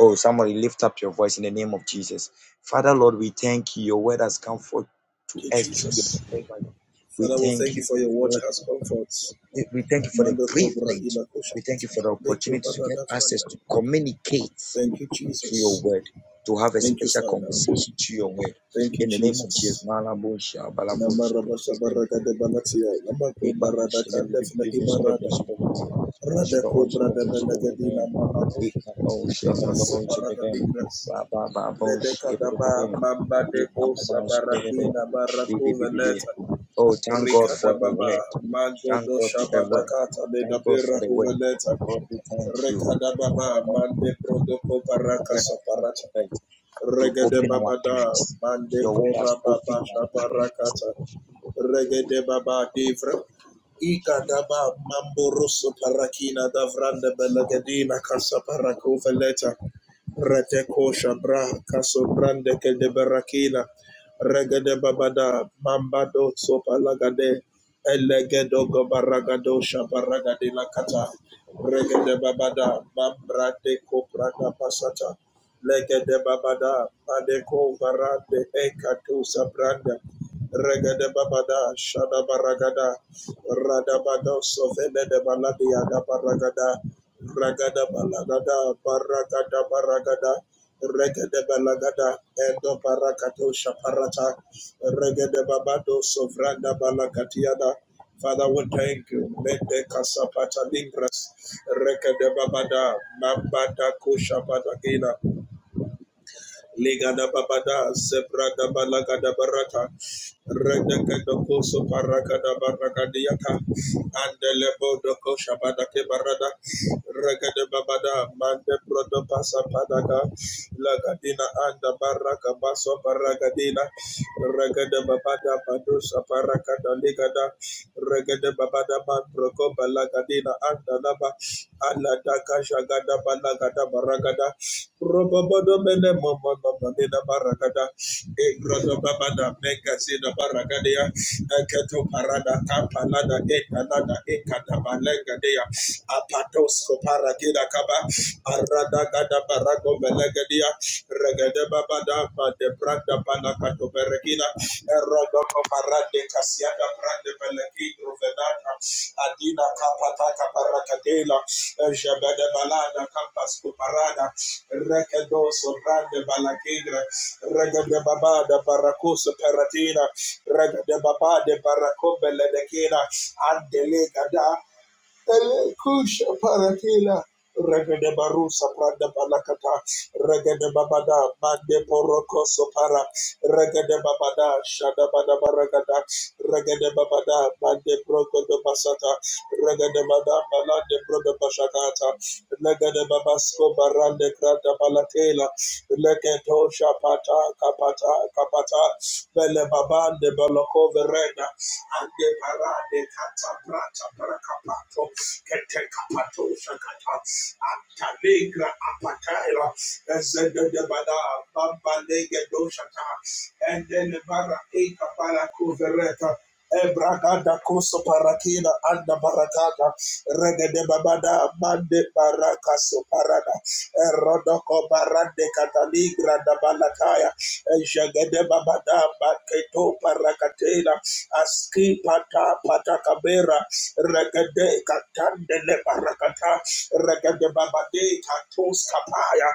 [SPEAKER 3] Oh, somebody lift up your voice in the name of Jesus. Father, Lord, we thank you. Your word has come forth to
[SPEAKER 2] Okay,
[SPEAKER 3] us through your
[SPEAKER 2] Jesus.
[SPEAKER 3] servant. We
[SPEAKER 2] Father, we
[SPEAKER 3] thank
[SPEAKER 2] thank you
[SPEAKER 3] you.
[SPEAKER 2] for
[SPEAKER 3] O
[SPEAKER 2] your
[SPEAKER 3] God,
[SPEAKER 2] word that has comforts.
[SPEAKER 3] Eh, We thank you for the
[SPEAKER 2] Mando Cobra
[SPEAKER 3] privilege.
[SPEAKER 2] Ila
[SPEAKER 3] We thank you
[SPEAKER 2] Koshapata.
[SPEAKER 3] for the
[SPEAKER 2] Leko
[SPEAKER 3] opportunity to get
[SPEAKER 2] Barada
[SPEAKER 3] access
[SPEAKER 2] Fanda.
[SPEAKER 3] to communicate
[SPEAKER 2] Thank you,
[SPEAKER 3] through your
[SPEAKER 2] Jesus.
[SPEAKER 3] word, to have a
[SPEAKER 2] Thank you,
[SPEAKER 3] special
[SPEAKER 2] Father.
[SPEAKER 3] conversation through your word.
[SPEAKER 2] Thank you,
[SPEAKER 3] In the name of Jesus.
[SPEAKER 2] Jesus. Namarabashabaragadebalatiya, Namakobaradakanda Filahibarada, Radakobradabenagadina Mahabu, Namasuparadadigras, Bedekadaba, Mambadeko Sabarakina Barakuveleta,
[SPEAKER 3] Oh, thank God for the
[SPEAKER 2] Rikadababa,
[SPEAKER 3] word. Thank
[SPEAKER 2] Magodo
[SPEAKER 3] God for the word.
[SPEAKER 2] Shabadakata,
[SPEAKER 3] Thank God for
[SPEAKER 2] Nedabira
[SPEAKER 3] the word.
[SPEAKER 2] Kuveleta,
[SPEAKER 3] Lord, we thank you. Father,
[SPEAKER 2] Rekadababa,
[SPEAKER 3] that
[SPEAKER 2] Mande Prodoko
[SPEAKER 3] your
[SPEAKER 2] Baraka
[SPEAKER 3] word has come
[SPEAKER 2] Saparata,
[SPEAKER 3] to You
[SPEAKER 2] Regede
[SPEAKER 3] open our
[SPEAKER 2] babada
[SPEAKER 3] eyes.
[SPEAKER 2] mande
[SPEAKER 3] Your word
[SPEAKER 2] kora
[SPEAKER 3] has
[SPEAKER 2] baba
[SPEAKER 3] opened
[SPEAKER 2] shabarakata. Regede baba divra. Ikadaba mamburusu parakina davranda belagadina kasa parako veleta. Reteko shabra kaso brande kede barakina. Regede babada mambado sopa lagade. Elegedo gobaragado shabaragade lakata. Regede babada mambrate koprata pasata. Legede babada, padeko varande, ekatu sabranda, regede babada, shada baragada, radabado sovele de baladia da baragada, ragada balagada, baragada baragada, regede balagada, edo barakato shaparata, regede babado sovranda balakatiada, Father, we thank you. Mete kasapata lingras, regede babada, mabada kusha patagina. Legada babada, sebrada balagada barata, redekado koso parakada barakadiaka, andelebo doko ke barada, regada babada, mande brodo pasa padaka, lagadina anda baraka baso baragadina, regada babada badusa parakada legada, regada babada mandroko balagadina anda laba, aladaka shagada balagada baragada, Robabada mene mama Robobodobene momodobonena barakada. Egrodobabada mekasina barakadea. Eketo parada kapalada ekanada ekatabalengadea. Apatosko parakida kaba. Arada gada barago melegadia. Regede babada bade branda panakato bereke regina, erodoco parade casiada grande bellegidro venata, adina capata caparacatela, jebede balada campas cuparada, recadoso grande balacidra, regade babada baracuso peratina, regade babade baracobele de quina, andelega Ele kusha paratila. Regede barusa prada balakata. Regede babada mande poroko sopara. Regede babada shada bada baragada. Regede babada mande proko do basata. Regede bada balade proko bashakata. Legade babasko barande grata palatela. Legedo shapata kapata kapata. Bele babande baloko verena. and de parade kata brata brakapato. Kete kapato shakata. Antalegra apataira. Ezede de bada. Bamba lege doshata. Endele bara eka para kuvereta. Ebrakada koso parakina anda barakada regede babada mande barakaso parada erodoko barande kataligra da balakaya ejagede babada baketo parakatela aski pata pata kabera regede katande le barakata regede babade katos kapaya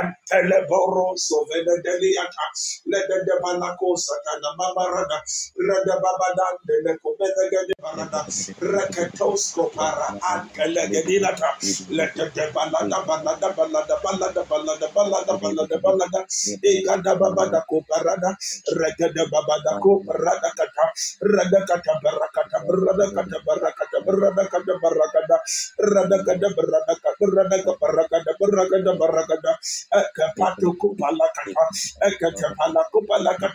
[SPEAKER 2] antele boroso venedeliata legede balakosa kana mabarada Radababadan de Copenhagen Barada Rakatosco para Antelegedinata Let the Balada Balada Balada Balada Balada Balada Balada Balada Igada
[SPEAKER 3] our
[SPEAKER 2] Babada Coparada Regada Babada Coparada Cata Radakata Barakata Barakata Barakata Barakata Barakata Radakata Barakata Radaka Barakata
[SPEAKER 3] eyes.
[SPEAKER 2] Barakata Barakata
[SPEAKER 3] Thank
[SPEAKER 2] Ekapatu Kupalakata Ekatapala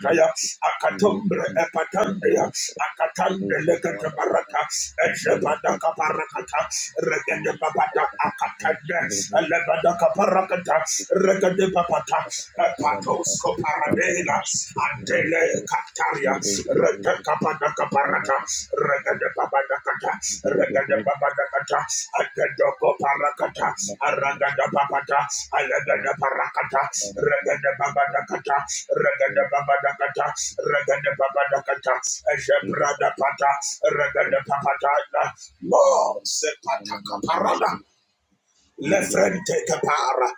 [SPEAKER 3] you.
[SPEAKER 2] Ombre epatandria, akatande lekete barata, ejepada kaparakata, regede babada akatande, elebada kaparakata, regede babata, epatos koparadela, antele kataria, rete kapada kaparata, regede babada kata, regede babada kata, akedo koparakata, aragada babata, alegada parakata, regede babada kata, regede babada kata, Regada Babadakata, Ejebrada Pata, Regada Papata, Lord Sepata Caparada, Lefrente Capara,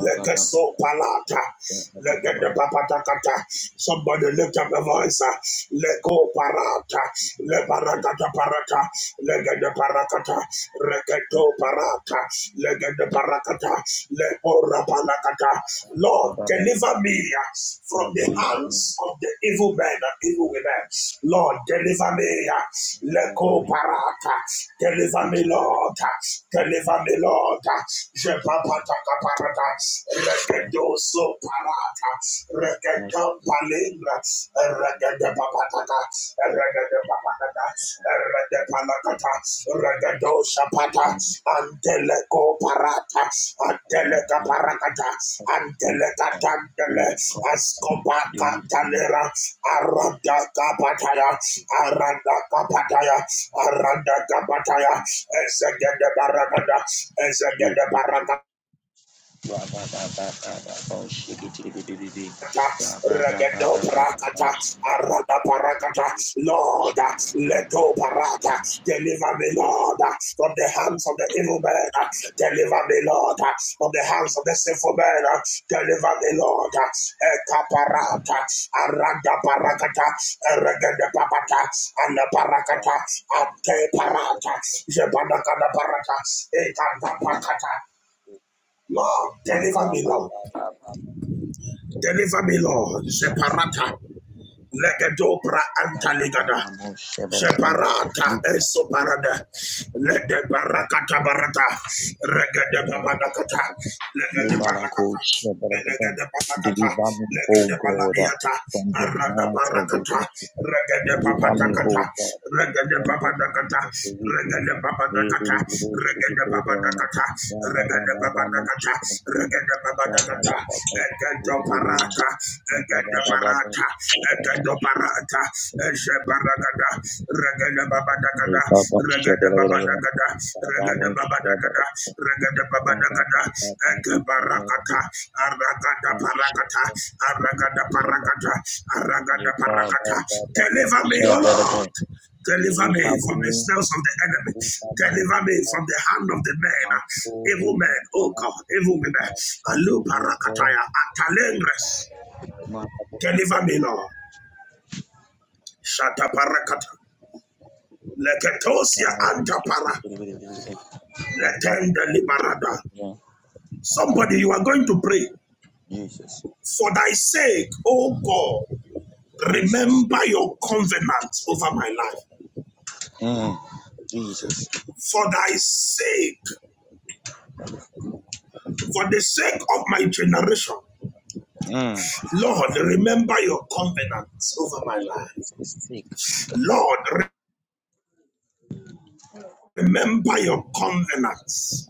[SPEAKER 2] Legeso Palata,
[SPEAKER 3] Thank you.
[SPEAKER 2] Legada Papatakata. Somebody lift up the voice, uh, Leko Parata, Leparakata Parata, Legada Parakata, Reketo Parata, Legada Parakata, Lepora Palakata, Lord, deliver me uh, from the hands of the evil men and evil women. Lord, deliver me. uh, Leko parata. Deliver me, Lord. uh, Deliver me, Lord. uh, Jepapata kaparata. Rekedo so parata. Rekedo palingra. Rekedo papatata. Rekede Redepanakata, Regedo Shapata, Anteleco Parata, Anteleca Paracata, Anteleca Tandele, Ascopaca Talera, Aranda Capataya, Aranda Capataya, Aranda Capataya, Ezegede Baragada, Ezegede Baragada. Regedo parakata, arada parakata, Lord, leto parata, deliver me, Lord, from the hands of the evil man, deliver me, Lord, from the hands of the sinful man, deliver me, Lord, eka parata, arada parakata, regede papata, ana parakata, ate parata, jebanakada parata, eka papakata, Lord, deliver me, Lord. Deliver me, Lord. Separata. Legedopra
[SPEAKER 3] Deliver
[SPEAKER 2] antaligada. separata esoparada. Lede barakata barata. Regede babanakata. Legede barakata. Legede barakata.
[SPEAKER 3] me, O
[SPEAKER 2] Legede
[SPEAKER 3] God, uh,
[SPEAKER 2] banadiata.
[SPEAKER 3] from the
[SPEAKER 2] Arada
[SPEAKER 3] hands of the
[SPEAKER 2] barakata.
[SPEAKER 3] wicked.
[SPEAKER 2] Regede
[SPEAKER 3] Deliver me,
[SPEAKER 2] papatakata.
[SPEAKER 3] O God,
[SPEAKER 2] Regede
[SPEAKER 3] from the hands
[SPEAKER 2] papatakata.
[SPEAKER 3] of the wicked. uh.
[SPEAKER 2] Regede
[SPEAKER 3] May
[SPEAKER 2] papatakata.
[SPEAKER 3] the Lord show you
[SPEAKER 2] Regede
[SPEAKER 3] great honor.
[SPEAKER 2] papatakata.
[SPEAKER 3] Ba, ba, ba,
[SPEAKER 2] Regede
[SPEAKER 3] ba, ba, mo,
[SPEAKER 2] papatakata.
[SPEAKER 3] shabba, ba, ba,
[SPEAKER 2] Regede
[SPEAKER 3] ba, ba,
[SPEAKER 2] papatakata.
[SPEAKER 3] ba, ba, ba,
[SPEAKER 2] Egedo
[SPEAKER 3] ba,
[SPEAKER 2] parata.
[SPEAKER 3] ba, ba,
[SPEAKER 2] Egedo
[SPEAKER 3] ba, ba, ba.
[SPEAKER 2] parata. Egedo Doparata, Eshebaragada, Regada Babadagada, Regada
[SPEAKER 3] ba, ba, ba, ba,
[SPEAKER 2] Babadagada,
[SPEAKER 3] ba, ba,
[SPEAKER 2] Regada Babadagada, Regada
[SPEAKER 3] ba, ba, ba, ba,
[SPEAKER 2] Babadagada,
[SPEAKER 3] ba,
[SPEAKER 2] Ekabarakata, Aragada Parakata, Aragada Parakata, Aragada Parakata. Deliver me, O Lord. Deliver me from the snails of the enemy. Deliver me from the hand of the men. Evil men, oh God, evil men. Alu parakataya, atalengres. Deliver me, Lord. Shata parakata, Leketosia antapara. Letende liberada. Somebody, you are going to pray.
[SPEAKER 3] Jesus,
[SPEAKER 2] For thy sake, O God,
[SPEAKER 3] Jesus,
[SPEAKER 2] remember your covenant over my life.
[SPEAKER 3] hmm, Jesus,
[SPEAKER 2] For thy sake, for the sake of my generation,
[SPEAKER 3] hmm.
[SPEAKER 2] Lord, remember your covenant over my life. Lord, Remember your covenants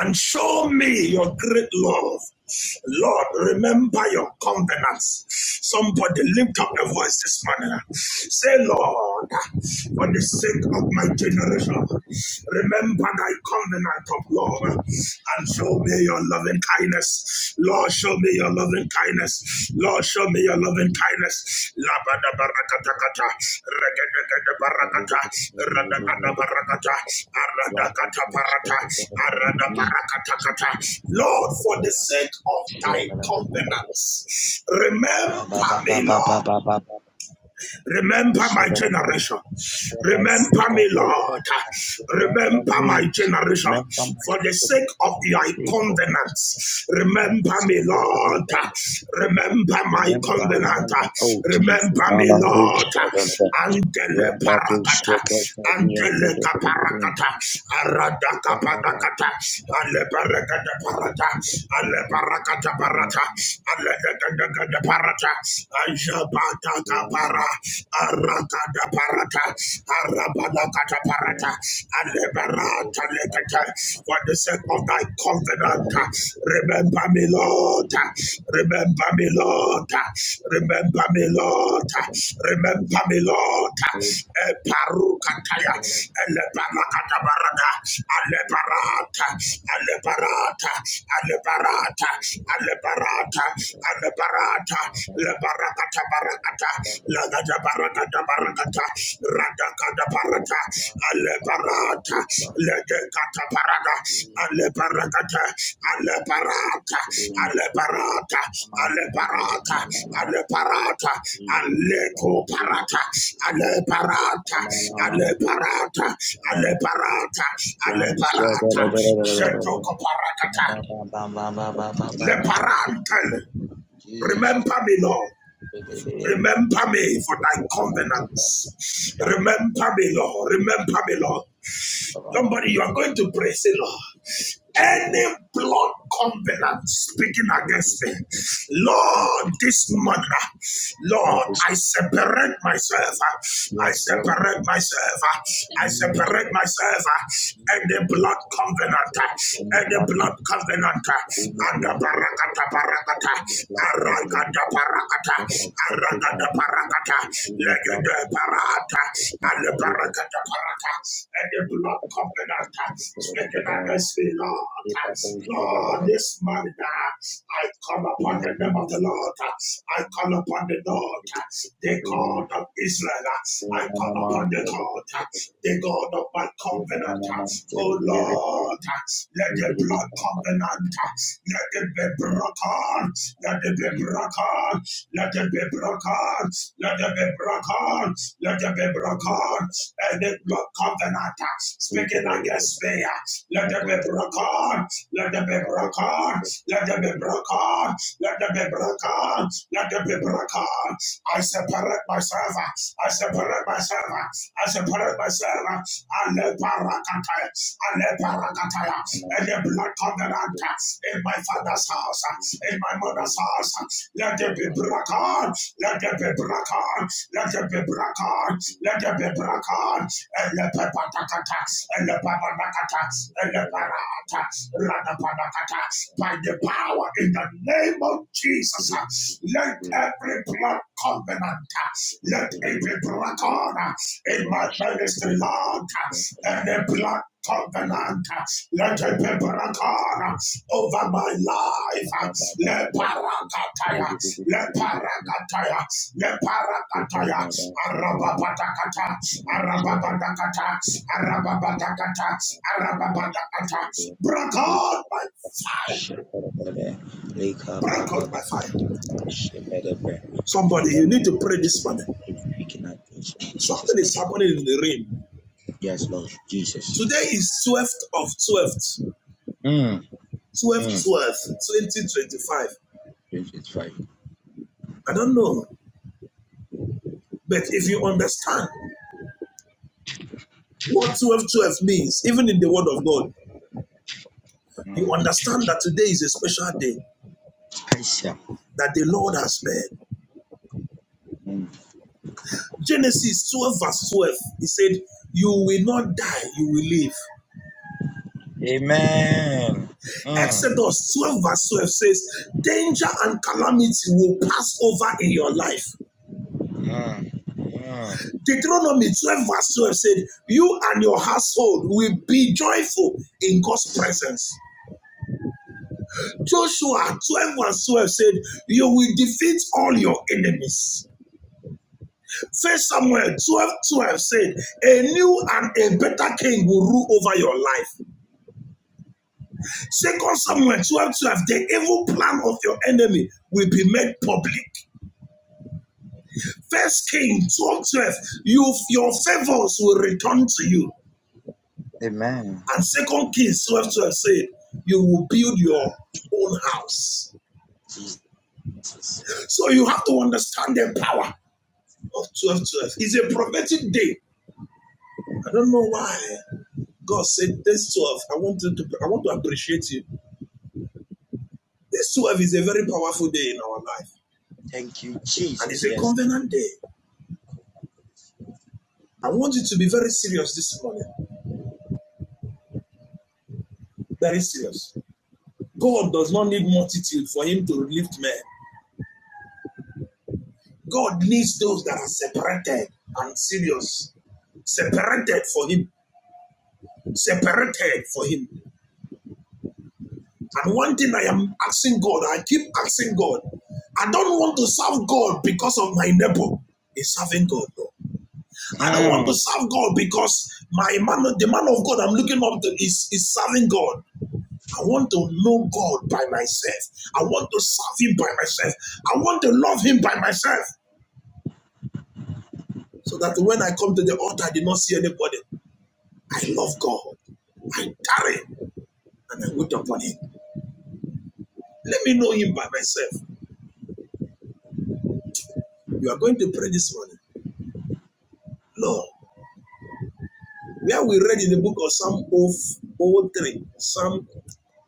[SPEAKER 2] and show me your great love. Lord, remember your covenants. Somebody lift up your voice this morning. Say, Lord, for the sake of my generation, remember thy covenant of love and show me your loving kindness. Lord, show Show me your loving kindness. Lord, show me your loving kindness. Labada barakatakata, regadagada barakata, radagada barakata, aradakata barata, arada barakatakata. Lord, for the sake of thy covenants, remember me, Lord. Remember my generation. Remember me, Lord.
[SPEAKER 3] Remember
[SPEAKER 2] Remember my
[SPEAKER 3] me.
[SPEAKER 2] generation.
[SPEAKER 3] Remember my
[SPEAKER 2] For the sake of your
[SPEAKER 3] mistake, oh,
[SPEAKER 2] covenant,
[SPEAKER 3] my
[SPEAKER 2] remember me,
[SPEAKER 3] sickness, oh
[SPEAKER 2] Lord.
[SPEAKER 3] God.
[SPEAKER 2] Remember my
[SPEAKER 3] Remember,
[SPEAKER 2] covenant.
[SPEAKER 3] remember, oh Jesus.
[SPEAKER 2] Remember me, Lord. Angele parakata. Angele kaparakata. Aradaka parakata. Ale parakata parata. Ale parakata parata. Ale parakata parata. Ajabata para, arakada parata, arabada kata parata, alebarata lekata. For the sake of thy covenant, remember me, Lord. Remember me, Lord. Remember me, Lord. Remember me, Lord. Eparukataya, elebarakata barada, alebarata, alebarata, alebarata, alebarata. Ata and the barata, le barakata barakata, la gada barakata barakata, radakata barata, ale barata, le dekata barata, ale barakata, ale barata, ale barata, ale barata,
[SPEAKER 3] Thank you.
[SPEAKER 2] ale barata,
[SPEAKER 3] He was a
[SPEAKER 2] ale ko
[SPEAKER 3] looking baby.
[SPEAKER 2] ale barata,
[SPEAKER 3] Mama,
[SPEAKER 2] ale
[SPEAKER 3] mama,
[SPEAKER 2] barata,
[SPEAKER 3] mama,
[SPEAKER 2] ale barata, ale
[SPEAKER 3] brown shell,
[SPEAKER 2] barata, sheto ko le barata.
[SPEAKER 3] Jesus,
[SPEAKER 2] Remember me, Lord.
[SPEAKER 3] Lord,
[SPEAKER 2] Remember me for thy covenants. Remember me, Lord. Remember me, Lord. Somebody, you are going to pray, say, Lord, any blood covenant speaking against me, Lord, this morning, ah, Lord, I separate myself. ah, I
[SPEAKER 3] yes, Lord,
[SPEAKER 2] separate myself. ah, I
[SPEAKER 3] Jesus,
[SPEAKER 2] separate myself. And the
[SPEAKER 3] Jesus,
[SPEAKER 2] blood covenant,
[SPEAKER 3] in the
[SPEAKER 2] and the
[SPEAKER 3] blood cup,
[SPEAKER 2] blood covenant,
[SPEAKER 3] in the
[SPEAKER 2] and the
[SPEAKER 3] blood cup,
[SPEAKER 2] barakata barakata,
[SPEAKER 3] in the blood covenant,
[SPEAKER 2] arakata
[SPEAKER 3] where I
[SPEAKER 2] barakata,
[SPEAKER 3] separate
[SPEAKER 2] Ragada
[SPEAKER 3] myself,
[SPEAKER 2] parakata,
[SPEAKER 3] in the blood
[SPEAKER 2] legede parata, and the
[SPEAKER 3] covenant,
[SPEAKER 2] parakata parata, and the blood covenant, speaking against the Lord. Lord, this morning, I come upon the name
[SPEAKER 3] Amen.
[SPEAKER 2] of the Lord. I come upon the Lord, the God of Israel. I come upon the God, the God of my covenant. Oh Lord, let the blood covenant, let it be broken, let it be broken, let it be broken. Let it be broken. Let it be broken. Any blood covenant uh, speaking against me. uh, Let it be broken. Let it be broken. Let it be broken. Let it be broken. Let it be broken. I separate myself. uh, I separate myself. uh, I separate myself. uh, and the parakataya, and the parakataya, and the blood
[SPEAKER 3] Thank
[SPEAKER 2] covenant uh, in my father's house, uh, in my mother's house, let there be brakan. Let there be brakan. Let there be brakan. Let there be brakan. Ele pepatakata. Ele papanakata. Ele parata. Rada papa nakata by the power in the name of Jesus. uh, Let every blood covenant, uh, let every blood honor in my ministry, Lord, uh, and the blood covenant, uh, let every blood honor over my life. uh, Let parakataya, let parakataya, let parakataya,
[SPEAKER 3] you.
[SPEAKER 2] arababatakata, arababatakata, arababatakata, arababatakata, break on fire. Brackled by fire. Somebody,
[SPEAKER 3] Father,
[SPEAKER 2] you
[SPEAKER 3] Lord,
[SPEAKER 2] need to pray this morning.
[SPEAKER 3] speaking at
[SPEAKER 2] Something
[SPEAKER 3] Jesus'
[SPEAKER 2] is
[SPEAKER 3] name.
[SPEAKER 2] happening in the realm.
[SPEAKER 3] Yes, Lord Jesus.
[SPEAKER 2] Today is 12th of 12th,
[SPEAKER 3] Mm,
[SPEAKER 2] 12th,
[SPEAKER 3] mm,
[SPEAKER 2] 12th, 2025.
[SPEAKER 3] 25.
[SPEAKER 2] I don't know. But if you understand what 12 12 means, even in the Word of God,
[SPEAKER 3] Mm,
[SPEAKER 2] you understand that today is a special day
[SPEAKER 3] Aisha.
[SPEAKER 2] that the Lord has made.
[SPEAKER 3] Mm.
[SPEAKER 2] Genesis 12, verse 12, he said, You will not die, you will live.
[SPEAKER 3] Amen. Mm,
[SPEAKER 2] Exodus 12, verse 12 says, Danger and calamity will pass over in your life.
[SPEAKER 3] mm, mm.
[SPEAKER 2] Deuteronomy 12, verse 12 said, You and your household will be joyful in God's presence. Joshua 12, verse 12 said, You will defeat all your enemies. First Samuel 12:12 said, A new and a better king will rule over your life. Second Samuel 12:12, the evil plan of your enemy will be made public. First King 12:12, 12, you, your favors will return to you.
[SPEAKER 3] Amen.
[SPEAKER 2] And Second Kings 12 12 said, You will build your own house.
[SPEAKER 3] Jesus.
[SPEAKER 2] So you have to understand the power of 12 12. It's a prophetic day. I don't know why God said this 12. I want to, I want to appreciate you. This 12 is a very powerful day in our life.
[SPEAKER 3] Thank you,
[SPEAKER 2] And
[SPEAKER 3] Jesus.
[SPEAKER 2] it's a
[SPEAKER 3] Yes.
[SPEAKER 2] covenant day. I want you to be very serious this morning. Very serious. God does not need multitude for him to lift men. God needs those that are separated and serious. Separated for him separated for him. And one thing I am asking God, I keep asking God, I don't want to serve God because of my neighbor is serving God. no. I don't want to
[SPEAKER 3] Mm,
[SPEAKER 2] serve God because my man, the man of God I'm looking up to is, is serving God. I want to know God by myself. I want to serve Him by myself. I want to love Him by myself. So that when I come to the altar, I did not see anybody. I love God. I tarry and I wait upon Him. Let me know Him by myself. You are going to pray this morning. Lord, where we read in the book of Psalm Oh oh, Three, Psalm,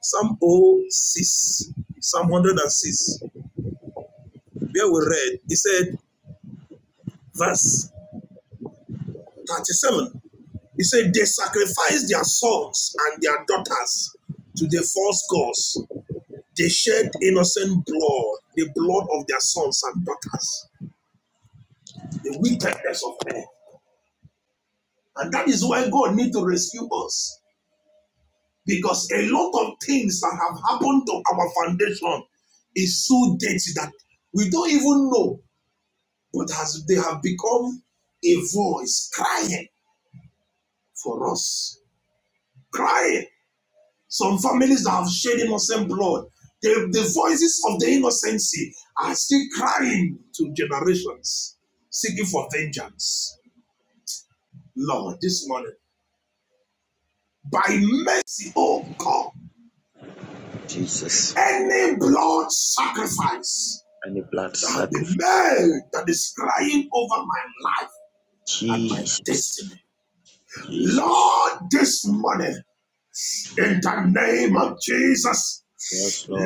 [SPEAKER 2] Psalm oh, 06, Psalm 106, where we read, he said, verse 37, he said, They sacrificed their sons and their daughters to the false gods. They shed innocent blood, the blood of their sons and daughters, the wickedness of men. And that is why God need to rescue us. Because a lot of things that have happened to our foundation is so dirty that we don't even know, but has they have become a voice crying for us, crying. Some families that have shed innocent blood, the, the voices of the innocency are still crying to generations, seeking for vengeance. Lord, this morning, by mercy, oh God,
[SPEAKER 3] Jesus.
[SPEAKER 2] any blood sacrifice
[SPEAKER 3] And the blood
[SPEAKER 2] Uh, the
[SPEAKER 3] sacrifice.
[SPEAKER 2] man that is crying over my life and
[SPEAKER 3] Jesus.
[SPEAKER 2] my destiny. Lord, this morning, in the name of Jesus,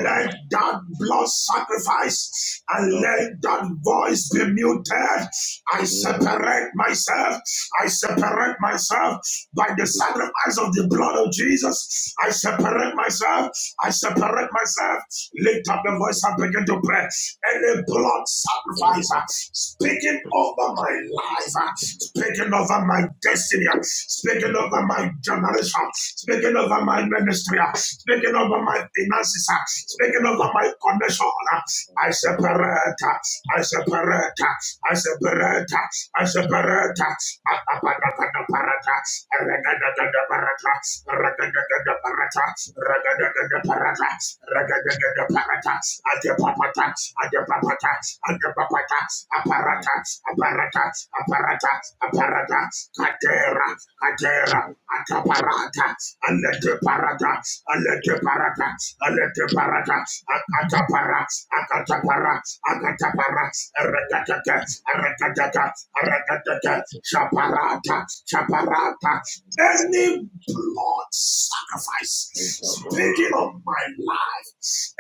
[SPEAKER 2] let that blood sacrifice and let that voice be muted. I separate myself. I separate myself by the sacrifice of the blood of Jesus. I separate myself. I separate myself. Lift up the voice and begin to pray. Any blood sacrifice speaking over my life, uh, speaking over my destiny, uh, speaking over my generation, speaking over my ministry, uh, speaking over my finances, uh, speaking over my condition. uh, I separate, uh, I separate, uh, I separate, uh, I separate. uh, Apapatakataparata, arakatataparata, arakatataparata, parata, ragadagada parata, ragadagada parata, adepapata, adepapata, adepapata, aparata, aparata, aparata, aparata, katera, katera, ataparata, aleteparata, aleteparata, aleteparata, akatapara, akatapara, akatapara, erekatata, erekatata, erekatata, shaparata, shaparata, any blood sacrifice speaking of my life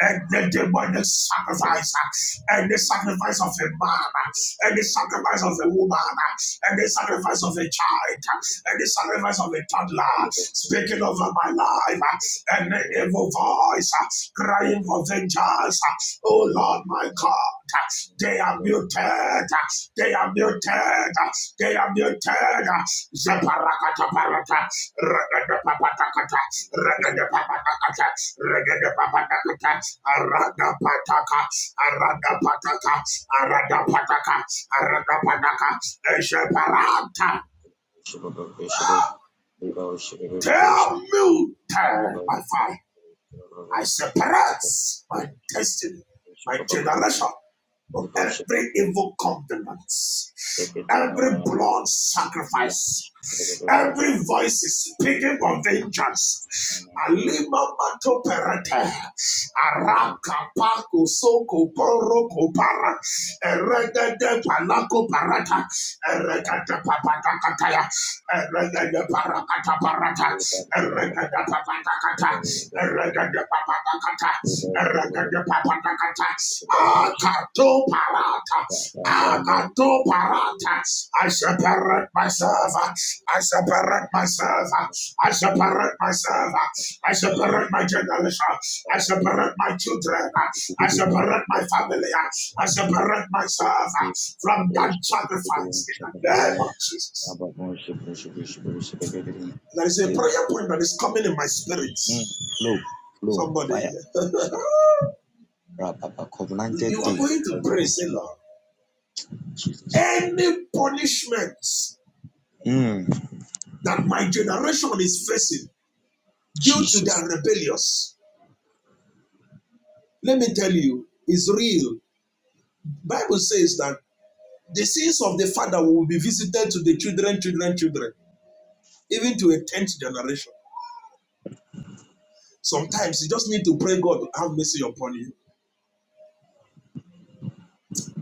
[SPEAKER 2] and the demonic sacrifice uh, and the sacrifice of a man uh, and the sacrifice of a woman uh, and the sacrifice of a child uh, and the sacrifice of a toddler speaking over my life uh, and the evil voice uh, crying for vengeance uh, oh Lord my God uh, they are muted uh, they are muted uh, they have been turned. Zeparakata parata. Regada papatakata. Regada papatakata. Regada papatakata. Arada pataka. Arada pataka. Arada pataka. Arada pataka. Zeparata. Tell me, tell my father. I separate my destiny, my generation from every evil covenant, every blood sacrifice, every voice is speaking of vengeance. Alima mato perete, araka pako soko poro kopara, erede de palako parata, erede de papata kataya, erede de parakata parata, erede de papata kata. Eregedepapapakata, eregedepapapakata, akatoparata, akatoparata. I separate myself. I separate myself. I separate myself. I separate my generation. I separate my children. I separate my family. I separate myself from that sacrifice in the name of Jesus. There is a prayer point that is coming in my spirit. Somebody. You are going to pray, say, Lord,
[SPEAKER 3] Jesus.
[SPEAKER 2] any punishments
[SPEAKER 3] Mm,
[SPEAKER 2] that my generation is facing due to
[SPEAKER 3] Jesus.
[SPEAKER 2] their rebellious, let me tell you, is real. Bible says that the sins of the father will be visited to the children, children, children, even to a tenth generation. Sometimes you just need to pray God have mercy upon you.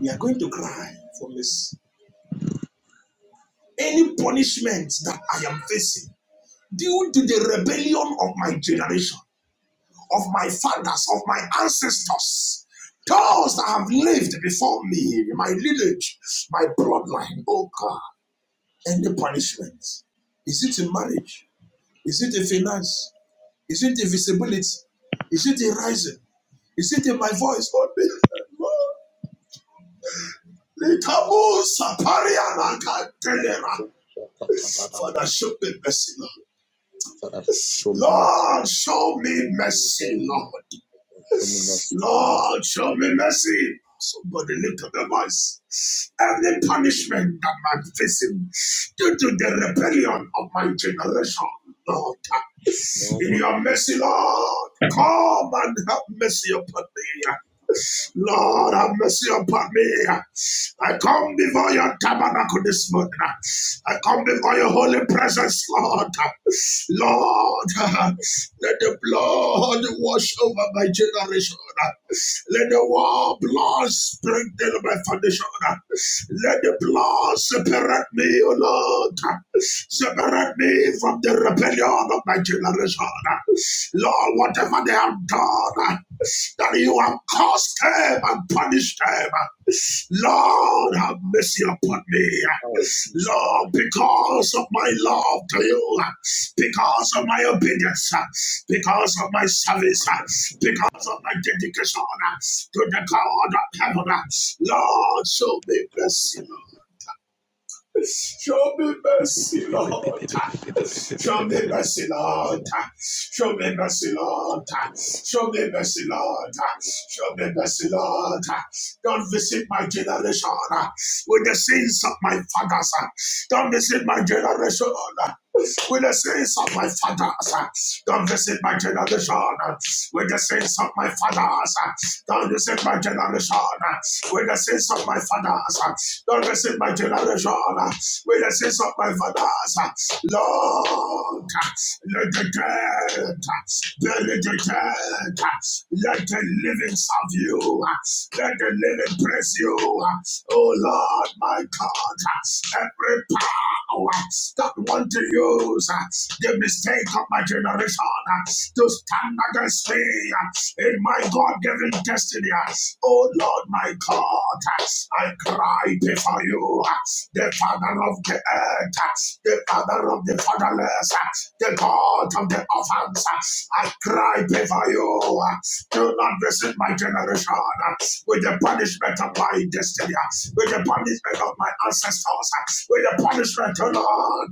[SPEAKER 2] We are going to cry for mercy. Any punishment that I am facing due to the rebellion of my generation. of my fathers, of my ancestors, those that have lived before me, my lineage, my bloodline, oh God, any punishment. Is it in marriage? Is it in finance? Is it in visibility? Is it in rising? Is it in my voice? Lord, Lord, Father, show me mercy, Lord.
[SPEAKER 3] Show me mercy,
[SPEAKER 2] Lord, show me
[SPEAKER 3] Lord,
[SPEAKER 2] mercy,
[SPEAKER 3] now.
[SPEAKER 2] Lord.
[SPEAKER 3] Lord, Show me mercy, now.
[SPEAKER 2] Lord, show me mercy. Somebody lift up your voice. Every punishment that I'm facing due to the rebellion of my generation, Lord,
[SPEAKER 3] No
[SPEAKER 2] in
[SPEAKER 3] more
[SPEAKER 2] your mercy, Lord, come and have mercy upon me. Lord, have mercy upon me. I come before your tabernacle this morning. I come before your holy presence, Lord. Lord, let the blood wash over my generation. Let the war blood sprinkle my foundation. Let the blood Lord, separate me, O Lord. Separate me from the rebellion of my generation. Lord, whatever they have done, that you have caused them and punished them. Lord, have mercy upon me. Lord, because of my love to you, because of my obedience, because of my service, because of my dedication to the God of heaven. Lord, show me mercy, Lord. Show me mercy, Lord. Show me mercy, Lord. Show me mercy, Lord. Show me mercy, Lord. Show me mercy, Lord. Don't visit my generation uh, with the sins of my fathers. uh. Don't visit my generation uh, with the sins of my fathers. uh. Don't visit my generation uh, with the sins of my fathers. Don't resist my generation with the sins of my fathers. Don't resist my generation with the sins of my fathers. Lord, let the dead, bury the dead. Let the living serve you. Let the living praise you. Oh Lord, my God, every power that want to use the mistake of my generation to stand against me in my God given destiny. Oh Lord, my God, I cry before you, the Father of the earth, the Father of the fatherless, the God of the orphans. I cry before you. Do not visit my generation with the punishment of my destiny, with the punishment of my ancestors, with the punishment of Lord.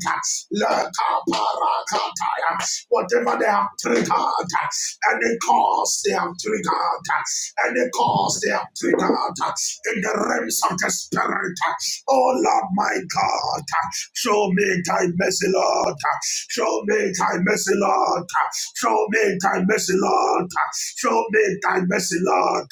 [SPEAKER 2] Whatever they have triggered, and they cause they have triggered, and they cause they have triggered in the realms of the spirit. Oh Lord, my God, show me thy mercy, Lord. Show me thy mercy, Lord. Show me thy mercy, Lord. Show me thy mercy, Lord.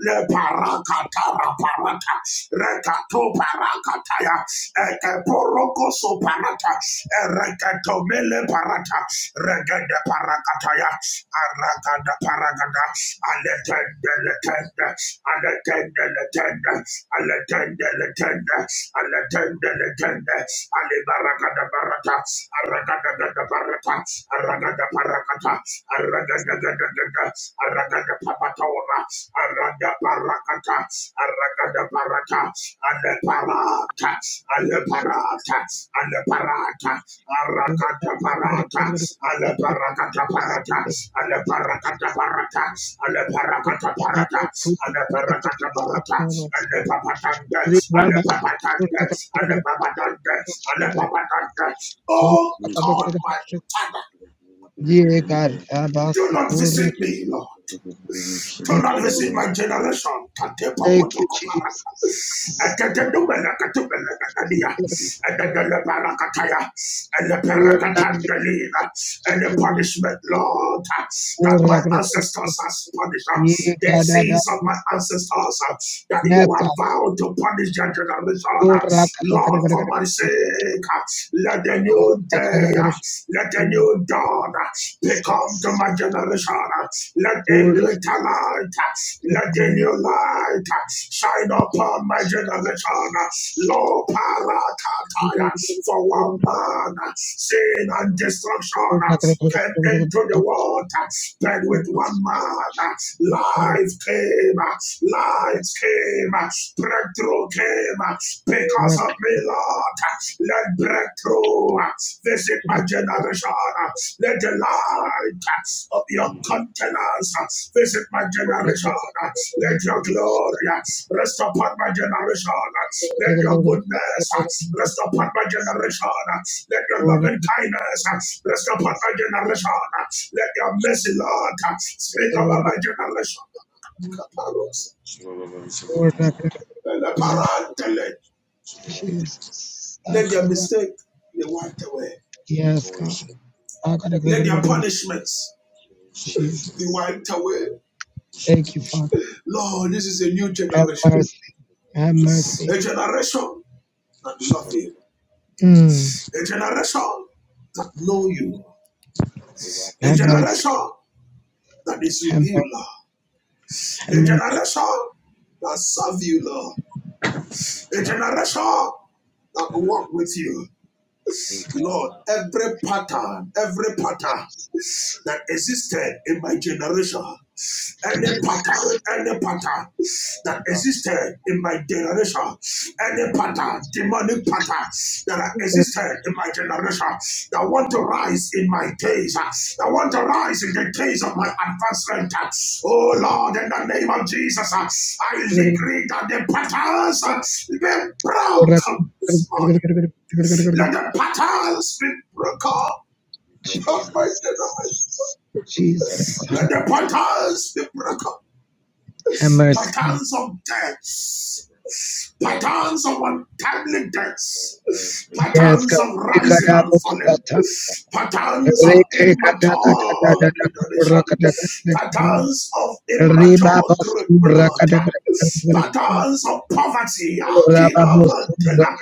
[SPEAKER 2] Le parakatara parata, rekato parakataya. Ekeporoko soparata. Ereketomele parata. Regede parakataya. Arakada paragada. Aletende letende. Aletende letende. Aletende letende. Aletende letende. Alibarakada barata. Arakada barata. Arakada parakata. Arakada gada gada. Arakada papatawa. Arada parakata, aragada parata, ale parata, ale parata, ale parata, aragada parata, ale parakata parata, ale parakata parata, ale parakata
[SPEAKER 1] Yeah,
[SPEAKER 2] parata, ale parakata parata, ale papatanda, ale papatanda, ale papatanda, ale papatanda. Oh God, my Father,
[SPEAKER 1] God.
[SPEAKER 2] do
[SPEAKER 1] Abasi
[SPEAKER 2] not
[SPEAKER 1] kurra.
[SPEAKER 2] visit me, Lord to
[SPEAKER 1] Thank you.
[SPEAKER 2] not visit my generation. Katepa
[SPEAKER 1] Thank you,
[SPEAKER 2] potoko parata.
[SPEAKER 1] Jesus.
[SPEAKER 2] Atetetumela katumela katadia. Atetelepala kataya.
[SPEAKER 1] Lord, I thank
[SPEAKER 2] Eleperegatandelina. And the
[SPEAKER 1] you.
[SPEAKER 2] punishment, Lord, that
[SPEAKER 1] Kurra,
[SPEAKER 2] my
[SPEAKER 1] kurra, kurra.
[SPEAKER 2] ancestors has punished. uh,
[SPEAKER 3] me.
[SPEAKER 1] Yeah,
[SPEAKER 2] The
[SPEAKER 1] God. I thank
[SPEAKER 2] sins of
[SPEAKER 1] you.
[SPEAKER 2] my ancestors uh, that
[SPEAKER 1] Yes,
[SPEAKER 2] you have
[SPEAKER 1] God.
[SPEAKER 2] vowed to punish their generation. uh,
[SPEAKER 1] Kurra, kurra, kurra, kurra,
[SPEAKER 2] Lord, for
[SPEAKER 1] kurra.
[SPEAKER 2] my sake, uh, let the new day,
[SPEAKER 1] Kurra, kurra,
[SPEAKER 2] uh, let the new dawn uh, become to my generation. Let a
[SPEAKER 1] kurra, kurra.
[SPEAKER 2] greater light, let a
[SPEAKER 1] Kurra.
[SPEAKER 2] new light shine upon my generation. Lo parakataya,
[SPEAKER 1] Jesus.
[SPEAKER 2] for one man, sin and destruction came into the world, but with one man, life came, light came, breakthrough came because of me, Lord. Let breakthrough visit my generation. Let the light of your countenance visit my generation. Let your glory rest upon my generation. Let your goodness rest upon my generation. Let your loving kindness rest upon my generation. Let your mercy, Lord, speak over my generation. Kaparos. Let the parentele- let take the way.
[SPEAKER 1] Yes, God.
[SPEAKER 2] Let your punishments be
[SPEAKER 1] Jesus.
[SPEAKER 2] wiped away.
[SPEAKER 1] Thank you, Father.
[SPEAKER 2] Lord, this is a new
[SPEAKER 1] Have
[SPEAKER 2] generation.
[SPEAKER 1] mercy. Have mercy.
[SPEAKER 2] A generation that loves you.
[SPEAKER 1] Mm.
[SPEAKER 2] A generation that knows you. A
[SPEAKER 1] Have mercy.
[SPEAKER 2] generation that is with
[SPEAKER 1] Have mercy.
[SPEAKER 2] you, Lord. A
[SPEAKER 1] Jesus.
[SPEAKER 2] generation that serves you, Lord. A generation that walk with you.
[SPEAKER 3] They can
[SPEAKER 2] Lord, every pattern, every pattern that existed in my generation, any pattern, any pattern that existed in my generation, any pattern, demonic pattern that existed in my generation, that want to rise in my days, uh, that want to rise in the days of my advancement. uh, Oh Lord, in the name of Jesus, uh, I decree that the patterns uh, be broken this morning. Let the patterns be broken up
[SPEAKER 3] be
[SPEAKER 2] of
[SPEAKER 3] broken.
[SPEAKER 2] my generation.
[SPEAKER 3] Let a
[SPEAKER 1] Jesus.
[SPEAKER 3] part
[SPEAKER 1] Have
[SPEAKER 2] Let
[SPEAKER 3] of
[SPEAKER 2] the
[SPEAKER 1] mercy.
[SPEAKER 2] patterns be broken up.
[SPEAKER 1] Have
[SPEAKER 3] me.
[SPEAKER 1] mercy.
[SPEAKER 2] Patterns of death. Patterns of untimely deaths.
[SPEAKER 1] Yes,
[SPEAKER 2] Patterns
[SPEAKER 1] God.
[SPEAKER 2] of rising and
[SPEAKER 1] Jesus.
[SPEAKER 2] falling. Patterns of immature generation. Patterns of immature growth and heart. Patterns of poverty. Akina Mandela.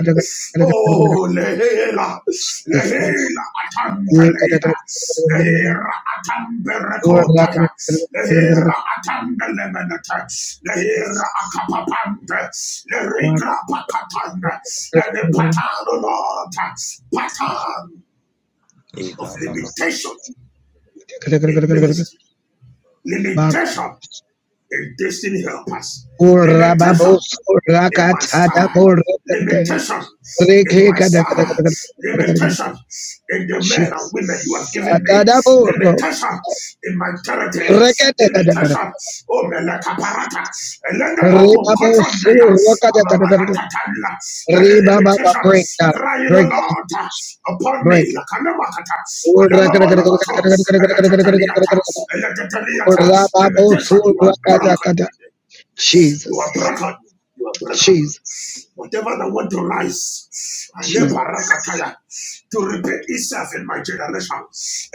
[SPEAKER 2] Oh, lehela, lehela, atandelina, lehera atamberekotaya, lehera atandelemenata, lehera akapapanda, lehera pakatanda, and the pattern, oh Lord, pattern
[SPEAKER 3] They can
[SPEAKER 2] of
[SPEAKER 3] back up. and
[SPEAKER 2] limitation in ministry, limitation in destiny helpers, limitation
[SPEAKER 1] Makurababos
[SPEAKER 2] in my
[SPEAKER 1] rakachada
[SPEAKER 2] star.
[SPEAKER 1] borobondaya.
[SPEAKER 2] Limitation
[SPEAKER 1] Reke
[SPEAKER 2] in my
[SPEAKER 1] kada kada
[SPEAKER 2] star.
[SPEAKER 1] kada kada kada kada kada.
[SPEAKER 2] Limitation in the men and
[SPEAKER 1] Jesus.
[SPEAKER 2] women you have given me.
[SPEAKER 1] Atada boro.
[SPEAKER 2] Limitation in my territory.
[SPEAKER 1] Rekete kada kada
[SPEAKER 2] Limitation.
[SPEAKER 1] kada.
[SPEAKER 2] Oh, melekaparata. Elendamumu
[SPEAKER 1] Rebabo
[SPEAKER 2] kotondeya.
[SPEAKER 1] suru kada kada kada.
[SPEAKER 2] Amamanatatala. And the
[SPEAKER 1] Rebababa
[SPEAKER 2] limitation
[SPEAKER 1] break down.
[SPEAKER 2] crying, O
[SPEAKER 1] Break down.
[SPEAKER 2] Lord, upon me.
[SPEAKER 1] Break.
[SPEAKER 2] Lakanamakata.
[SPEAKER 1] Ura kada kada kada kada
[SPEAKER 2] Alamamonomoto.
[SPEAKER 1] kada kada kada kada kada kada kada
[SPEAKER 2] Eletataliata.
[SPEAKER 1] kada kada.
[SPEAKER 2] Eletataliata.
[SPEAKER 1] Urababo
[SPEAKER 2] Limitation,
[SPEAKER 1] suru
[SPEAKER 2] you are
[SPEAKER 1] kada
[SPEAKER 2] broken
[SPEAKER 1] kada.
[SPEAKER 2] today.
[SPEAKER 1] Jesus.
[SPEAKER 2] You are broken. You are broken.
[SPEAKER 1] Jesus.
[SPEAKER 2] Whatever that want to rise, and
[SPEAKER 1] Jesus.
[SPEAKER 2] to repeat itself in my generation.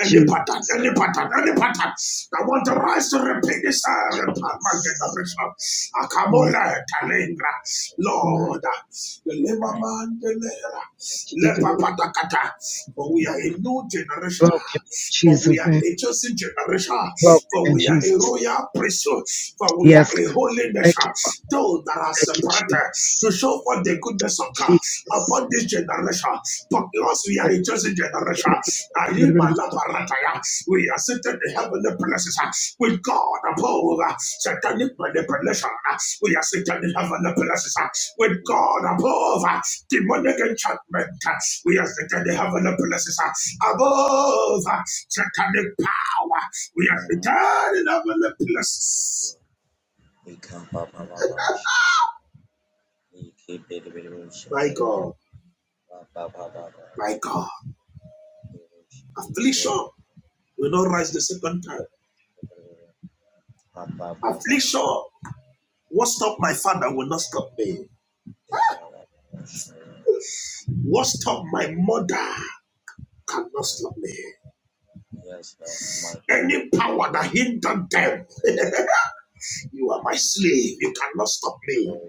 [SPEAKER 2] Any
[SPEAKER 1] Jesus.
[SPEAKER 2] pattern, any pattern, any pattern I want to rise to repeat itself in my generation. Akamole talingra,
[SPEAKER 1] Lord
[SPEAKER 2] Lord, the labor man, the
[SPEAKER 1] Jesus.
[SPEAKER 2] lepapatakata. For we are a new generation.
[SPEAKER 1] Broke him in
[SPEAKER 2] For
[SPEAKER 1] Jesus'
[SPEAKER 2] we are
[SPEAKER 1] name.
[SPEAKER 2] a chosen generation.
[SPEAKER 1] Broke
[SPEAKER 2] For
[SPEAKER 1] in
[SPEAKER 2] we are a
[SPEAKER 1] Jesus. name.
[SPEAKER 2] royal priesthood. For we are
[SPEAKER 1] Yes,
[SPEAKER 2] a
[SPEAKER 1] God.
[SPEAKER 2] holy
[SPEAKER 1] thank
[SPEAKER 2] nation.
[SPEAKER 1] you, Father.
[SPEAKER 2] Those that are
[SPEAKER 1] Thank you,
[SPEAKER 2] separated to
[SPEAKER 1] Jesus.
[SPEAKER 2] show forth the goodness of God upon this
[SPEAKER 1] Jesus.
[SPEAKER 2] generation. Because we are a chosen generation. Ayima laparataya. We are seated in heavenly places uh, with God above uh, satanic manipulation. uh, We are seated in heavenly places uh, with God above uh, demonic enchantment. uh, We are seated in heavenly places uh, above uh, satanic power. We are seated in heavenly places. My God, my God, affliction will not rise the second time. Affliction, what stopped my father will not stop me.
[SPEAKER 3] They can back up. Sure.
[SPEAKER 2] What stopped my mother cannot stop me.
[SPEAKER 3] Yes, Lord. My,
[SPEAKER 2] Any power that hindered them, you are my slave, you cannot stop me.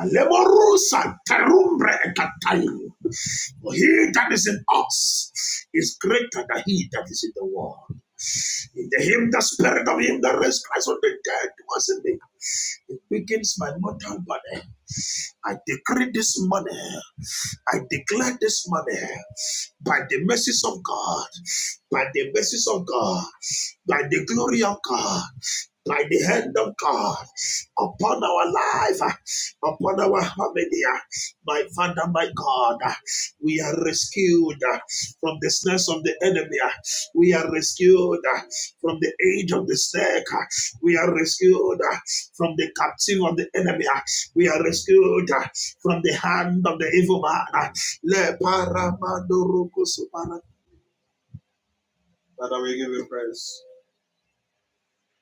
[SPEAKER 2] Alemorusa terumbre ekatayu. For he that is in us is greater than he that is in the world. In the him, the spirit of him that raised Christ from the dead was in me. It begins my mortal body. I decree this morning. I declare this morning, by the mercies of God, by the mercies of God, by the glory of God by the hand of God upon our life, upon our family. My Father, my God, we are rescued from the snares of the enemy. We are rescued from the age of the snake. We are rescued from the captive of the enemy. We are rescued from the hand of the evil man. Le paramandoroko supara. Father, we give you praise.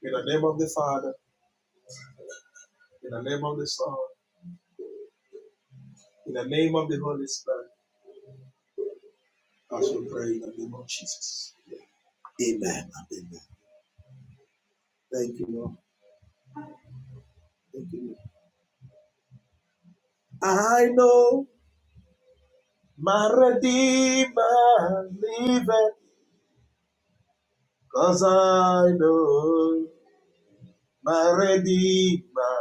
[SPEAKER 2] In the name of the Father, in the name of the Son. In the name of the Holy Spirit, as we pray in the name of Jesus. Amen. and Amen. Thank you, Lord. Thank you, Lord. I know my Redeemer liveth, cause I know my Redeemer.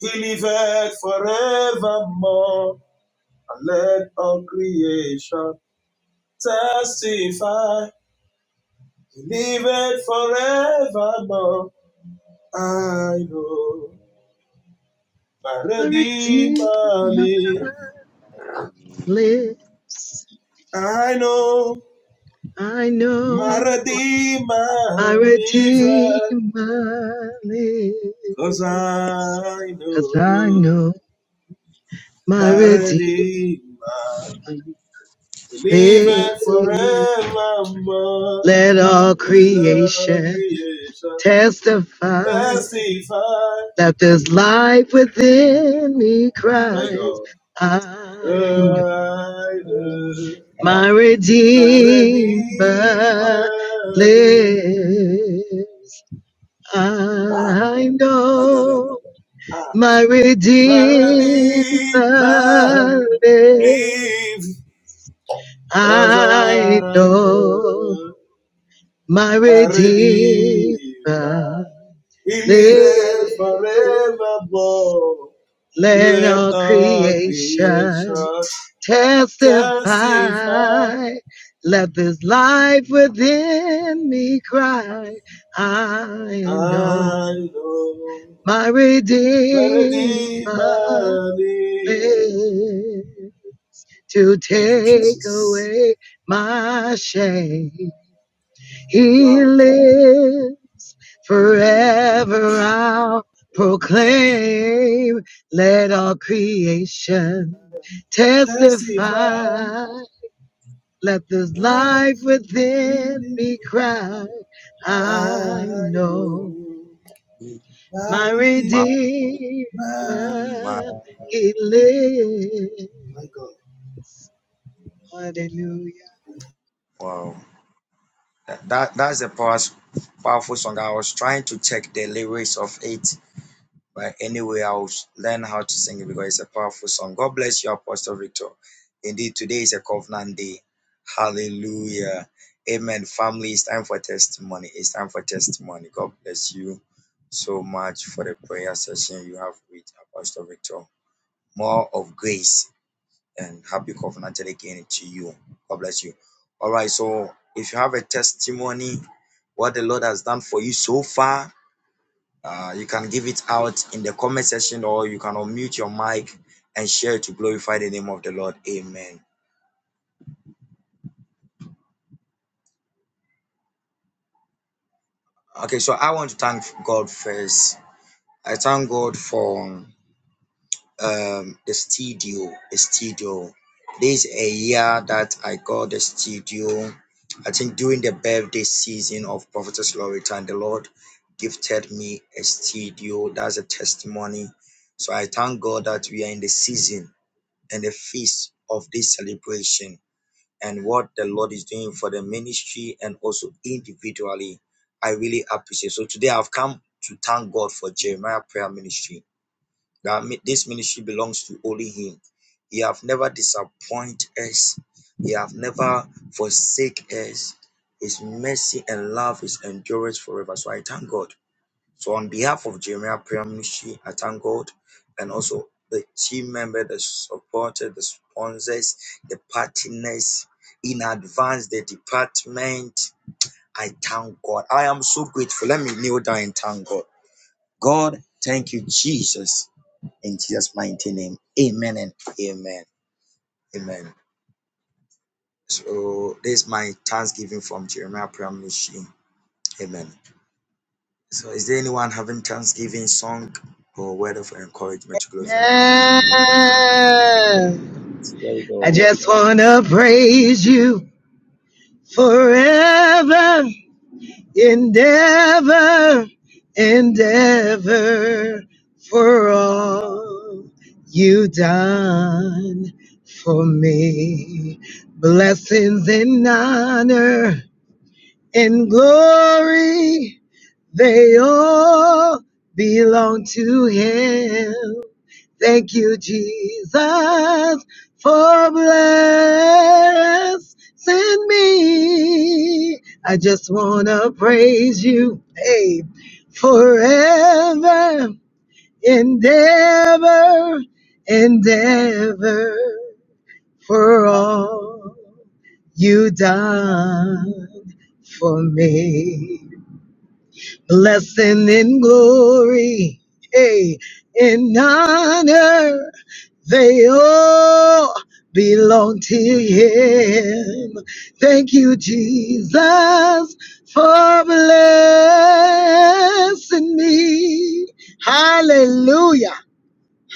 [SPEAKER 2] He liveth forevermore, and let all creation testify. He liveth forevermore. I know. My
[SPEAKER 1] My
[SPEAKER 2] Redeemer
[SPEAKER 1] Redeemer
[SPEAKER 2] lives.
[SPEAKER 1] lives.
[SPEAKER 2] I know
[SPEAKER 1] I
[SPEAKER 2] my
[SPEAKER 1] know my
[SPEAKER 2] Redeemer lives.
[SPEAKER 1] Redeemer lives.
[SPEAKER 2] Cause I
[SPEAKER 1] Cause I
[SPEAKER 2] know
[SPEAKER 1] know my
[SPEAKER 2] my
[SPEAKER 1] Redeemer
[SPEAKER 2] Redeemer liveth forevermore.
[SPEAKER 1] lives. Let all
[SPEAKER 2] Let the
[SPEAKER 1] creation
[SPEAKER 2] creation
[SPEAKER 1] testify
[SPEAKER 2] testify.
[SPEAKER 1] that there's life within me
[SPEAKER 2] My
[SPEAKER 1] cries,
[SPEAKER 2] God, Oh,
[SPEAKER 1] I'm
[SPEAKER 2] I know
[SPEAKER 1] my
[SPEAKER 2] my Redeemer
[SPEAKER 1] Redeemer
[SPEAKER 2] lives.
[SPEAKER 1] lives.
[SPEAKER 2] Ah,
[SPEAKER 1] I
[SPEAKER 2] da, da, da, da,
[SPEAKER 1] know
[SPEAKER 2] da. Ah,
[SPEAKER 1] my
[SPEAKER 2] Maradima,
[SPEAKER 1] Redeemer lives.
[SPEAKER 2] leave as
[SPEAKER 1] I
[SPEAKER 2] I
[SPEAKER 1] know
[SPEAKER 2] do.
[SPEAKER 1] my
[SPEAKER 2] Maradima,
[SPEAKER 1] Redeemer
[SPEAKER 2] he
[SPEAKER 1] lives.
[SPEAKER 2] lives forevermore.
[SPEAKER 1] Let
[SPEAKER 2] Let
[SPEAKER 1] all
[SPEAKER 2] all creation
[SPEAKER 1] creation
[SPEAKER 2] testify.
[SPEAKER 1] testify. Let this life within me cry. I know
[SPEAKER 2] I know.
[SPEAKER 1] my Redeemer
[SPEAKER 2] Maradima, leave.
[SPEAKER 1] lives to
[SPEAKER 2] Thank you,
[SPEAKER 1] take
[SPEAKER 2] Jesus.
[SPEAKER 1] away my shame. He
[SPEAKER 2] Wow.
[SPEAKER 1] lives forever. I'll proclaim. Let all creation
[SPEAKER 2] Testify.
[SPEAKER 1] testify. Let this
[SPEAKER 3] my,
[SPEAKER 1] life
[SPEAKER 2] Life in
[SPEAKER 1] within me
[SPEAKER 2] me.
[SPEAKER 1] cry.
[SPEAKER 2] I
[SPEAKER 1] I know
[SPEAKER 2] know
[SPEAKER 1] my
[SPEAKER 2] I'll
[SPEAKER 3] my,
[SPEAKER 2] be
[SPEAKER 1] Redeemer,
[SPEAKER 2] my,
[SPEAKER 3] my.
[SPEAKER 1] He lives.
[SPEAKER 2] my God.
[SPEAKER 1] Hallelujah.
[SPEAKER 3] Wow. That, that that's a powerful, powerful song. I was trying to check the lyrics of it But anyway, I'll learn how to sing it because it's a powerful song. God bless you, Apostle Victor. Indeed, today is a covenant day. Hallelujah. Amen. Family, it's time for testimony. It's time for testimony. God bless you so much for the prayer session you have with Apostle Victor. More of grace and happy covenant again to you. God bless you. All right. So, if you have a testimony, what the Lord has done for you so far, uh, you can give it out in the comment section or you can unmute your mic and share to glorify the name of the Lord. Amen. Okay, so I want to thank God first. I thank God for um, the studio. The studio. This is a year that I got the studio. I think during the birthday season of Prophetess Loretta, and the Lord gifted me a studio. That's a testimony. So I thank God that we are in the season and the feast of this celebration and what the Lord is doing for the ministry and also individually. I really appreciate. So today I've come to thank God for Jeremiah Prayer Ministry. That this ministry belongs to only Him. He have never disappointed us. He have never forsake us. His mercy and love is endurance forever. So I thank God. So on behalf of Jeremiah Prayer Ministry, I thank God and also the team member, the supporters, the sponsors, the partners, in advance, the department. I thank God. I am so grateful. Let me kneel down and thank God. God, thank you, Jesus. In Jesus' mighty name. Amen and amen. Amen. So this is my thanksgiving from Jeremiah Prayer Amen. So is there anyone having thanksgiving song or word of encouragement to glorify?
[SPEAKER 1] Yeah,
[SPEAKER 3] There we
[SPEAKER 1] I
[SPEAKER 3] go.
[SPEAKER 1] just want to praise you forever. endeavor, endeavor for all you done for me. Blessings and honor and glory, they all belong to Him. Thank you, Jesus, for blessing me. I just want to praise you, hey, forever and ever and ever for all you done for me blessing and glory, hey, and honor, they all belong to Him. Thank you, Jesus, for blessing me. Hallelujah.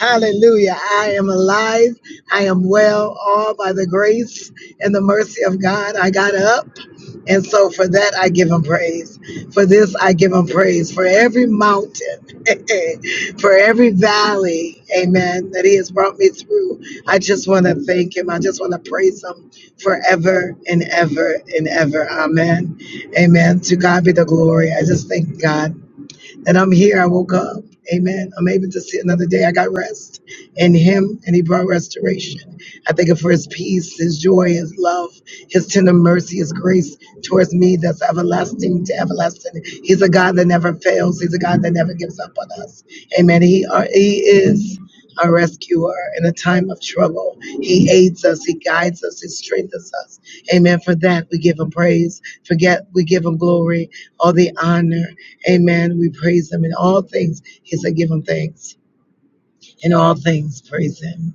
[SPEAKER 1] Hallelujah. I am alive. I am well, all by the grace and the mercy of God. I got up. And so for that, I give him praise. For this, I give him praise. For every mountain, for every valley, amen, that he has brought me through, I just want to thank him. I just want to praise him forever and ever and ever. Amen. Amen. To God be the glory. I just thank God that I'm here. I woke up. Amen. I'm able to see another day. I got rest in Him, and He brought restoration. I thank Him for His peace, His joy, His love, His tender mercy, His grace towards me that's everlasting to everlasting. He's a God that never fails. He's a God that never gives up on us. Amen. He, are, he is our rescuer in a time of trouble. He aids us, he guides us, he strengthens us. Amen. For that we give him praise. Forget we give him glory, all the honor. Amen. We praise him in all things. He said, give him thanks in all things. Praise Him.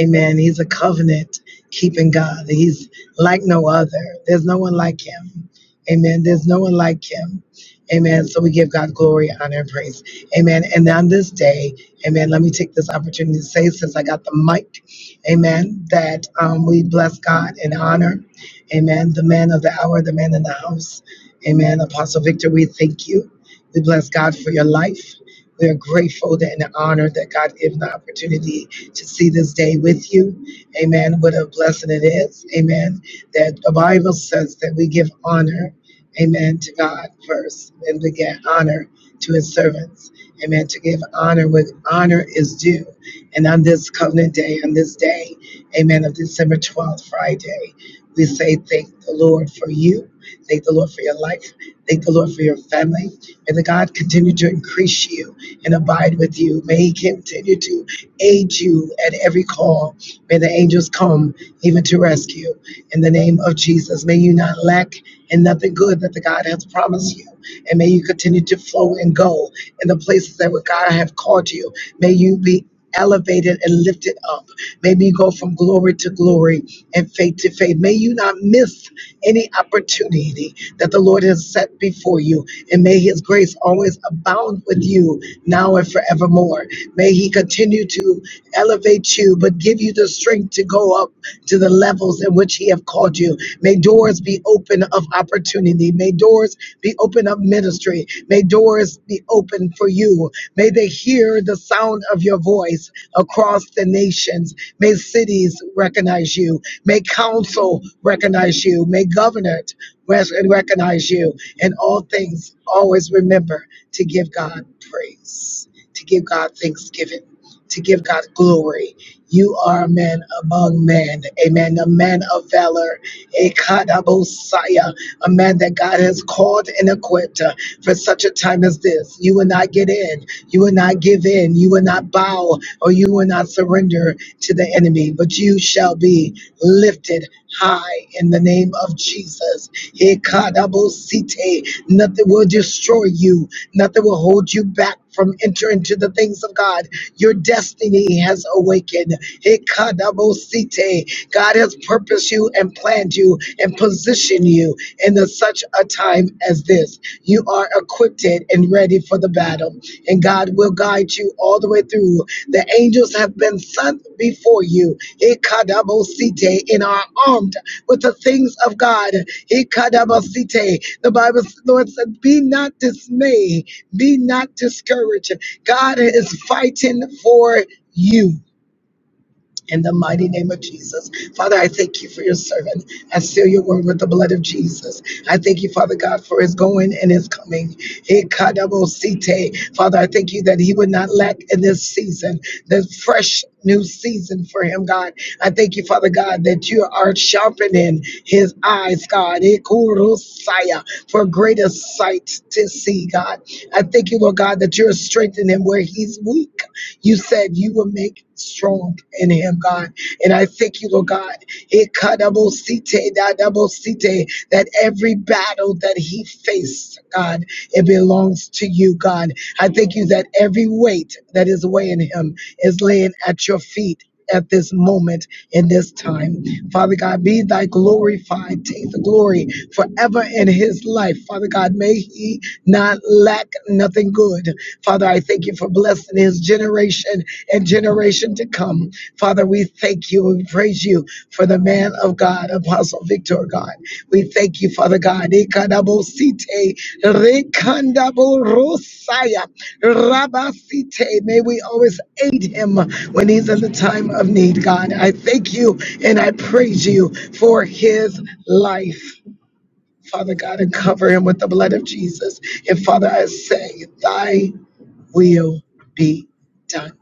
[SPEAKER 1] Amen. He's a covenant keeping God. He's like no other. There's no one like Him. Amen. There's no one like Him. Amen. So we give God glory, honor, and praise. Amen. And on this day, Amen. Let me take this opportunity to say, since I got the mic, Amen, that um, we bless God and honor, Amen, the man of the hour, the man in the house. Amen. Apostle Victor, we thank you. We bless God for your life. We are grateful that and honored that God gave the opportunity to see this day with you. Amen. What a blessing it is. Amen. That the Bible says that we give honor, amen, to God first and we get honor to his servants. Amen. To give honor what honor is due. And on this covenant day, on this day, amen, of December 12th, Friday, we say thank the Lord for you. Thank the Lord for your life. Thank the Lord for your family. May the God continue to increase you and abide with you. May He continue to aid you at every call. May the angels come even to rescue. In the name of Jesus, may you not lack in nothing good that the God has promised you. And may you continue to flow and go in the places that where God have called you. May you be elevated and lifted up. May you go from glory to glory and faith to faith. May you not miss any opportunity that the Lord has set before you. And may his grace always abound with you now and forevermore. May he continue to elevate you, but give you the strength to go up to the levels in which he have called you. May doors be open of opportunity. May doors be open of ministry. May doors be be open for you. May they hear the sound of your voice across the nations. May cities recognize you. May council recognize you. May governorate res- recognize you. And all things, always remember to give God praise to give God thanksgiving, to give God glory. You are a man among men, amen, a man of valor, a kadabosaya, a man that God has called and equipped uh, for such a time as this. You will not get in, you will not give in, you will not bow, or you will not surrender to the enemy, but you shall be lifted high in the name of Jesus. Ikadabosite. Nothing will destroy you, nothing will hold you back from entering to the things of God. Your destiny has awakened. Ikadabosite. God has purposed you and planned you and positioned you in a- such a time as this. You are a acquitted and ready for the battle. And God will guide you all the way through. The angels have been sent before you. Ikadabosite, And are armed with the things of God. Ikadabosite. The Bible, the Lord said, Be not dismayed, be not discouraged. God is fighting for you in the mighty name of Jesus. Father, I thank you for your servant. I seal your word with the blood of Jesus. I thank you, Father God, for his going and his coming. Ikadabosite. Father, I thank you that he would not lack in this season, the fresh new season for him, God. I thank you, Father God, that you are sharpening his eyes, God. Ikurusaya For greater sight to see, God. I thank you, Lord God, that you're strengthening him where he's is weak. You said you will make strong in him, God. And I thank you, Lord God. It cut double cite, That every battle that he faced, God, it belongs to you, God. I thank you that every weight that is weighing him is laying at your feet at this moment in this time. Father God, be thy glorified. Take the glory forever in his life. Father God, may he not lack nothing good. Father, I thank you for blessing his generation and generation to come. Father, we thank you and praise you for the Man of God, Apostle Victor, God. We thank you, Father God. Ikadabosite, rekandaborosaya, rabasite. May we always aid him when he's in the time of need, God. I thank you and I praise you for his life. Father God, and cover him with the blood of Jesus. And Father, I say, Thy will be done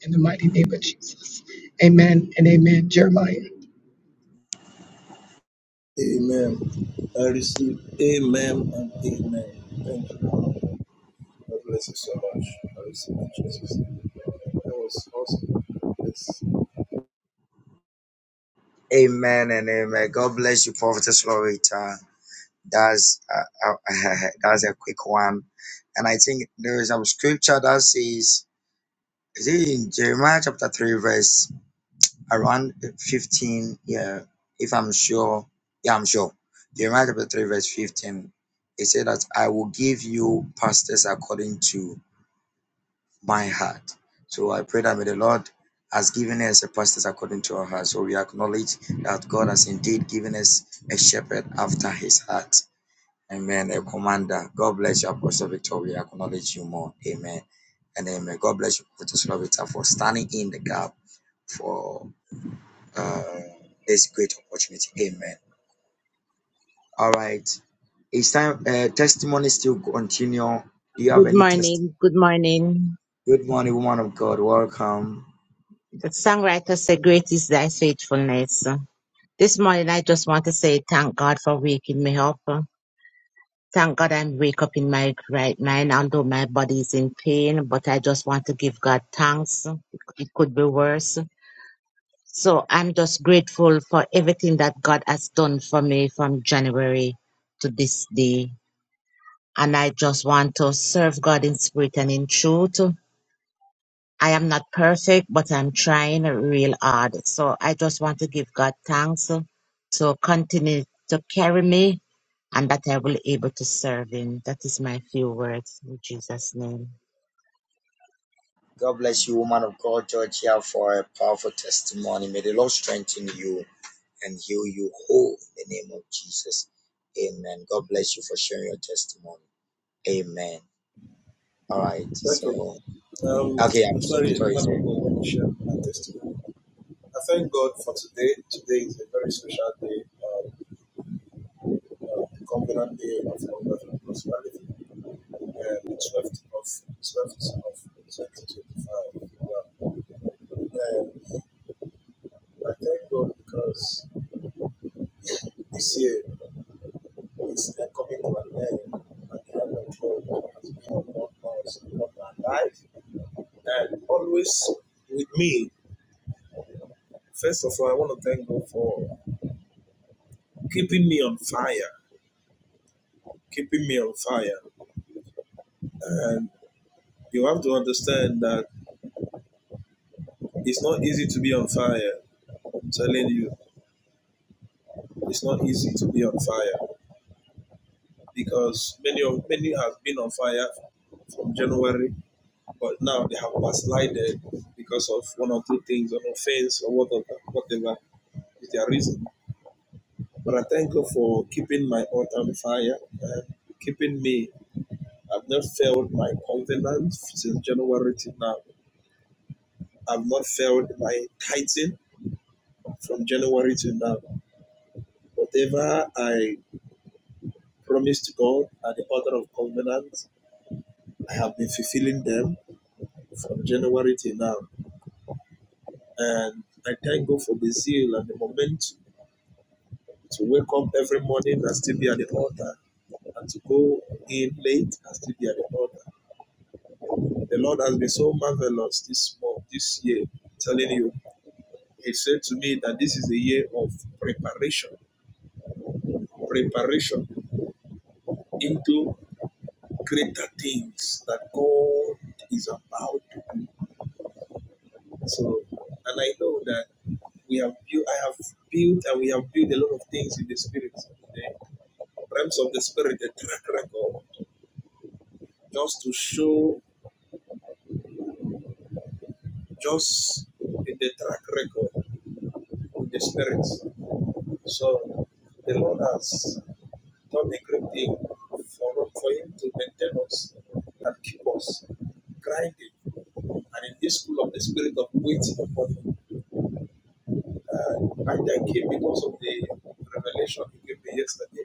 [SPEAKER 1] in the mighty name of Jesus. Amen and amen. Jeremiah.
[SPEAKER 2] Amen. I receive amen and amen. Thank you. God bless you so much. I receive in Jesus. That was awesome. Yes.
[SPEAKER 3] Amen and amen. God bless you, Prophetess Loretta. That's uh, uh, that's a quick one, and I think there is some scripture that says, is it in Jeremiah chapter three, verse around fifteen? Yeah, if I'm sure, yeah, I'm sure. Jeremiah chapter three, verse fifteen. It said that I will give you pastors according to my heart. So I pray that may the Lord has given us a pastors according to our heart. So we acknowledge that God has indeed given us a shepherd after his heart. Amen. A commander. God bless you, Apostle Victor. We acknowledge you more. Amen. And amen. God bless you, Apostle Slovita, for standing in the gap for uh, this great opportunity. Amen. All right. It's time. Uh, testimony still continue. Do you have
[SPEAKER 5] Good
[SPEAKER 3] any testimony?
[SPEAKER 5] morning. Good morning.
[SPEAKER 3] Good morning, woman of God. Welcome.
[SPEAKER 5] The songwriter said, Great is thy faithfulness. This morning, I just want to say thank God for waking me up. Thank God I'm wake up in my right mind, although my body is in pain, but I just want to give God thanks. It could be worse. So I'm just grateful for everything that God has done for me from January to this day. And I just want to serve God in spirit and in truth. I am not perfect, but I'm trying real hard. So I just want to give God thanks uh, to continue to carry me and that I will able to serve him. That is my few words in Jesus' name.
[SPEAKER 3] God bless you, woman of God, Georgia, for a powerful testimony. May the Lord strengthen you and heal you whole in the name of Jesus. Amen. God bless you for sharing your testimony. Amen. All right.
[SPEAKER 2] Okay.
[SPEAKER 3] So,
[SPEAKER 2] Um,
[SPEAKER 3] okay,
[SPEAKER 2] I'm
[SPEAKER 3] Apostle
[SPEAKER 2] sorry, man
[SPEAKER 3] Victor is
[SPEAKER 2] of
[SPEAKER 3] here.
[SPEAKER 2] God, let me share my testimony. I thank God for today. Today is a very special day. Um, covenant day of hunger and prosperity, and the 12th of 12th of 2025. Wow. And I thank God because this year is coming to an end, and the hand of God has been upon us, upon our life, and always with me. First of all, I want to thank God for keeping me on fire, keeping me on fire. And you have to understand that it's not easy to be on fire. I'm telling you, it's not easy to be on fire because many of many have been on fire from January, but now they have backslided because of one or two things, an offense or whatever, whatever is their reason. But I thank God for keeping my heart on fire and keeping me. I've not failed my covenant since January till now. I've not failed my tithing from January till now. Whatever I promised to God at the order of covenant, I have been fulfilling them from January till now. And I thank God for the zeal and the momentum to wake up every morning and still be at the altar and to go in late and still be at the altar. The Lord has been so marvelous this month, this year. I'm telling you, He said to me that this is a year of preparation, preparation into greater things that God is about to do. So, and I know that we have built, I have built, and we have built a lot of things in the spirit, okay? the realms of the spirit, the track record, just to show, just in the track record of the spirit. So, the Lord has done a great thing for, for Him to maintain us and keep us grinding and in this school of the spirit of waiting upon him. Uh, I thank him because of the revelation he gave me yesterday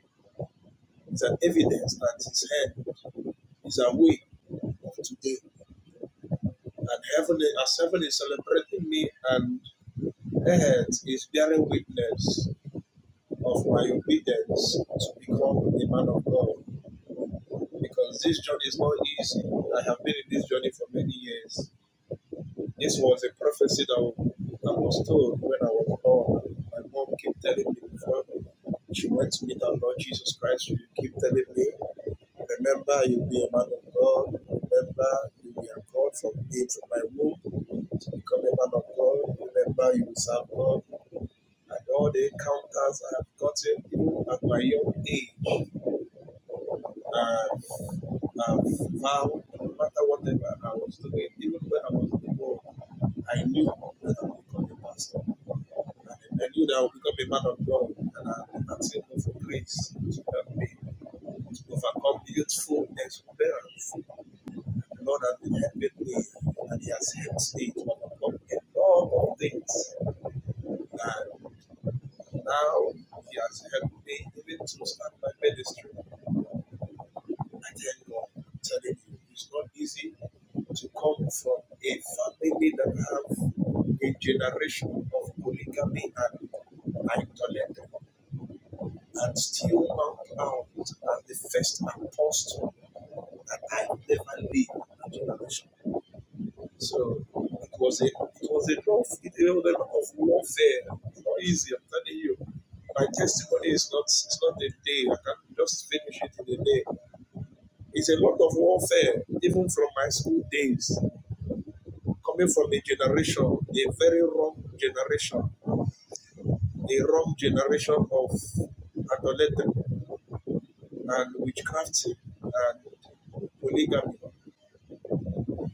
[SPEAKER 2] It's an evidence that his hand is away of today. And heaven as heaven is celebrating me and earth is bearing witness of my obedience to become a man of God. Because this journey is not easy. I have been in this journey for many years. This was a prophecy that I was told when I was born. My mom kept telling me before she went to meet our Lord Jesus Christ. She kept telling me Remember, you'll be a man of God. Remember, you'll be a God from day to my womb. To become a man of God. Remember, you will serve God. And all the encounters I have gotten even at my young age, I've, I've vowed, no matter whatever I was doing, even when I was in the world, I knew that I would become a pastor. And I knew that I would become a man of God. And I, I thank God for grace to help me to overcome youthful exuberance The Lord, has been helping me, and He has helped me to overcome a lot of things. And now He has helped me even to start my ministry. I tell you, I'm telling you, it's not easy to come from a family that have a generation of polygamy and idolatry, and still mount out as the first apostle that I ever lived in a generation. So it was a it was a rough it was a lot of warfare, not easy. I'm telling you, my testimony is not it's not a day. I can just finish it in a day. It's a lot of warfare, even from my school days, coming from a generation, a very wrong generation, a wrong generation of adolescent and witchcraft and polygamy.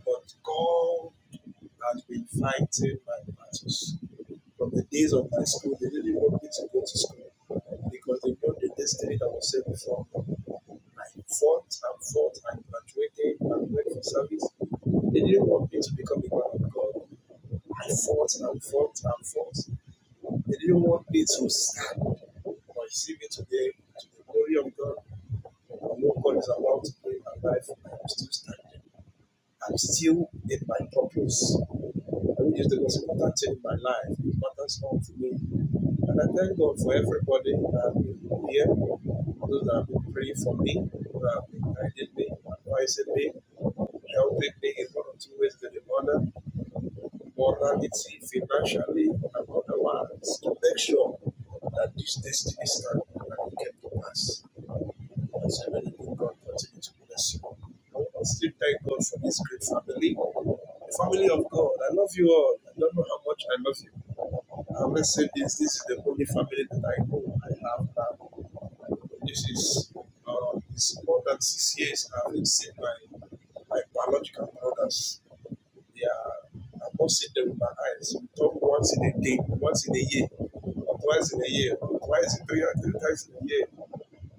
[SPEAKER 2] But God has been fighting my battles. From the days of my school, they didn't want me to go to school because they know the destiny that was set before me. I fought and fought and graduated and went for service. They didn't want me to become a man of God. I fought and fought and fought. They didn't want me to stand. But you see me today, to the glory of God, I know God is about to bring my life. and I'm still standing. I'm still in my purpose, I which is the most important thing in my life. It matters all to me. And I thank God for everybody that have been here, those that have been praying for me, those that have been guiding me, advising me, helping me in one or two ways to the other morality financially and otherwise to make sure that this destiny stand and it get to pass. And so many good God continue to bless you. I still thank God for this great family. the Family of God, I love you all. I don't know how much I love you. I always say this, this is the only family that I know I have now. This is uh, it's more than six years I haven't seen my, my biological brothers they are, I've not seen them with my eyes. We talk once in a day, once in a year, or twice in a year, or twice in three or three times in a year.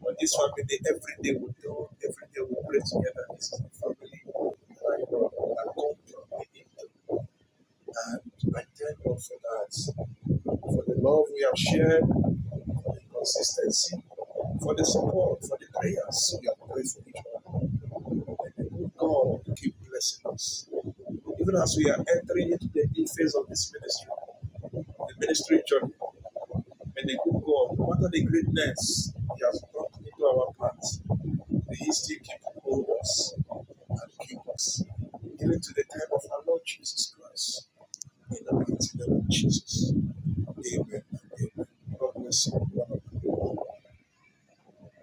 [SPEAKER 2] But this family, they, every day we do, every day we pray together. This is the family that I know, that God brought me into. And I thank God for that, for the love we have shared, for the consistency, for the support, for the prayers we have prayed for each other. And the good God keep blessing us. Even as we are entering into the new phase of this ministry, the ministry journey. May the good God, no matter the greatness He has brought into our paths, may He still keep hold of us and keep us, even to the time of our Lord Jesus Christ. In the mighty name of Jesus. Amen. Amen. God bless you. man of God.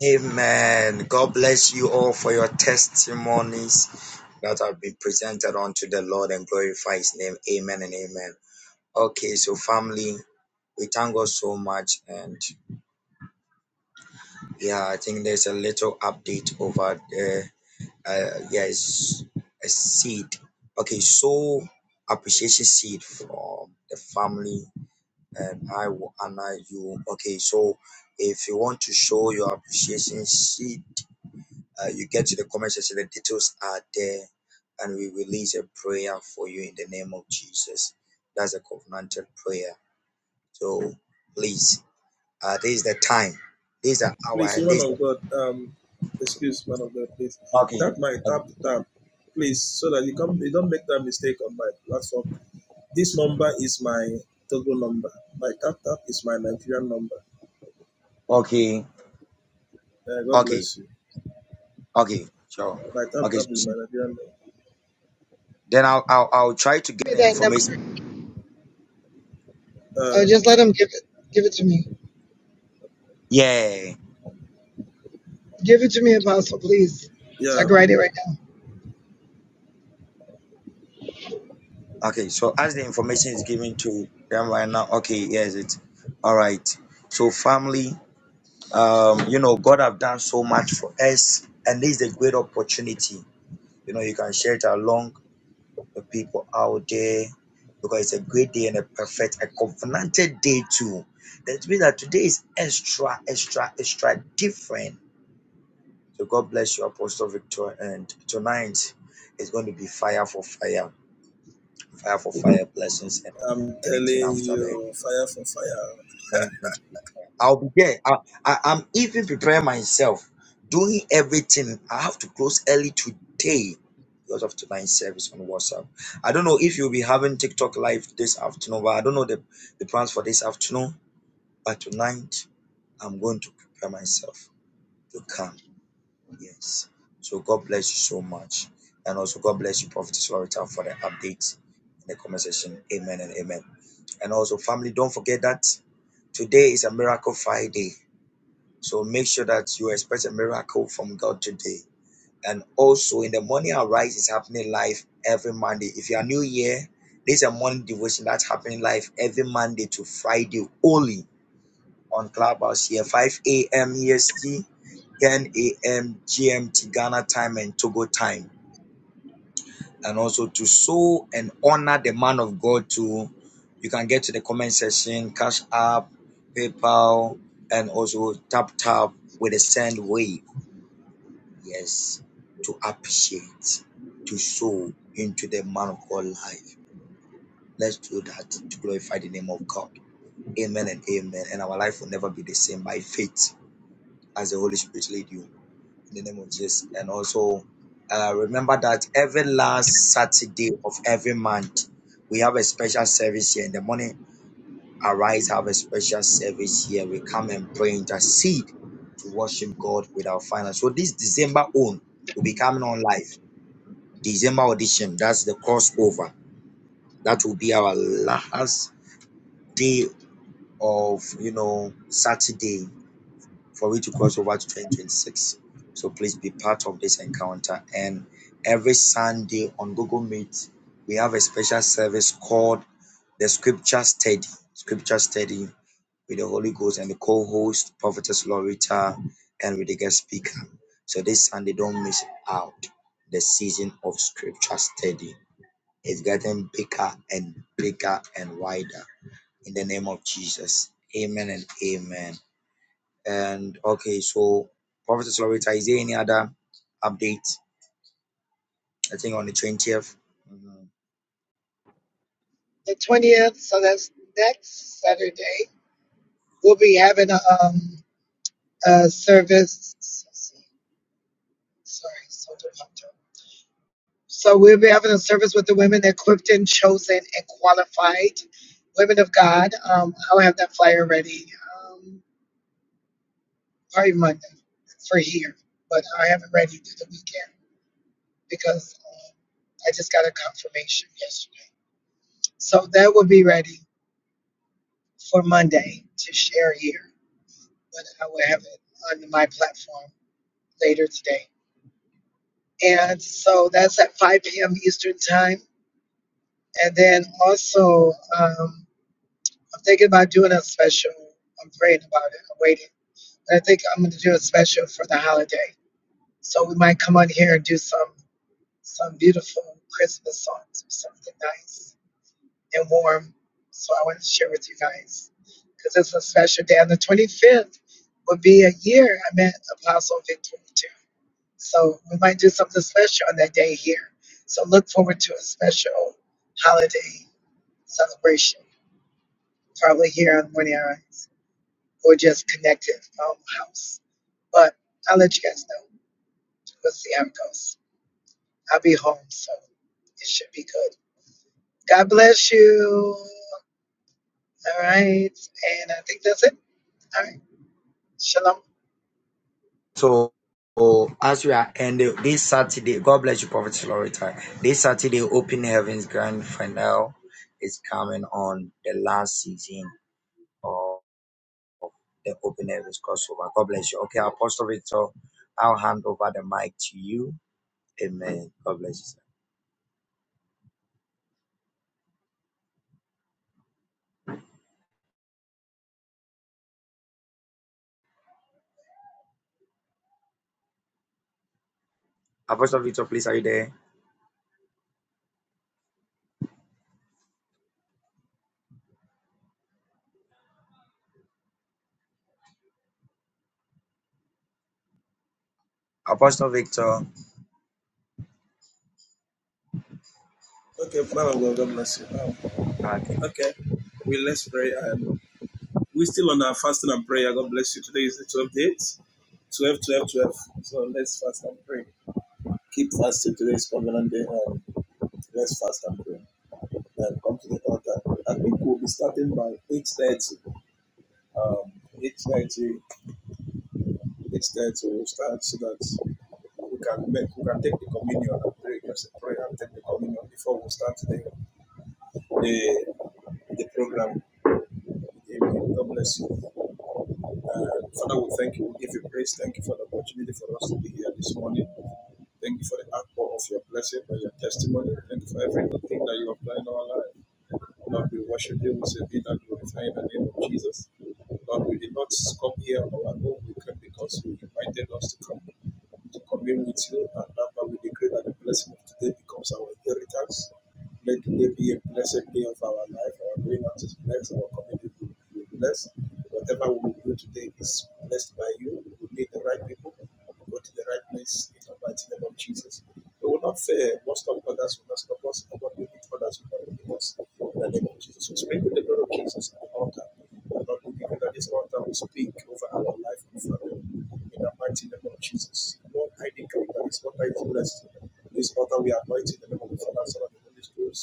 [SPEAKER 3] Amen. God bless you all for your testimonies that have been presented unto the Lord and glorify his name. Amen and amen. Okay, so family, we thank God so much. And yeah, I think there's a little update over there Uh, yes, a seed. Okay, so appreciation seed from the family, and I will honor you. Okay, so if you want to show your appreciation seed, uh, you get to the comment section. The details are there, and we release a prayer for you in the name of Jesus. That's a covenanted prayer. So please, uh, this is the time. This is the hour,
[SPEAKER 2] Please,
[SPEAKER 3] and this. Is
[SPEAKER 2] woman
[SPEAKER 3] the,
[SPEAKER 2] of God, um, excuse man of God, please.
[SPEAKER 3] okay,
[SPEAKER 2] Tap my tap tap, please, so that you come you don't make that mistake on my platform. This number is my Togo number. My tap tap is my Nigerian number.
[SPEAKER 3] okay,
[SPEAKER 2] Uh, God
[SPEAKER 3] okay,
[SPEAKER 2] bless you.
[SPEAKER 3] okay. Sure.
[SPEAKER 2] My tap
[SPEAKER 3] Okay,
[SPEAKER 2] tap is my Nigerian
[SPEAKER 3] Then I'll, I'll I'll try to
[SPEAKER 1] Give
[SPEAKER 3] get
[SPEAKER 1] me
[SPEAKER 3] the
[SPEAKER 1] that number.
[SPEAKER 3] information.
[SPEAKER 2] number.
[SPEAKER 1] Uh,
[SPEAKER 2] Uh,
[SPEAKER 1] just let him give it. Give it to me.
[SPEAKER 3] Yeah.
[SPEAKER 1] Give it to me, Apostle, please. So I
[SPEAKER 2] yeah,
[SPEAKER 1] can write it right now.
[SPEAKER 3] Okay. So as the information is given to them right now, okay, yes, it's all right. So family, um, you know, God have done so much for us, and this is a great opportunity. You know, you can share it along the people out there because it's a great day and a perfect, a covenanted day too. That means that today is extra, extra, extra different So God bless you, Apostle Victor. And tonight is going to be fire for fire, fire for fire blessings, and
[SPEAKER 2] I'm
[SPEAKER 3] anything
[SPEAKER 2] telling
[SPEAKER 3] after that.
[SPEAKER 2] you, fire for fire.
[SPEAKER 3] Tonight is going to be. Fire. I'll be there. I, I, I'm even preparing myself, doing everything. I have to close early today because of tonight's service on WhatsApp. I don't know if you'll be having TikTok live this afternoon, but I don't know the, the plans for this afternoon. But tonight, I'm going to prepare myself to come. Yes. So God bless you so much. And also God bless you, Prophetess Loretta, for the update in the comment section. Amen and amen. And also, family, don't forget that today is a miracle Friday. So make sure that you expect a miracle from God today. And also in the morning arise is happening live every Monday. If you are new here, this is a morning devotion that's happening live every Monday to Friday only on Clubhouse here, 5 a.m. EST. 10 a.m. GMT Ghana time and Togo time. And also to sow and honor the man of God too. You can get to the comment section, Cash App, PayPal, and also Tap Tap with a send wave. Yes, to appreciate, to sow into the man of God life. Let's do that to glorify the name of God. Amen and amen. And our life will never be the same by faith as the Holy Spirit lead you. in the name of Jesus. And also, uh, remember that every last Saturday of every month, we have a special service here in the morning. Arise, have a special service here. We come and pray, intercede to worship God with our finance. So this December own will be coming on live. December audition, that's the crossover. That will be our last day of you know Saturday for we to cross over to 2026. So please be part of this encounter. And every Sunday on Google Meet, we have a special service called the Scripture Study. Scripture Study with the Holy Ghost and the co-host, Prophetess Lorita, and with the guest speaker. So this Sunday, don't miss out the season of Scripture Study. It's getting bigger and bigger and wider in the name of Jesus. Amen and amen. And okay, so Prophet Loretta, is there any other update? I think on the 20th. Mhm.
[SPEAKER 1] The twentieth. So that's next Saturday. We'll be having a, um, a service. Sorry, so defunct. So we'll be having a service with the women equipped and chosen and qualified women of God. Um, I'll have that flyer ready. Um, probably Monday for here, but I have it ready through the weekend because um, I just got a confirmation yesterday. So that will be ready for Monday to share here. But I will have it on my platform later today. And so that's at 5 p.m. Eastern time. And then also, um, I'm thinking about doing a special. I'm praying about it. I'm waiting. But I think I'm going to do a special for the holiday. So we might come on here and do some some beautiful Christmas songs or something nice. and warm. So I want to share with you guys because it's a special day. On the 25th will be a year I met Apostle Victor too. So we might do something special on that day here. So look forward to a special holiday celebration, probably here on Morning Eyes or just connected um, house. But I'll let you guys know. We'll see how it goes. I'll be home, so it should be good. God bless you. All right. And I think that's it. All right. Shalom.
[SPEAKER 3] So as we are ending this Saturday, God bless you, Prophet Loretta. This Saturday, Open Heavens Grand Finale is coming on the last season of the Open Heavens crossover. God bless you. Okay, Apostle Victor, I'll hand over the mic to you. Amen. God bless you. sir. Apostle Victor, please, are you there? Apostle Victor.
[SPEAKER 2] Okay, Father, God, God bless you. Now,
[SPEAKER 3] Okay.
[SPEAKER 2] okay, we let's pray. And we're still on our fasting and prayer. God bless you. Today is the 12th date. 12, 12, 12. So let's fast and pray. Keep fasting. Today is covenant day. And let's fast and pray. Then come to the altar. I think we'll be starting by 8.30. um, 8.30, 8.30 we'll start so that we can make, we can take the communion and pray, just pray and take the communion before we start the, the, the program. Amen. God bless you. Uh, Father, we thank you. We give you praise. Thank you for the opportunity for us to be here this morning. Thank you for the outpour of your blessing and your testimony. Thank you for everything that you have done in our life. Lord, we worship you. We say, be that glorified in the name of Jesus. Lord, we did not come here on our own. We came because you invited us to come to commune with you. And Lord, we decree that the blessing of today becomes our inheritance. Let today be a blessed day of our life. Our going out is blessed. Our community will be blessed. Whatever we will do today is blessed by you. We meet the right people. We go to the right place. in the mighty name of Jesus. We will not fear. Most of others will not stop us, and what we need for others will not leave us. In the name of Jesus, we speak with the blood of Jesus at the altar. And not only even at this altar, we speak over our life and family. In the mighty name of Jesus. Lord, I decree that this altar is blessed. This altar we anoint in the name of the Father, Son, and the Holy Spirit.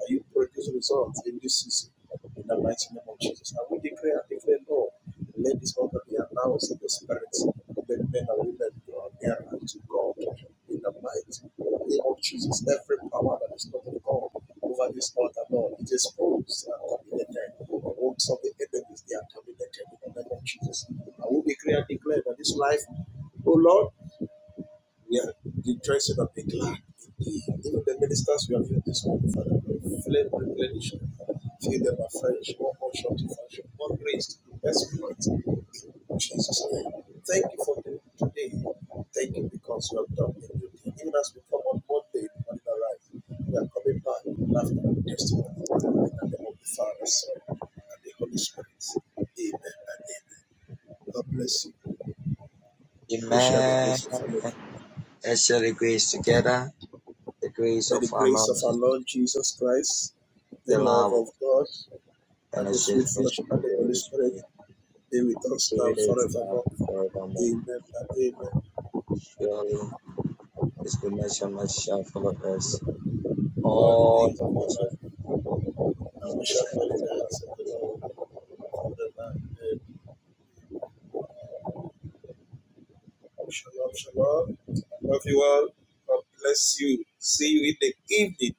[SPEAKER 2] Are you producing results in this season? In the mighty the name of Jesus. And we declare and declare, Lord, let this altar be announced in the spirits. Let men and women draw nearer to God in the mighty name of Jesus. Every power that is not of God over this altar, Lord, it is exposed and terminated. The works of the enemies, they are terminated in the name of Jesus. And we declare and declare that this life, oh Lord, we are the dressing of a big land. Even the ministers we have in this morning, Father, flame replenish. Fill them afresh, more motion to function, more grace to the exploit. In Jesus' name. Thank you for the today. Thank you because you have done a new Even as we come on Monday, on the right, we are coming back with laughter and testimony. In the name of the Father, Son, and the Holy Spirit. Amen and amen. God bless you. Let's share the grace of
[SPEAKER 3] Amen.
[SPEAKER 2] fellowship.
[SPEAKER 3] As us share the grace together. The grace
[SPEAKER 2] May
[SPEAKER 3] of
[SPEAKER 2] the
[SPEAKER 3] our
[SPEAKER 2] grace of
[SPEAKER 3] Lord
[SPEAKER 2] our
[SPEAKER 3] Jesus,
[SPEAKER 2] Lord Jesus Christ, the
[SPEAKER 3] the
[SPEAKER 2] love
[SPEAKER 3] love of
[SPEAKER 2] of
[SPEAKER 3] God,
[SPEAKER 2] God,
[SPEAKER 3] and
[SPEAKER 2] and
[SPEAKER 3] the
[SPEAKER 2] the
[SPEAKER 3] sweet
[SPEAKER 2] sweet
[SPEAKER 3] fellowship
[SPEAKER 2] fellowship
[SPEAKER 3] of
[SPEAKER 2] of the
[SPEAKER 3] the
[SPEAKER 2] Holy
[SPEAKER 3] Holy
[SPEAKER 2] Spirit
[SPEAKER 3] Spirit.
[SPEAKER 2] be with us
[SPEAKER 3] Be
[SPEAKER 2] now
[SPEAKER 3] with us now and
[SPEAKER 2] forevermore.
[SPEAKER 3] forevermore.
[SPEAKER 2] Amen and amen.
[SPEAKER 3] Surely, His goodness and mercy shall follow us
[SPEAKER 2] All the
[SPEAKER 3] all
[SPEAKER 2] days
[SPEAKER 3] the
[SPEAKER 2] of our
[SPEAKER 3] days of
[SPEAKER 2] life,
[SPEAKER 3] our
[SPEAKER 2] and we
[SPEAKER 3] lives,
[SPEAKER 2] shall dwell in the house of the Lord forever and ever. Shalom, shalom. I Love you all. God bless you. See you in the evening.